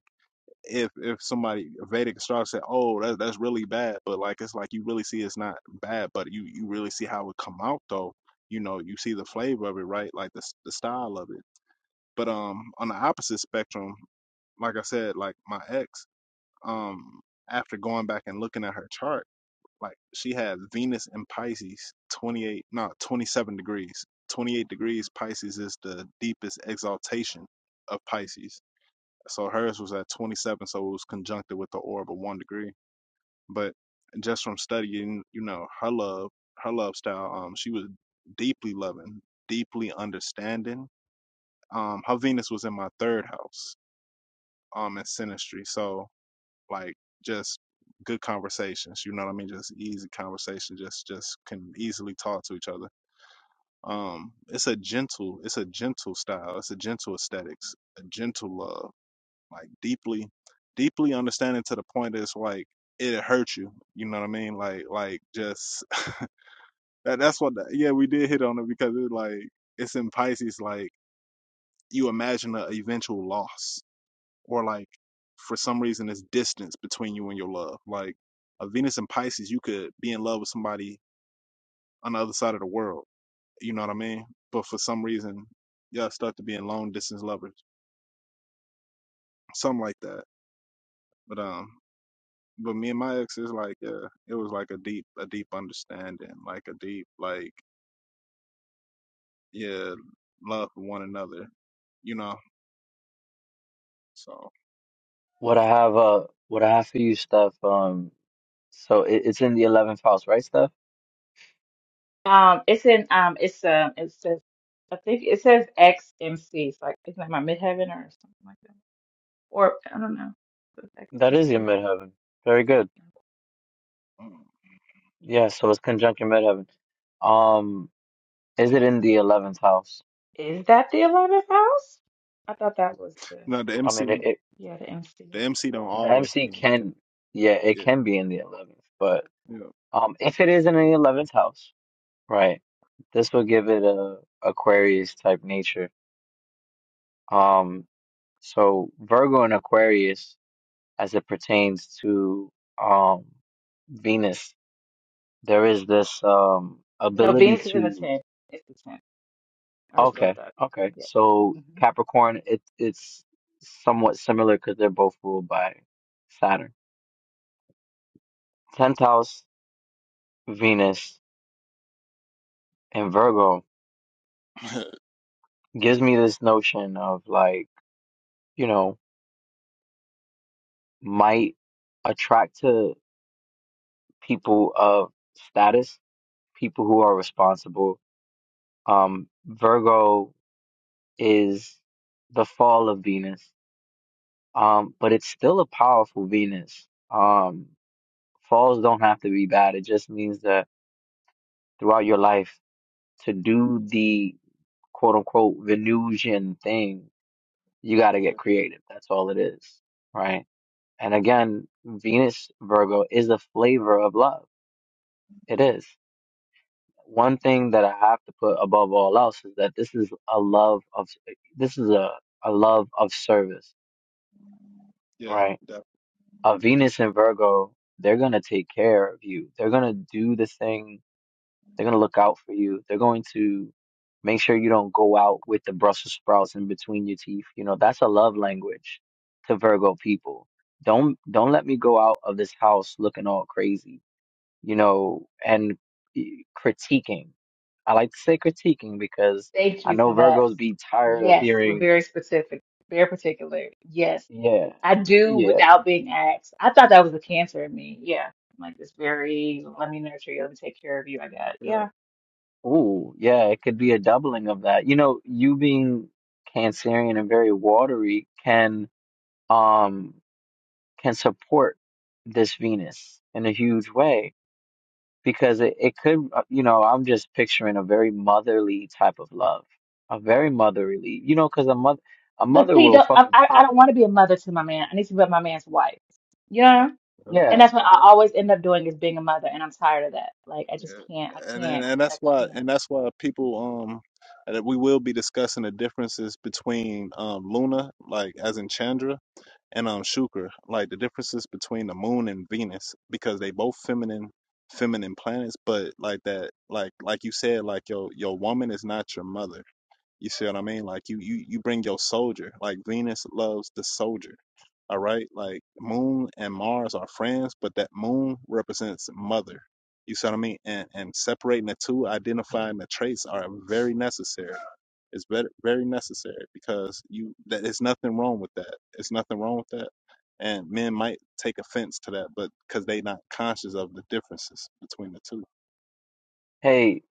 if if somebody a Vedic astrologer said, "Oh, that's that's really bad," but like it's like you really see it's not bad, but you you really see how it come out though. You know, you see the flavor of it, right? Like the s- the style of it. But um, on the opposite spectrum, like I said, like my ex um after going back and looking at her chart like she had venus and pisces 28 no 27 degrees 28 degrees pisces is the deepest exaltation of pisces so hers was at 27 so it was conjuncted with the orb of one degree but just from studying you know her love her love style um she was deeply loving deeply understanding um her venus was in my third house um in sinistry so like just good conversations. You know what I mean? Just easy conversation. Just just can easily talk to each other. Um, it's a gentle, it's a gentle style. It's a gentle aesthetics, a gentle love, like deeply, deeply understanding to the point that it's like it hurt you. You know what I mean? Like like just [LAUGHS] that, that's what. The, yeah, we did hit on it because it like it's in Pisces. Like you imagine a eventual loss or like for some reason there's distance between you and your love. Like a Venus and Pisces, you could be in love with somebody on the other side of the world. You know what I mean? But for some reason, y'all start to being long distance lovers, something like that. But um, but me and my ex is like, yeah, it was like a deep, a deep understanding, like a deep, like yeah, love for one another. You know, so what I have uh what I have for you Steph. um so it, it's in the 11th house, right, Steph? Um, it's in um, it's um, it says I think it says XMC. It's like isn't that my midheaven or something like that? Or I don't know. It That is your XMC. midheaven. Very good. mm. Yeah, so it's conjunct your midheaven. Um, is it in the 11th house? Is that the eleventh house? I thought that was the no, the I MC, mean, it, it yeah the MC. the MC don't the always MC be in the center. can, yeah, it Yeah, can be in the 11th, but yeah, Um, if it is in the 11th house, right, this will give it a Aquarius type nature. Um, so Virgo and Aquarius, as it pertains to um Venus, there is this um No, ability Venus is in the to. tenth. It's the tenth. I just Okay, looked okay, up. okay. Yep. So yep. Capricorn, it it's somewhat similar because they're both ruled by Saturn. 10th house, Venus, and Virgo [LAUGHS] gives me this notion of like, you know. might attract to people of status, people who are responsible. Um, Virgo is the fall of Venus, um, but it's still a powerful Venus. Um, falls don't have to be bad. It just means that throughout your life, to do the quote unquote Venusian thing, you got to yeah, get creative. That's all it is, right? And again, Venus Virgo is a flavor of love. It is. one thing that I have to put above all else is that this is a love of this is a, a love of service, yeah, right? definitely. A Venus and Virgo, they're gonna take care of you. They're gonna do the thing. They're gonna look out for you. They're going to make sure you don't go out with the Brussels sprouts in between your teeth. You know, that's a love Yeah, language to Virgo people. Don't don't let me go out of this house looking all crazy you know, and e, critiquing. I like to say critiquing because Thank I you for know that. Virgos be tired of Yes, we're hearing, very specific, very particular. Yes, yeah, I do yeah, without being asked. I thought that was a cancer in me. Yeah, like this very, let me nurture you, let me take care of you. I got it. yeah, Yeah, ooh, yeah, it could be a doubling of that. You know, you being Cancerian and very watery can um can support this Venus in a huge way because it, it could, uh, you know, I'm just picturing a very motherly type of love, a very motherly, you know, because a mother a but mother see, will don't, I fucking I I pop, don't want to be a mother to my man. I need to be my man's wife. Yeah, yeah, and yeah that's what I yeah, always end up doing is being a mother, and I'm tired of that. Like I just can't. I yeah. And, and can't. and I that's why and can't. that's why people um that we will be discussing the differences between um Luna, like as in Chandra, and um Shukra, like the differences between the moon and Venus, because they both feminine feminine planets, but like that like like you said, like your your woman is not your mother. You see what I mean? Like you you you bring your soldier. Like Venus loves the soldier. All right? Like Moon and Mars are friends, but that Moon represents mother. You see what I mean? And and separating the two, identifying the traits are very necessary. It's very very necessary because you that there's nothing wrong with that. It's nothing wrong with that. And men might take offense to that, but because they not conscious of the differences between the two. Hey,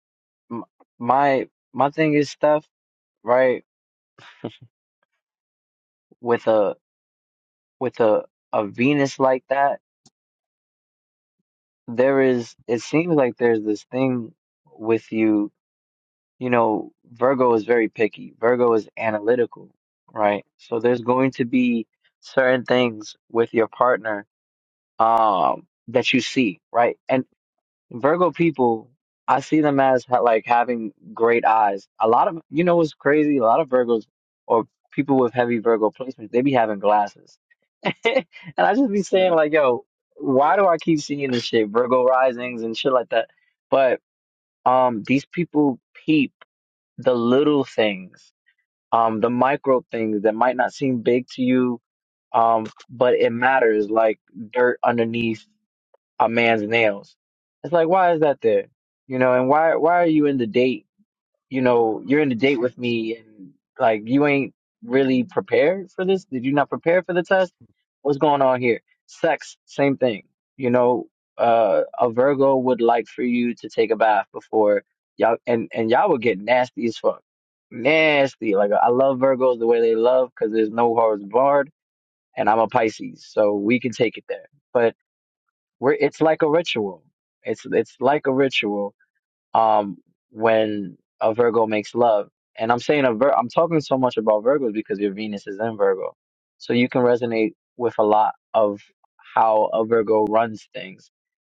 m my my thing is Steph, right? With a with a a Venus like that, there is it seems like there's this thing with you, you know, Virgo is very picky. Virgo is analytical, right? So there's going to be certain things with your partner um that you see, right? And Virgo people, I see them as ha like having great eyes. A lot of, you know what's crazy? A lot of Virgos or people with heavy Virgo placements, they be having glasses. [LAUGHS] And I just be saying Yeah, like, yo, why do I keep seeing this shit? Virgo risings and shit like that. But um these people peep the little things, um, the micro things that might not seem big to you, um, but it matters like dirt underneath a man's nails. It's like, why is that there? You know, and why why are you in the date? You know, you're in the date with me, and like you ain't really prepared for this. Did you not prepare for the test? What's going on here? Sex, same thing. You know, uh, a Virgo would like for you to take a bath before y'all, and and y'all would get nasty as fuck, nasty. Like I love Virgos the way they love because there's no horse barred, and I'm a Pisces, so we can take it there, but. We're, it's like a ritual. It's it's like a ritual. Um, when a Virgo makes love, and I'm saying a Vir- I'm talking so much about Virgos because your Venus is in Virgo, so you can resonate with a lot of how a Virgo runs things.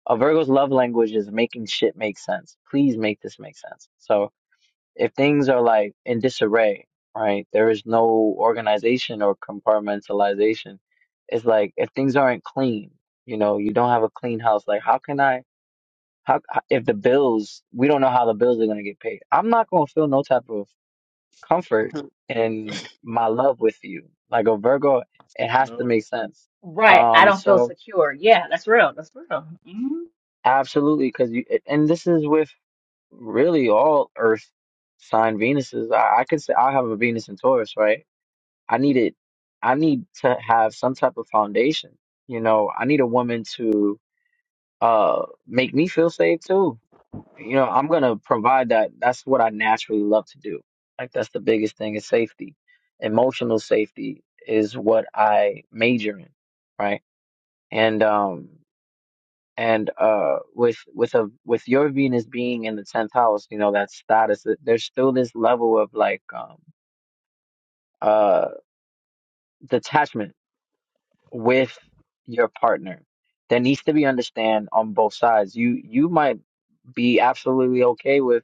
A Virgo's love language is making shit make sense. Please make this make sense. So if things are like in disarray, right? There is no organization or compartmentalization. It's like if things aren't clean, you know, you don't have a clean house. Like, how can I? How if the bills? We don't know how the bills are gonna get paid. I'm not gonna feel no type of comfort yeah. in my love with you. Like a Virgo, it [LAUGHS] has to no. make sense. Right. I Um, don't feel so secure. Yeah, that's real. That's real. Mm-hmm. absolutely, because you and this is with really all Earth sign Venuses. I, I could say I have a Venus in Taurus, right? I needed I need to have some type of foundation. You know, I need a woman to uh make me feel safe too. You know, I'm gonna provide that. That's what I naturally love to do. Like that's the biggest thing is safety. Emotional safety is what I major in, right? And um and uh with with a with your Venus being in the tenth house, you know, that status, there's still this level of like um uh detachment with your partner. There needs to be understand on both sides. You you might be absolutely okay with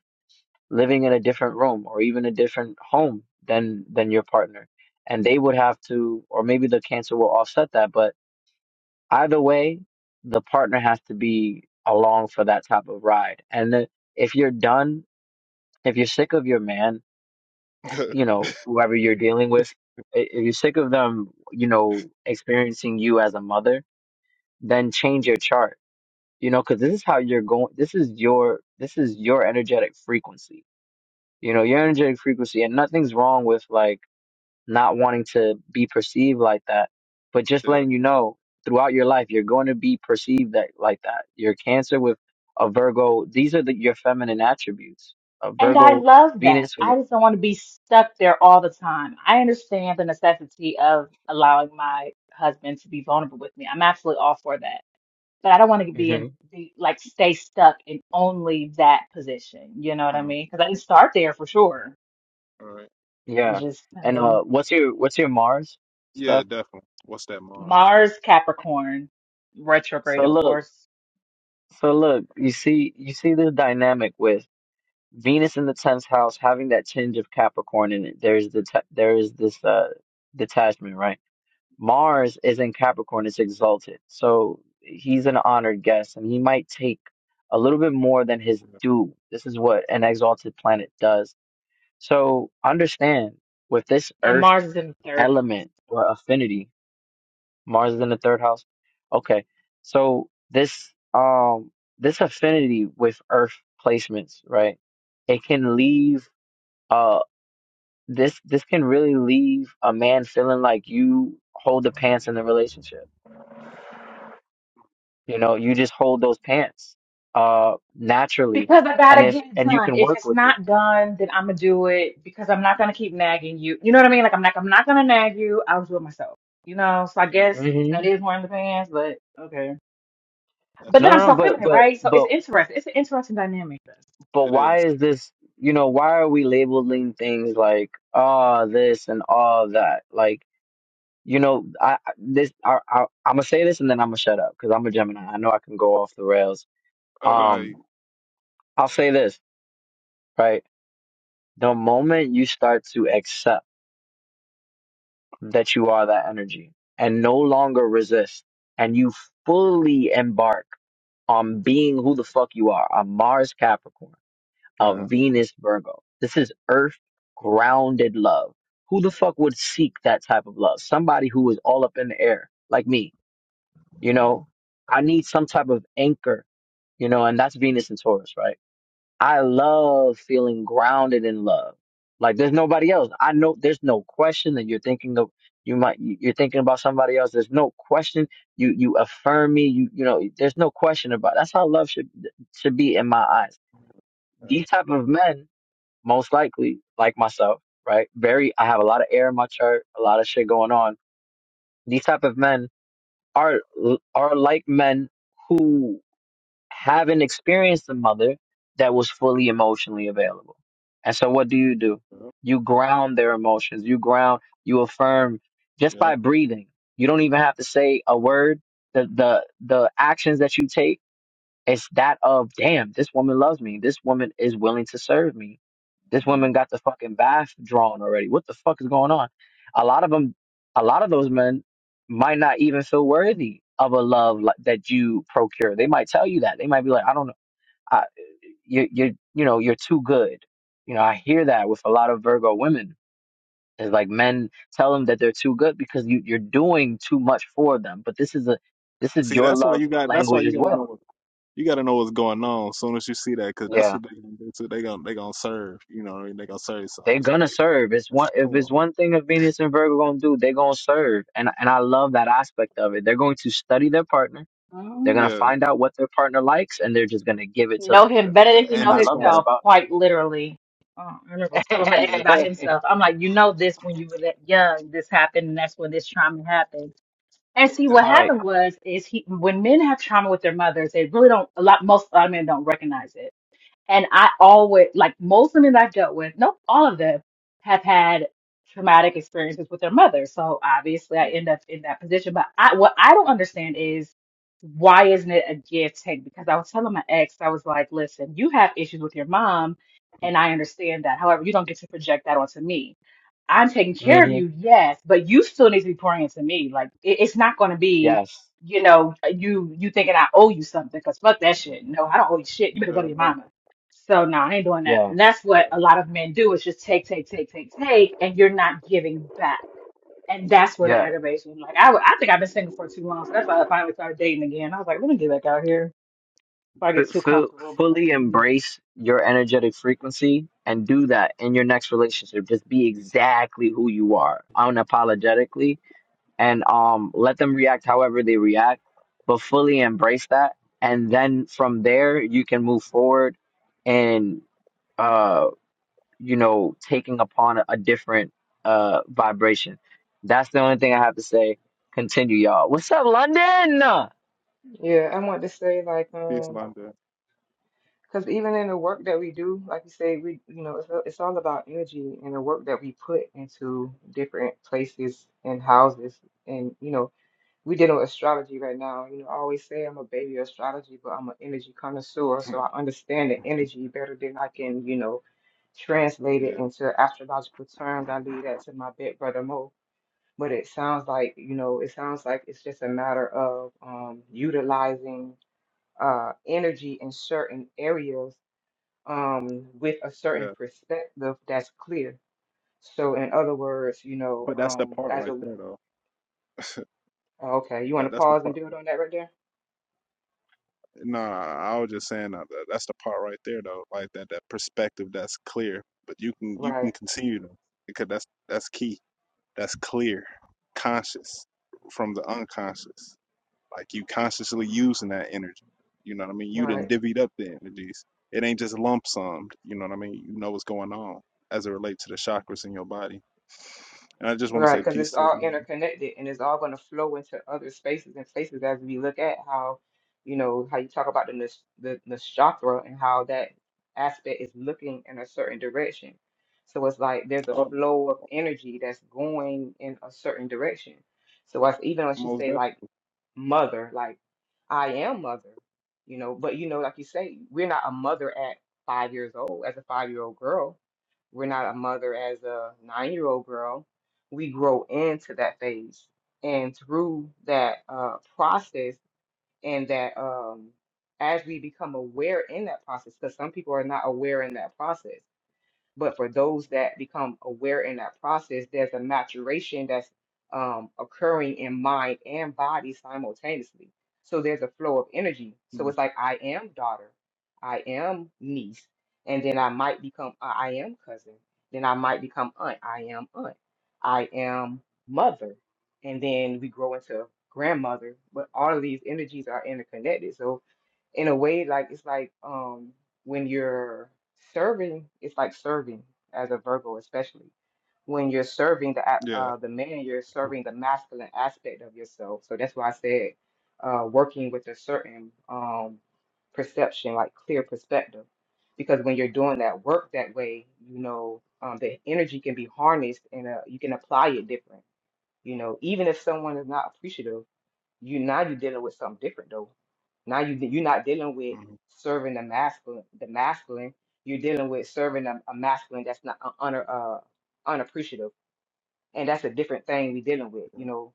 living in a different room or even a different home than than your partner. And they would have to or maybe the cancer will offset that, but either way, the partner has to be along for that type of ride. And then if you're done, if you're sick of your man, [LAUGHS] you know, whoever you're dealing with, i- if you're sick of them, you know, experiencing you as a mother, then change your chart you know because this is how you're going this is your this is your energetic frequency you know your energetic frequency and nothing's wrong with like not wanting to be perceived like that but just yeah. letting you know throughout your life you're going to be perceived that like that your cancer with a virgo these are the, your feminine attributes a And I virgo love that. venus with I just don't want to be stuck there all the time. I understand the necessity of allowing my husband to be vulnerable with me. I'm absolutely all for that. But I don't want to it be hmm in be like stay stuck in only that position. You know what I Mm. mean? Because I didn't start there for sure. All right. It yeah just and and then uh what's your what's your mars Yeah, stuff definitely. What's that Mars? Mars Capricorn retrograde, so of Oh, look course, so look oh, you see you see this dynamic with Venus in the tenth house, having that tinge of Capricorn in it. There's the t- there is this uh detachment, right? Mars is in Capricorn; it's exalted, so he's an honored guest, and he might take a little bit more than his yeah, due. This is what an exalted planet does. So understand with this and Earth Mars is in the third house. element or affinity, Mars is in the third house. Okay, so this um this affinity with Earth placements, right? It can leave uh this this can really leave a man feeling like you hold the pants in the relationship you know you just hold those pants uh naturally Because I and gotta if get it and you done. can If work it's with it not done, then I'm gonna do it because I'm not gonna keep nagging you. You know what I mean? Like I'm like I'm not gonna nag you. I'll do it myself. You know? So I yeah, guess that hmm is one of the pants, but okay. But that's no then that I'm no no so Mars. but feminine, but right? So it's but interesting. It's an interesting dynamic. but It why is. [LAUGHS] is this you know why are we labeling things like ah this and all that like you know i I- this I, I i'm gonna say this and then i'm gonna shut up because i'm a gemini i know i can go off the rails um [CLEARS THROAT] Like, i'll say this right The moment you start to accept that you are that energy and no longer resist, and you fully embark on being who the fuck you are, a Mars Capricorn, a yeah, Venus Virgo. This is earth grounded love. Who the fuck would seek that type of love? Somebody who is all up in the air, like me, you know? I need some type of anchor, you know, and that's Venus and Taurus, right? I love feeling grounded in love. Like there's nobody else. I know there's no question that you're thinking of. You might you- you're thinking about somebody else. There's no question. You you affirm me. You you know. There's no question about. it. That's how love should should be in my eyes. yeah, These type of men, most likely, like myself, right? Very. I have a lot of air in my chart. A lot of shit going on. These type of men are are like men who haven't experienced a mother that was fully emotionally available. And so what do you do? yeah. You ground their emotions. You ground, you affirm just yeah. by breathing. You don't even have to say a word. The the the actions that you take, it's that of damn, this woman loves me. This woman is willing to serve me this woman got the fucking bath drawn already. What the fuck is going on? A lot of them, a lot of those men might not even feel worthy of a love like, that you procure. They might tell you that. They might be like, I don't know, I, you, you, you know, you're too good. You know, I hear that with a lot of Virgo women. It's like men tell them that they're too good because you, you're doing too much for them. But this is a, this is See, your that's why love you got. That's why language you as got to know well. what you got to know what's going on. As soon as you see that, because Yeah. that's what they gonna do too. They gonna they gonna serve. You know, what I mean? they gonna serve. So They're it's gonna serve. It's like, one [LAUGHS] come if it's on. one thing a Venus and Virgo gonna do, they're gonna serve. And and I love that aspect of it. They're going to study their partner. They're Um, gonna Yeah, find out what their partner likes, and they're just gonna give it to them. know him that- better that- than he And and know I that's why. love that it's- himself, about. quite literally. Uh, I remember telling my ex Yeah, about [LAUGHS] himself. I'm like, you know this when you were that young, this happened, and that's when this trauma happened And see, and, what All right. happened was is he when men have trauma with their mothers, they really don't a lot most a lot of men don't recognize it. And I always, like most women I've dealt with, nope, all of them have had traumatic experiences with their mother. So obviously I end up in that position. But I, what I don't understand is why isn't it a give take? Because I was telling my ex, I was like, listen, you have issues with your mom, and I understand that. However, you don't get to project that onto me. I'm taking care of Mm-hmm. you, yes, but you still need to be pouring into me. Like it, it's not going to be, Yes. you know, you you thinking I owe you something because fuck that shit. No, I don't owe you shit. You better go yeah, to your nah, mama. So no, I ain't doing that. Yeah. And that's what yeah. a lot of men do is just take, take, take, take, take, and you're not giving back. And that's where the Yeah. aggravation. Like I, would- I think I've been single for too long, so that's why I finally started dating again. I was like, let me get back out here before I get too F- f- comfortable. But fully mm. embrace your energetic frequency and do that in your next relationship. Just be exactly who you are, unapologetically, and um let them react however they react, but fully embrace that. And then from there you can move forward and uh you know taking upon a, a different uh vibration. That's the only thing I have to say. Continue, y'all. What's up, London? Yeah, I want to say like Peace, um, London. because even in the work that we do, like you say, we you know it's a- it's all about energy and the work that we put into different places and houses, and you know we dealing with astrology right now. You know, I always say I'm a baby of astrology, but I'm an energy connoisseur, so I understand the energy better than I can you know translate it Yeah, into astrological terms. I leave that to my big brother Mo. But it sounds like you know, it sounds like it's just a matter of um utilizing uh, energy in certain areas um, with a certain yeah. perspective that's clear. So, in other words, you know, But that's the um, part as right a there, though. okay, you want That, to that's the pause part. and build on that right there? No, I was just saying that that- that's the part right there though, like that that perspective that's clear. But you can you Right, can continue though, because that's that's key. That's clear, conscious from the unconscious. Like you consciously using that energy. You know what I mean? You didn't right. divvied up the energies. It ain't just lump summed. You know what I mean? You know what's going on as it relates to the chakras in your body. And I just want to Right, say because peace it's to the all room. interconnected and it's all going to flow into other spaces and places as we look at how, you know, how you talk about the nish- the nakshatra and how that aspect is looking in a certain direction. So it's like there's a Oh, flow of energy that's going in a certain direction. So as even when she most say definitely. like mother, like I am mother, you know, but you know, like you say, we're not a mother at five years old as a five year old girl. We're not a mother as a nine year old girl. We grow into that phase. And through that uh, process and that um, as we become aware in that process, because some people are not aware in that process. But for those that become aware in that process, there's a maturation that's um, occurring in mind and body simultaneously. So there's a flow of energy. So Mhm. it's like I am daughter, I am niece, and then I might become I I am cousin, then I might become aunt, I am aunt, I am mother, and then we grow into grandmother. But all of these energies are interconnected. So in a way, like it's like um when you're serving, it's like serving as a Virgo, especially when you're serving the a- Yeah. uh, the man, you're serving the masculine aspect of yourself. So that's why I said uh, working with a certain um, perception, like clear perspective, because when you're doing that work that way, you know um, the energy can be harnessed and uh, you can apply it different. You know, even if someone is not appreciative you now you're dealing with something different though. Now you you're not dealing with hmm serving the masculine. The masculine you're dealing with serving a, a masculine that's not un, un, uh, unappreciative, and that's a different thing we're dealing with. Yeah. You know,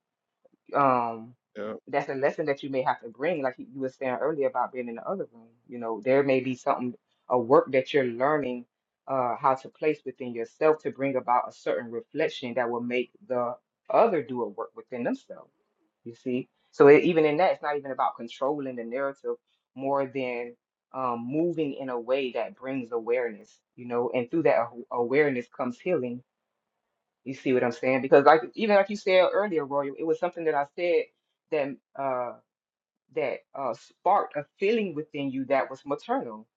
um, Yeah. that's a lesson that you may have to bring, like you you were saying earlier about being in the other room. You know, there may be something a work that you're learning uh, how to place within yourself to bring about a certain reflection that will make the other do a work within themselves you see? So it, even in that, it's not even about controlling the narrative more than um, moving in a way that brings awareness, you know, and through that aw- awareness comes healing. You see what I'm saying? Because like even like you said earlier, Royal, it was something that I said that uh that uh sparked a feeling within you that was maternal.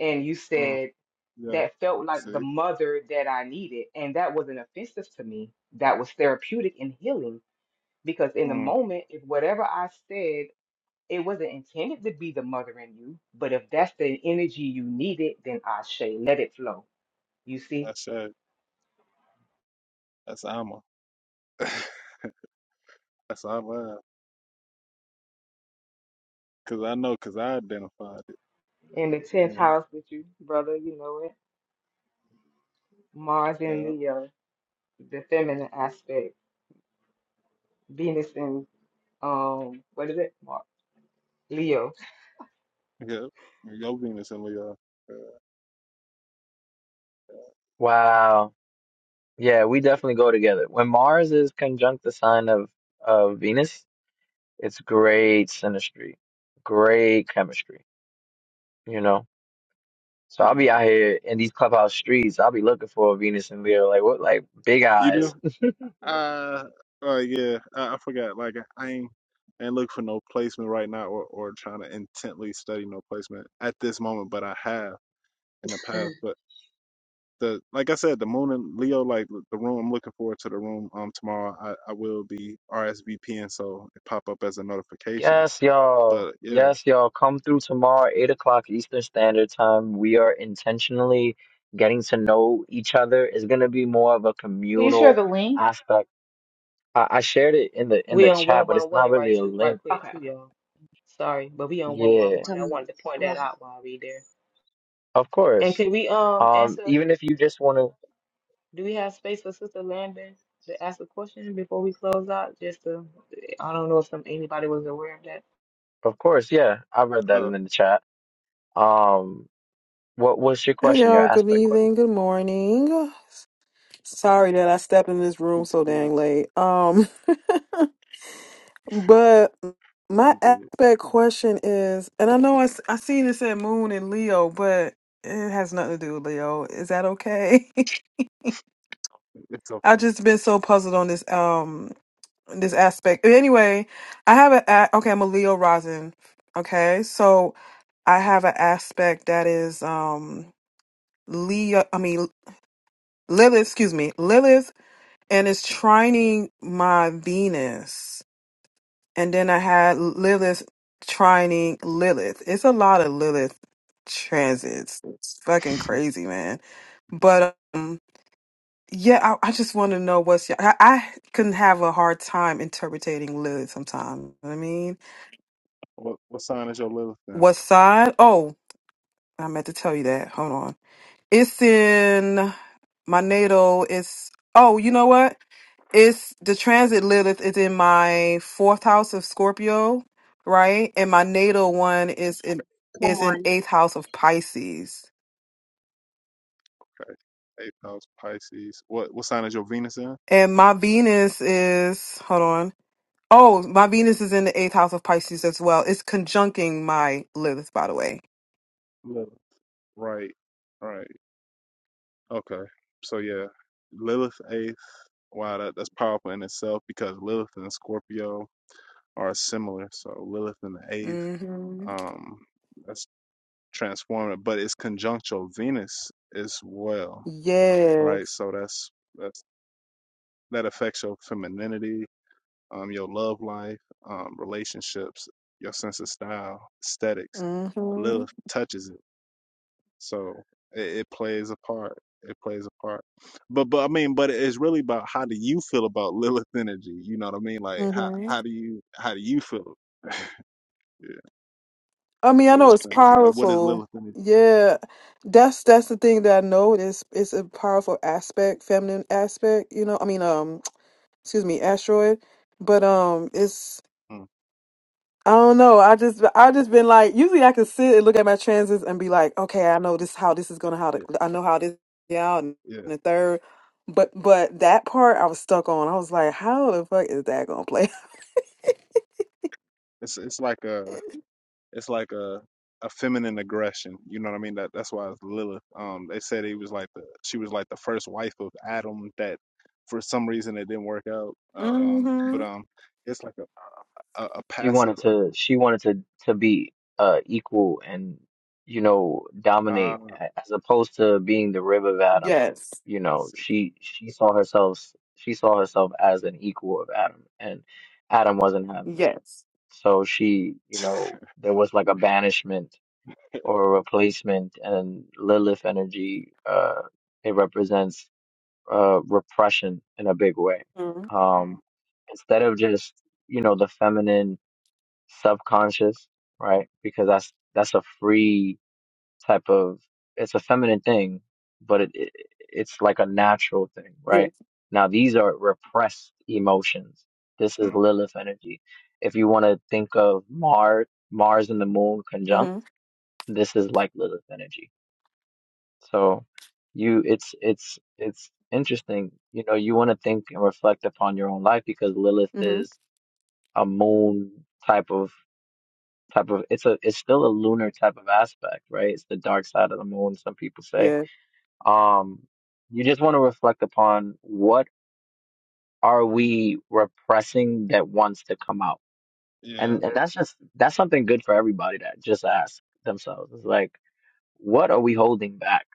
And you Mm, said yeah. that felt like See. the mother that I needed. And that wasn't offensive to me. That was therapeutic and healing because in the Mm, moment, if whatever I said it wasn't intended to be the mother in you, but if that's the energy you needed, then Ashe, let it flow. You see, that's it. That's Alma. [LAUGHS] that's Alma. Cause I know, cause I identified it. in the You 10th know. house with you, brother, you know it. Mars in Yeah. Leo, the feminine aspect. Venus in, um, what is it? Mar- Leo. Yeah. Your Venus and Leo. Yeah. Wow. Yeah, we definitely go together. When Mars is conjunct the sign of of Venus, it's great synastry, great chemistry, you know. So I'll Yeah. be out here in these clubhouse streets. I'll be looking for a Venus and Leo. Like what? Like big You do? eyes. Uh. Uh. Yeah. I, I forgot. Like I ain't. And look for no placement right now, or, or trying to intently study no placement at this moment. But I have in the Mm, past. But the like I said, the moon and Leo, like the room. I'm looking forward to the room. Um, tomorrow I, I will be RSVPing, so it pop up as a notification. Yes, y'all. But yeah. Yes, y'all. Come through tomorrow, eight o'clock Eastern Standard Time. We are intentionally getting to know each other. It's gonna be more of a can you share communal the link? aspect. I, I shared it in the in We the on chat, one but one it's not one right really a too right link. quick Okay. too, y'all. Sorry, but we on one one Yeah, one. I um, wanted to point that well, out while we there. of And course. can we um Um, answer? even if you just wanna, Do we have space for Sister Landon to ask a question before we close out? Just to, I don't know if some anybody was aware of that. of course, yeah. I read that Uh, in the chat. Um, what was your Hey question? Your y'all, good aspect question. evening, good morning. Sorry that I stepped in this room peace, so dang peace. late. Um, [LAUGHS] but my You good? aspect question is, and I know I, s- I seen it said moon and Leo, but it has nothing to do with Leo. Is that okay? [LAUGHS] It's I've okay. just been so puzzled on this um this aspect. Anyway, I have a a- okay, I'm a Leo rising. Okay, so I have an aspect that is um Leo, I mean Lilith, excuse me, Lilith and it's trining my Venus. And then I had Lilith trining Lilith. It's a lot of Lilith transits. It's fucking crazy, man. But um, yeah, I, I just want to know what's. I, I can have a hard time interpreting Lilith sometimes. You know what I mean, What what sign is your Lilith in? what sign? Oh, I meant to tell you that. Hold on. It's in my natal. It's oh, you know what? it's the transit Lilith is in my fourth house of Scorpio, right? And my natal one is in come is in on, eighth house of Pisces. Okay. Eighth house Pisces. What what sign is your Venus in? And my Venus is hold on. Oh, my Venus is in the eighth house of Pisces as well. It's conjuncting my Lilith, by the way. Lilith. Right. Right. Okay. So yeah, Lilith eighth. Wow, that, that's powerful in itself because Lilith and Scorpio are similar. So Lilith in the eighth. Mm-hmm. Um, that's transformative, but it's conjunct your Venus as well. Right. Yes. So that's that's that affects your femininity um, your love life, um, relationships, your sense of style, aesthetics. Mm-hmm. Lilith touches it, so it, it plays a part. It plays a part, but but I mean, but it's really about how do you feel about [LAUGHS] Lilith energy? You know what I mean? Like how Mm-hmm. how do you how do you feel? Yeah, I mean, I know Lilith it's energy. Like what is powerful. Lilith energy? Yeah, that's that's the thing that I know. It's it's a powerful aspect, feminine aspect. You know, I mean, um, [TSK] excuse me, asteroid. But um, it's Mm, I don't know. I just I just been like usually I can sit and look at my transits and be like, okay, I know this how this is gonna how to, yeah, I know how this yeah and yeah. the third. But but that part I was stuck on. I was like, how the fuck is that gonna play? [LAUGHS] It's it's like a It's like a a feminine aggression. You know what I mean? That that's why it's Lilith. Um, they said he was like the she was like the first wife of Adam that for some reason it didn't work out. Um, but Mm-hmm. um, it's like a a, a She passive. wanted to ag- she wanted to to be uh equal and you know Uh, dominate a- as opposed to being the rib of Adam. Yes. You know, let's she she saw herself she saw herself as an equal of Adam and Adam wasn't having that. Yes. So she, you see. know, [LAUGHS] there was like a banishment or a replacement and Lilith energy uh it represents uh repression in a big way. Mm-hmm. Mm, Um instead of just, you know, the feminine subconscious, right? Because that's that's a free type of it's a feminine thing, but it, it it's like a natural thing, Yes. right? Now these are repressed emotions. This is mm, Lilith energy. If you want to think of Mars Mars and the moon conjunct, Mm-hmm. this is like Lilith energy. So you it's it's it's interesting. You know, you want to think and reflect upon your own life because Lilith Mm-hmm. is a moon type of type of it's a it's still a lunar type of aspect, right? It's the dark side of the moon, some people say. Yeah. Um, you just want to reflect upon what are we repressing that wants to come out, yeah. and and that's just that's something good for everybody to just ask themselves. It's like, what are we holding back?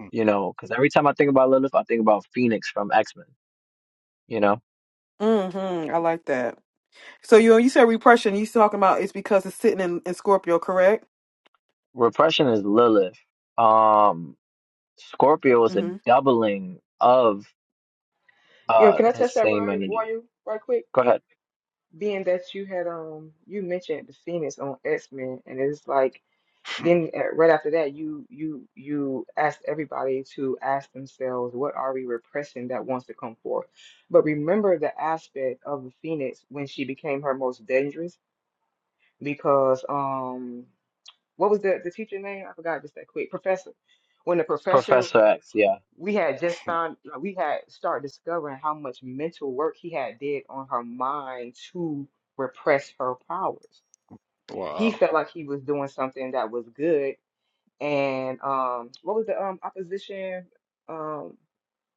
Mm, You know, because every time I think about Lilith, I think about Phoenix from X Men. You know, Mm-hmm. I like that. So you you said repression. You talking about it's because it's sitting in, in Scorpio, correct? repression is Lilith. Um, Scorpio is a Mm-hmm. doubling of Yo, uh can I this touch that same right, energy. you, right quick? Go ahead. Being that you had um you mentioned the Phoenix on X-Men, and it's like then uh, right after that you you you asked everybody to ask themselves what are we repressing that wants to come forth. But remember the aspect of the Phoenix when she became her most dangerous because um. what was the the teacher name? I forgot just that quick. Professor. When the professor, Professor X, yeah. we had just mm. found, uh, we had started discovering how much mental work he had did on her mind to repress her powers. He Wow. felt like he was doing something that was good. And um, what was the um opposition? Um,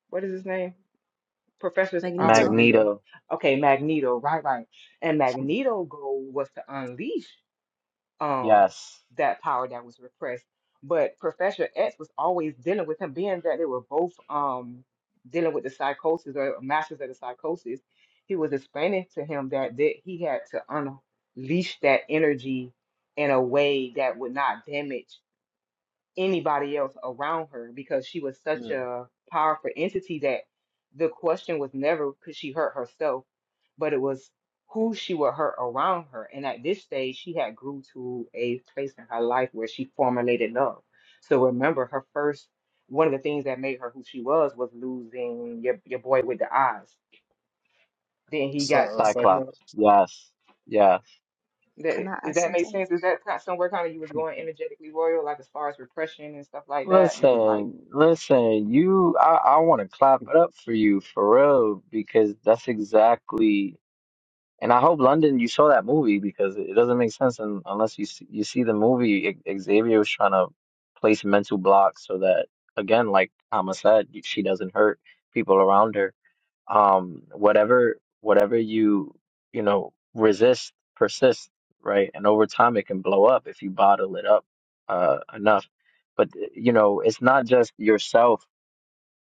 what is his name? Professor's Magneto. opposition. Magneto. Magneto, Okay, Magneto. Right, right. And Magneto goal was to unleash um yes. that power that was repressed. But Professor X was always dealing with him, being that they were both um dealing with the psychosis or masters of the psychosis. He was explaining to him that that he had to unleash that energy in a way that would not damage anybody else around her because she was such Yeah. a powerful entity that the question was never could she hurt herself, but it was who she would hurt around her. And at this stage, she had grew to a place in her life where she formulated love. So remember, her first one of the things that made her who she was was losing your your boy with the eyes. Then he Cy- got. uh, Then, Cyclops. Cyclops, yes. Yes. Can that, I does ask that make something? sense? Is that kind- somewhere kind of you was going energetically royal, like as far as repression and stuff like that, and like Listen, listen, you, I, I want to clap it up for you for real because that's exactly, and I hope London, you saw that movie because it doesn't make sense un, unless you see, you see the movie. I- Xavier was trying to place mental blocks so that, again, like Amma said, she doesn't hurt people around her um whatever whatever you you know resist persists right and over time it can blow up if you bottle it up uh enough but eh, you know it's not just yourself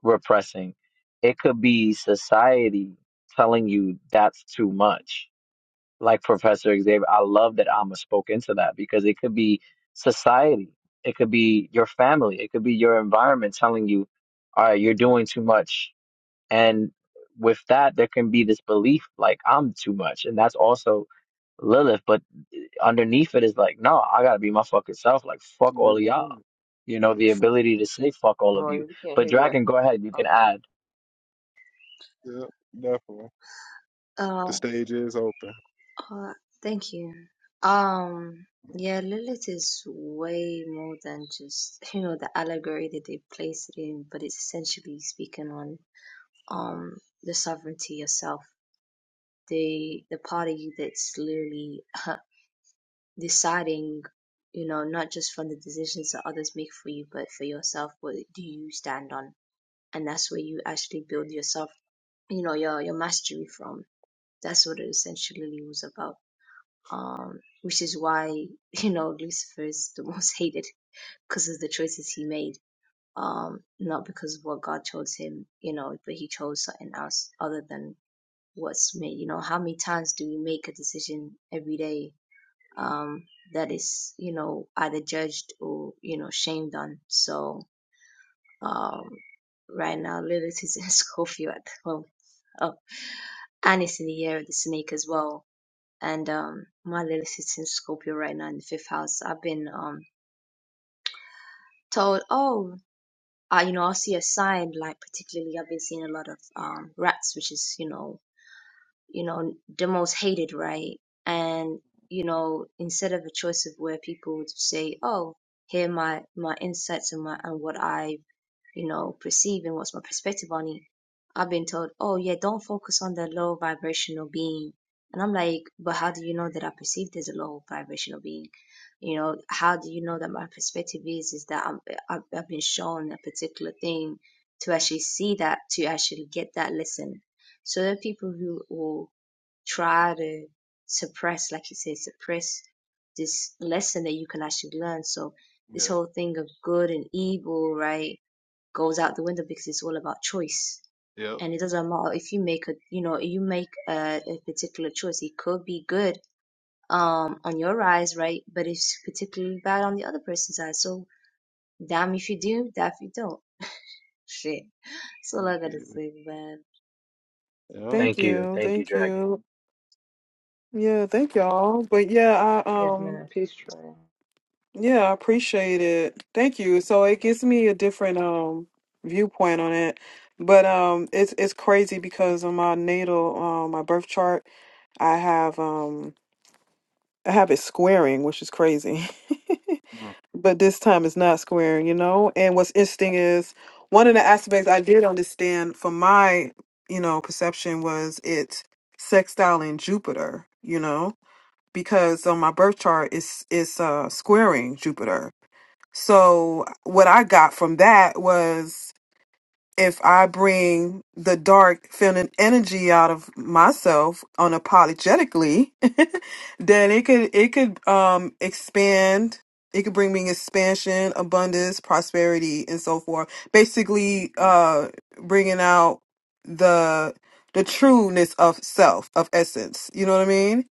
repressing it could be society telling you that's too much like professor xavier i love that alma spoke into that because it could be society it could be your family it could be your environment telling you all right you're doing too much and with that, there can be this belief like I'm too much, and that's also Lilith. But underneath it is like, no, I gotta be my fucking self. Like fuck Yeah, all of y'all. 100. You know, the For- ability to say fuck all of you. royal we can't But hear you. Dragon, go ahead. You can Okay. add. Yeah, definitely. Uh, The stage is open. uh, thank you. Um, Mm, yeah, Lilith is way more than just, [LAUGHS] you know, the allegory that they placed it in, but it's essentially speaking on um the sovereignty yourself, the the part of you that's literally [LAUGHS] deciding, you know, not just from the decisions that others make for you, but for yourself, what do you stand on? and that's where you actually build yourself you know your your mastery from that's what it essentially was about um which is why [LAUGHS] you know lucifer is the [LAUGHS] most hated because of the choices he made um not because of what god chose him you know but he chose something else other than what's made you know how many times do we make a decision every day um that is you know either judged or you know shamed on so um, right now, Lilith is in [LAUGHS] Scorpio at home. Oh, and it's in the year of the snake as well. And um, my Lilith is in Scorpio right now in the fifth house. I've been um told, oh, uh, you know, I'll see a sign. Like particularly, I've been seeing a lot of um rats, which is you know, you know, the most hated, right? And you know, instead of a choice of where people would say, oh, here are my my insights and my and what I you know, perceive and what's my perspective on it. I've been told, oh yeah, don't focus on the low vibrational being. And I'm like, but how do you know that I perceived as a low vibrational being? You know, how do you know that my perspective is is that I'm, I've, I've been shown a particular thing to actually see that, to actually get that lesson. So there are people who will try to suppress, like you say, suppress this lesson that you can actually learn. So this Yeah. whole thing of good and evil, right? goes out the window because it's all about choice. Yep. And it doesn't matter if you make a, you know, you make a, a particular choice. It could be good um, on your eyes, right? But it's particularly bad on the other person's eyes. So damn if you do, damn if you don't. [LAUGHS] Shit. That's all I Yeah. gotta say, man. Yep. Thank Thank you, you. thank you, Thank Dragon. you. Yeah. Thank y'all. But yeah, I Yes, um ma'am. Peace train. yeah, I appreciate it. Thank you. So it gives me a different um viewpoint on it. But um, it's it's crazy because on my natal, um, my birth chart, I have um I have it squaring, which is crazy. [LAUGHS] Mm, but this time it's not squaring, you know? And what's interesting is one of the aspects I did understand from my, you know, perception was it sextiling Jupiter, you know, because on my birth chart it's it's uh squaring Jupiter. So what I got from that was if I bring the dark feminine energy out of myself unapologetically, [LAUGHS] then it could it could um expand. It could bring me expansion, abundance, prosperity, and so forth. mm, Basically, uh, bringing out the the trueness of self, of essence. You know what I mean?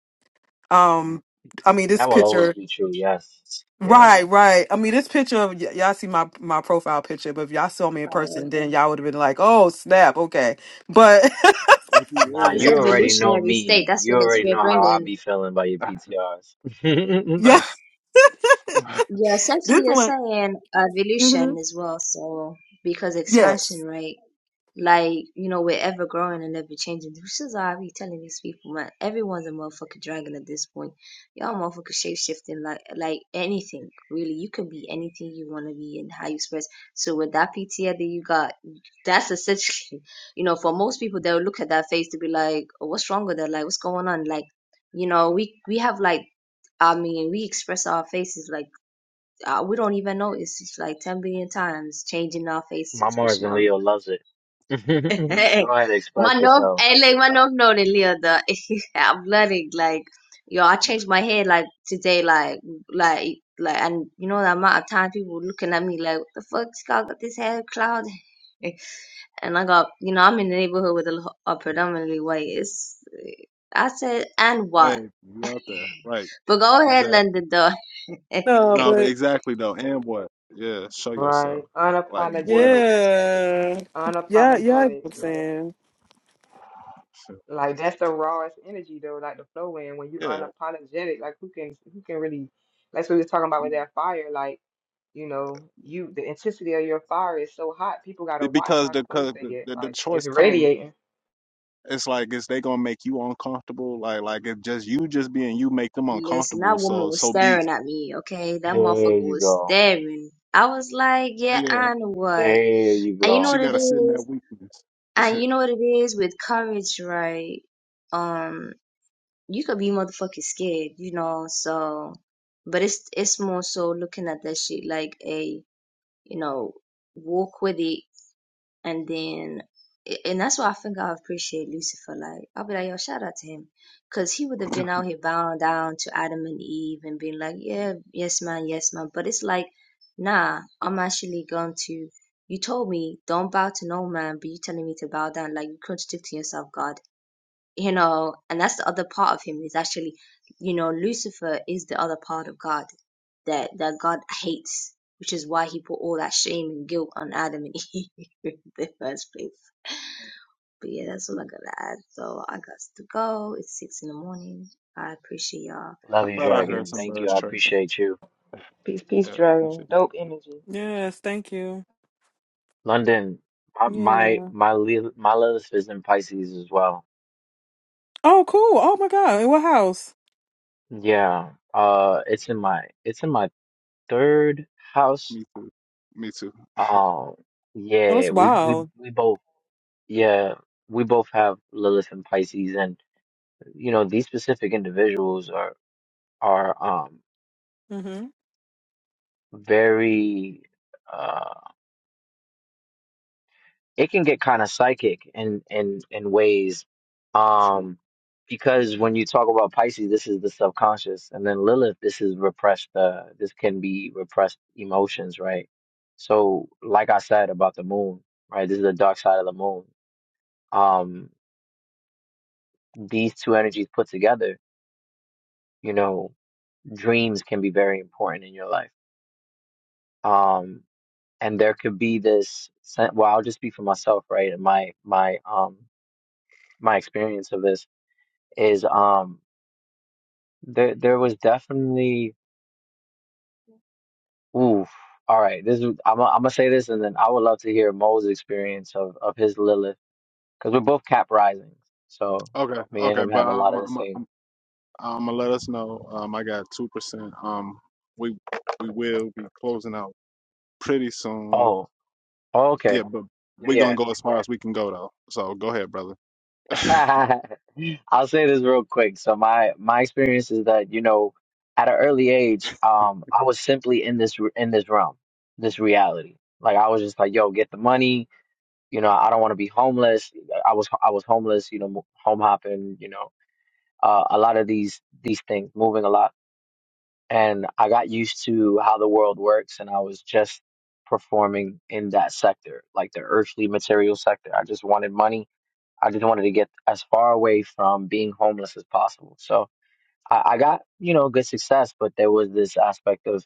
mm. Um, I mean this That will picture. always be true. Yes, yes. Right, right. I mean, this picture of y- y'all see my my profile picture, but if y'all saw me in Sorry. person, then y'all would have been like, "Oh, snap, okay." But [LAUGHS] What you, Nah, It's hey, you [LAUGHS] what already you, know evolutionary state. me. That's what You it's already we're know how I bringing. be feeling by your PTRs. yeah, [LAUGHS] Yeah, this essentially you're one, saying hmm evolution as well. So because expansion, yes, right? Like, you know, we're ever growing and ever changing. This is why I be telling these people, man, everyone's a motherfucking dragon at this point. Y'all motherfucking shape shifting like like anything, really. You can be anything you wanna be and how you express. So with that PTA that you got, that's essentially [LAUGHS] you know, for most people they'll look at that face to be like, oh, what's wrong with that? Like what's going on? Like, you know, we we have like I mean, we express our faces like uh, we don't even notice. It's like 10 billion times changing our [LAUGHS] face my Mars expression. and our Leo loves it. [LAUGHS] go [LAUGHS] ahead, express Manov, yourself. I like Manov, no, Leo, the [LAUGHS] I'm learning. Like, yo, I changed my hair like today, like, like, like, and you know the amount of time people looking at me like, what the fuck, this guy got this hair cloud, [LAUGHS] and I got, you know, I'm in the neighborhood with a, lo- a predominantly white. It's, I said, and what? hey, you out there. Right. But go ahead, Exactly. London, though. [LAUGHS] No, Okay. No, but but exactly though. And what? Yeah, show yourself. Right. Like, what up? Unapologetic. yeah, yeah, yeah. I get Unapologetic. what I'm Yeah. Like saying So, like that's the rawest energy though, like the flow in when you yeah, unapologetic, like who can who can really that's what we was talking about come with on. that fire, like, you know, you the intensity of your fire is so hot, people gotta Be- watch Because how the, close 'cause they the, get. the, the Like it's choice come, radiating. it's like, is they gonna make you uncomfortable? Like, like if just you just being you make them Listen, uncomfortable, that woman so, was so be it. staring at me, okay? That motherfucker There you was go. staring. I was like, yeah, Yeah, I know what. There you And you know go. she what it gotta sit in that is? weakness. And [LAUGHS] you know what it is with courage, right? Um, you could be motherfucking scared, you know, so but it's it's more so looking at that shit like a, you know, walk with it and then, and that's why I think I appreciate Lucifer. Like, I'll be like, yo, shout out to him. Because he would have been out here bowing down to Adam and Eve and being like, yeah, yes, man, yes, man. But it's like, nah, I'm actually going to, you told me don't bow to no man, but you telling me to bow down. Like, you are contradicting yourself, God you know, and that's the other part of him is actually, you know, Lucifer is the other part of God that that God hates, which is why he put all that shame and guilt on Adam and Eve [LAUGHS] in the first place. But yeah, that's all I gotta add. So I got to go. It's six in the morning. I appreciate y'all, I Love you, thought I and heard Dragon. I'm some seeing Thank you. birds I chirping. you. appreciate you. Peace, peace, Yeah, dragon. appreciate it. Dope energy. yes. Thank you. London, my my Yeah. my Lil- my Lilith is in Pisces as well. Oh, cool. Oh my God. In what house? Yeah. Uh it's in my it's in my third house. Me too. Me Um Oh, it's yeah, we we wild. we both yeah, we both have Lilith and Pisces and you know, these specific individuals are are um Mm-hmm. very uh, it can get kind of psychic in in in ways too. um because when you talk about pisces this is the subconscious and then lilith this is repressed uh this can be repressed emotions right so like i said about the moon right this is the dark side of the moon um these two energies put together you know dreams can be very important in your life um and there could be this sen- well i'll just speak for myself right and my my um my experience of this is um There, there was definitely. Oof. All right. This is. I'm. i am i gonna say this, and then I would love to hear Mo's experience of of his Lilith, because we're both Cap risings, so Okay, me and okay, him but have a lot I'm of the I'm same. I'm, I'm gonna let us know. Um, I got two percent. Um, we we will be closing out pretty soon. Oh. oh, Yeah, okay. but we gonna Yeah. go as far as we can go though. So go ahead, brother. [LAUGHS] I'll say this real quick. So my my experience is that you know, at an early age, um, I was simply in this in this realm, this reality. Like I was just like, yo, get the money. You know, I don't want to be homeless. I was I was homeless. You know, home hopping. You [LAUGHS] know. uh, a lot of these these things, moving a lot, and I got used to how the world works, and I was just performing in that sector, like the earthly material sector. I just wanted money. I just wanted to get as far away from being homeless as possible. So I, I got you know good success, but there was this aspect of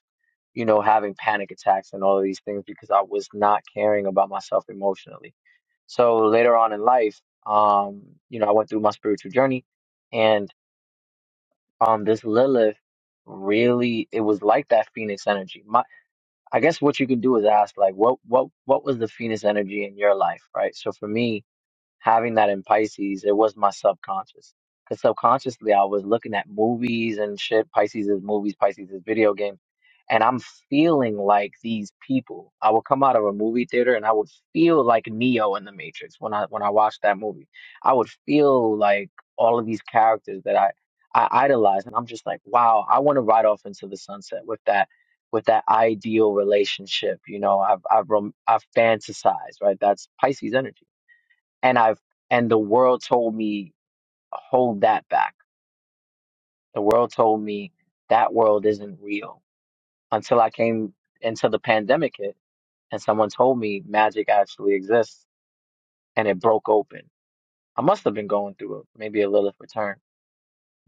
you know having panic attacks and all of these things because I was not caring about myself emotionally. So later on in life, um, you know, I went through my spiritual journey and um this Lilith really it was like that Phoenix energy. My I guess what you can do is ask like what what what was the Phoenix energy in your life, right? So for me, having that in Pisces, it was my subconscious. Because subconsciously, I was looking at movies and shit. Pisces is movies, Pisces is video games. And I'm feeling like these people. I would come out of a movie theater and I would feel like Neo in the Matrix when I when I watched that movie. I would feel like all of these characters that I I idolize, and I'm just like, wow, I want to ride off into the sunset with that with that ideal relationship. You know, I've I've rom- I've fantasized, right? That's Pisces energy and I've and the world told me hold that back. The world told me that world isn't real until I came until the pandemic hit and someone told me magic actually exists and it broke open. I must have been going through a, maybe a Lilith return,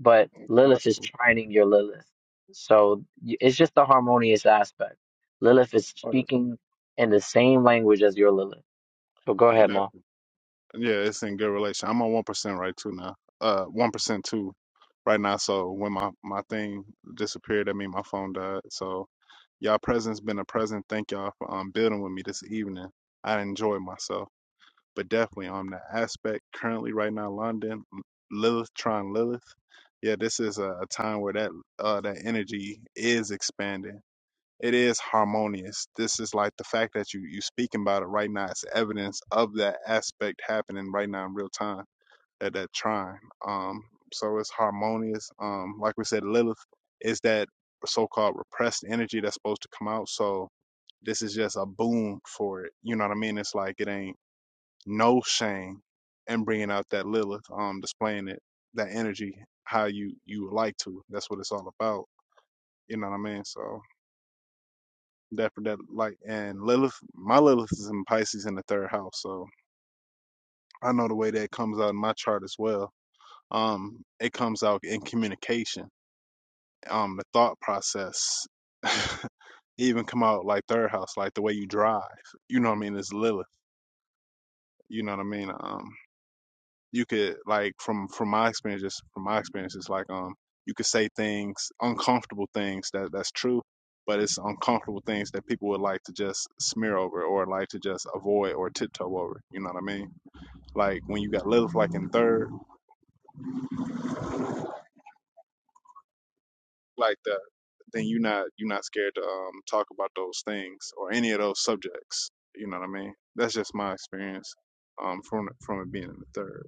but Lilith That's is cool. trining your Lilith. So y- it's just the harmonious aspect. Lilith is Oh, speaking in the same language as your Lilith. So go ahead, yeah. Ma. Yeah, it's in good relation. I'm on one percent right too now. Uh, one percent too right now. So when my my thing disappeared, I mean my phone died. So y'all presence been a present. Thank y'all for um building with me this evening. I enjoyed myself, but definitely on that aspect currently right now, London Lilith trying Lilith. Yeah, this is a, a time where that uh that energy is expanding it is harmonious. This is like the fact that you you speaking about it right now. It's evidence of that aspect happening right now in real time at that trine. Um, so it's harmonious. Um, like we said, Lilith is that so-called repressed energy that's supposed to come out. So this is just a boom for it. You know what I mean? It's like it ain't no shame in bringing out that Lilith, um, displaying it, that energy how you you would like to. That's what it's all about. You know what I mean? So Daffodil Light, and Lilith. My Lilith is in Pisces in the third house, so I know the way that comes out in my chart as well. Um, it comes out in communication, um, the thought process. [LAUGHS] even come out like third house, like the way you drive. You know what I mean? It's Lilith. You know what I mean? Um. you could like from from my experience, just from my experience, it's like um you could say things uncomfortable things that that's true, but it's uncomfortable things that people would like to just smear over or like to just avoid or tiptoe over. You know what I mean? Like when you got Lilith like in third, like that, then you're not you're not scared to um talk about those things or any of those subjects. You know what I mean? That's just my experience um from from it being in the third.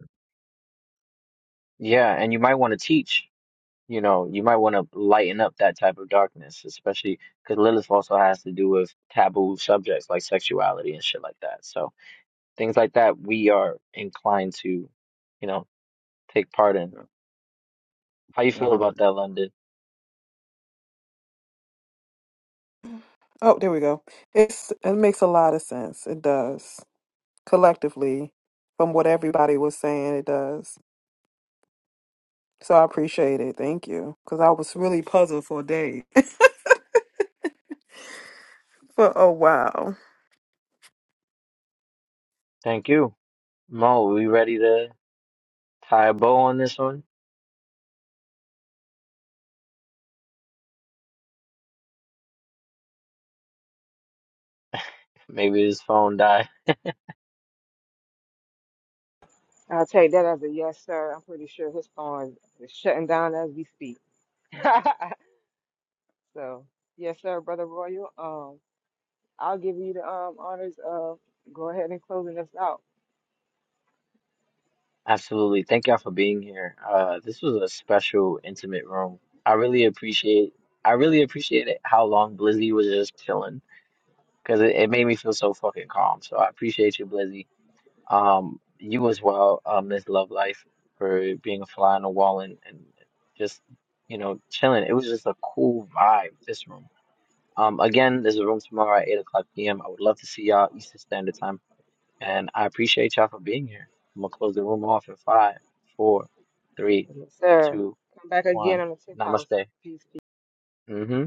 Yeah, and you might want to teach you know, you might want to lighten up that type of darkness, especially because Lilith also has to do with taboo subjects like sexuality and shit like that. So things like that, we are inclined to, you know, take part in. Yeah. How you feel 100. about that, London? Oh, there we go. It's it makes a lot of sense. It does collectively, from what everybody was saying, it does. So I appreciate it. Thank you. Because I was really puzzled for a day, [LAUGHS] for a while. Thank you, Mo. We ready to tie a bow on this one? Maybe his phone died. I'll take that as a yes, sir. I'm pretty sure his phone is shutting down as we speak. [LAUGHS] so, yes, sir, brother Royal. Um, I'll give you the um honors of go ahead and closing us out. [LAUGHS] Absolutely. Thank y'all for being here. Uh, this was a special, intimate room. I really appreciate. I really appreciate it how long Blizzy was just chilling because it, it made me feel so fucking calm. So I appreciate you, Blizzy. Um, you as well, uh, Miss Love Life, for being a fly on the wall and, and just you know chilling. It was just a cool vibe. This room. Um, again, there's a room tomorrow at eight o'clock p.m. I would love to see y'all Eastern Standard Time, and I appreciate y'all for being here. I'm gonna close the room off in five, four, three, Yes, Sir, two, come back again one. on the tenth house. Namaste. Peace. hmm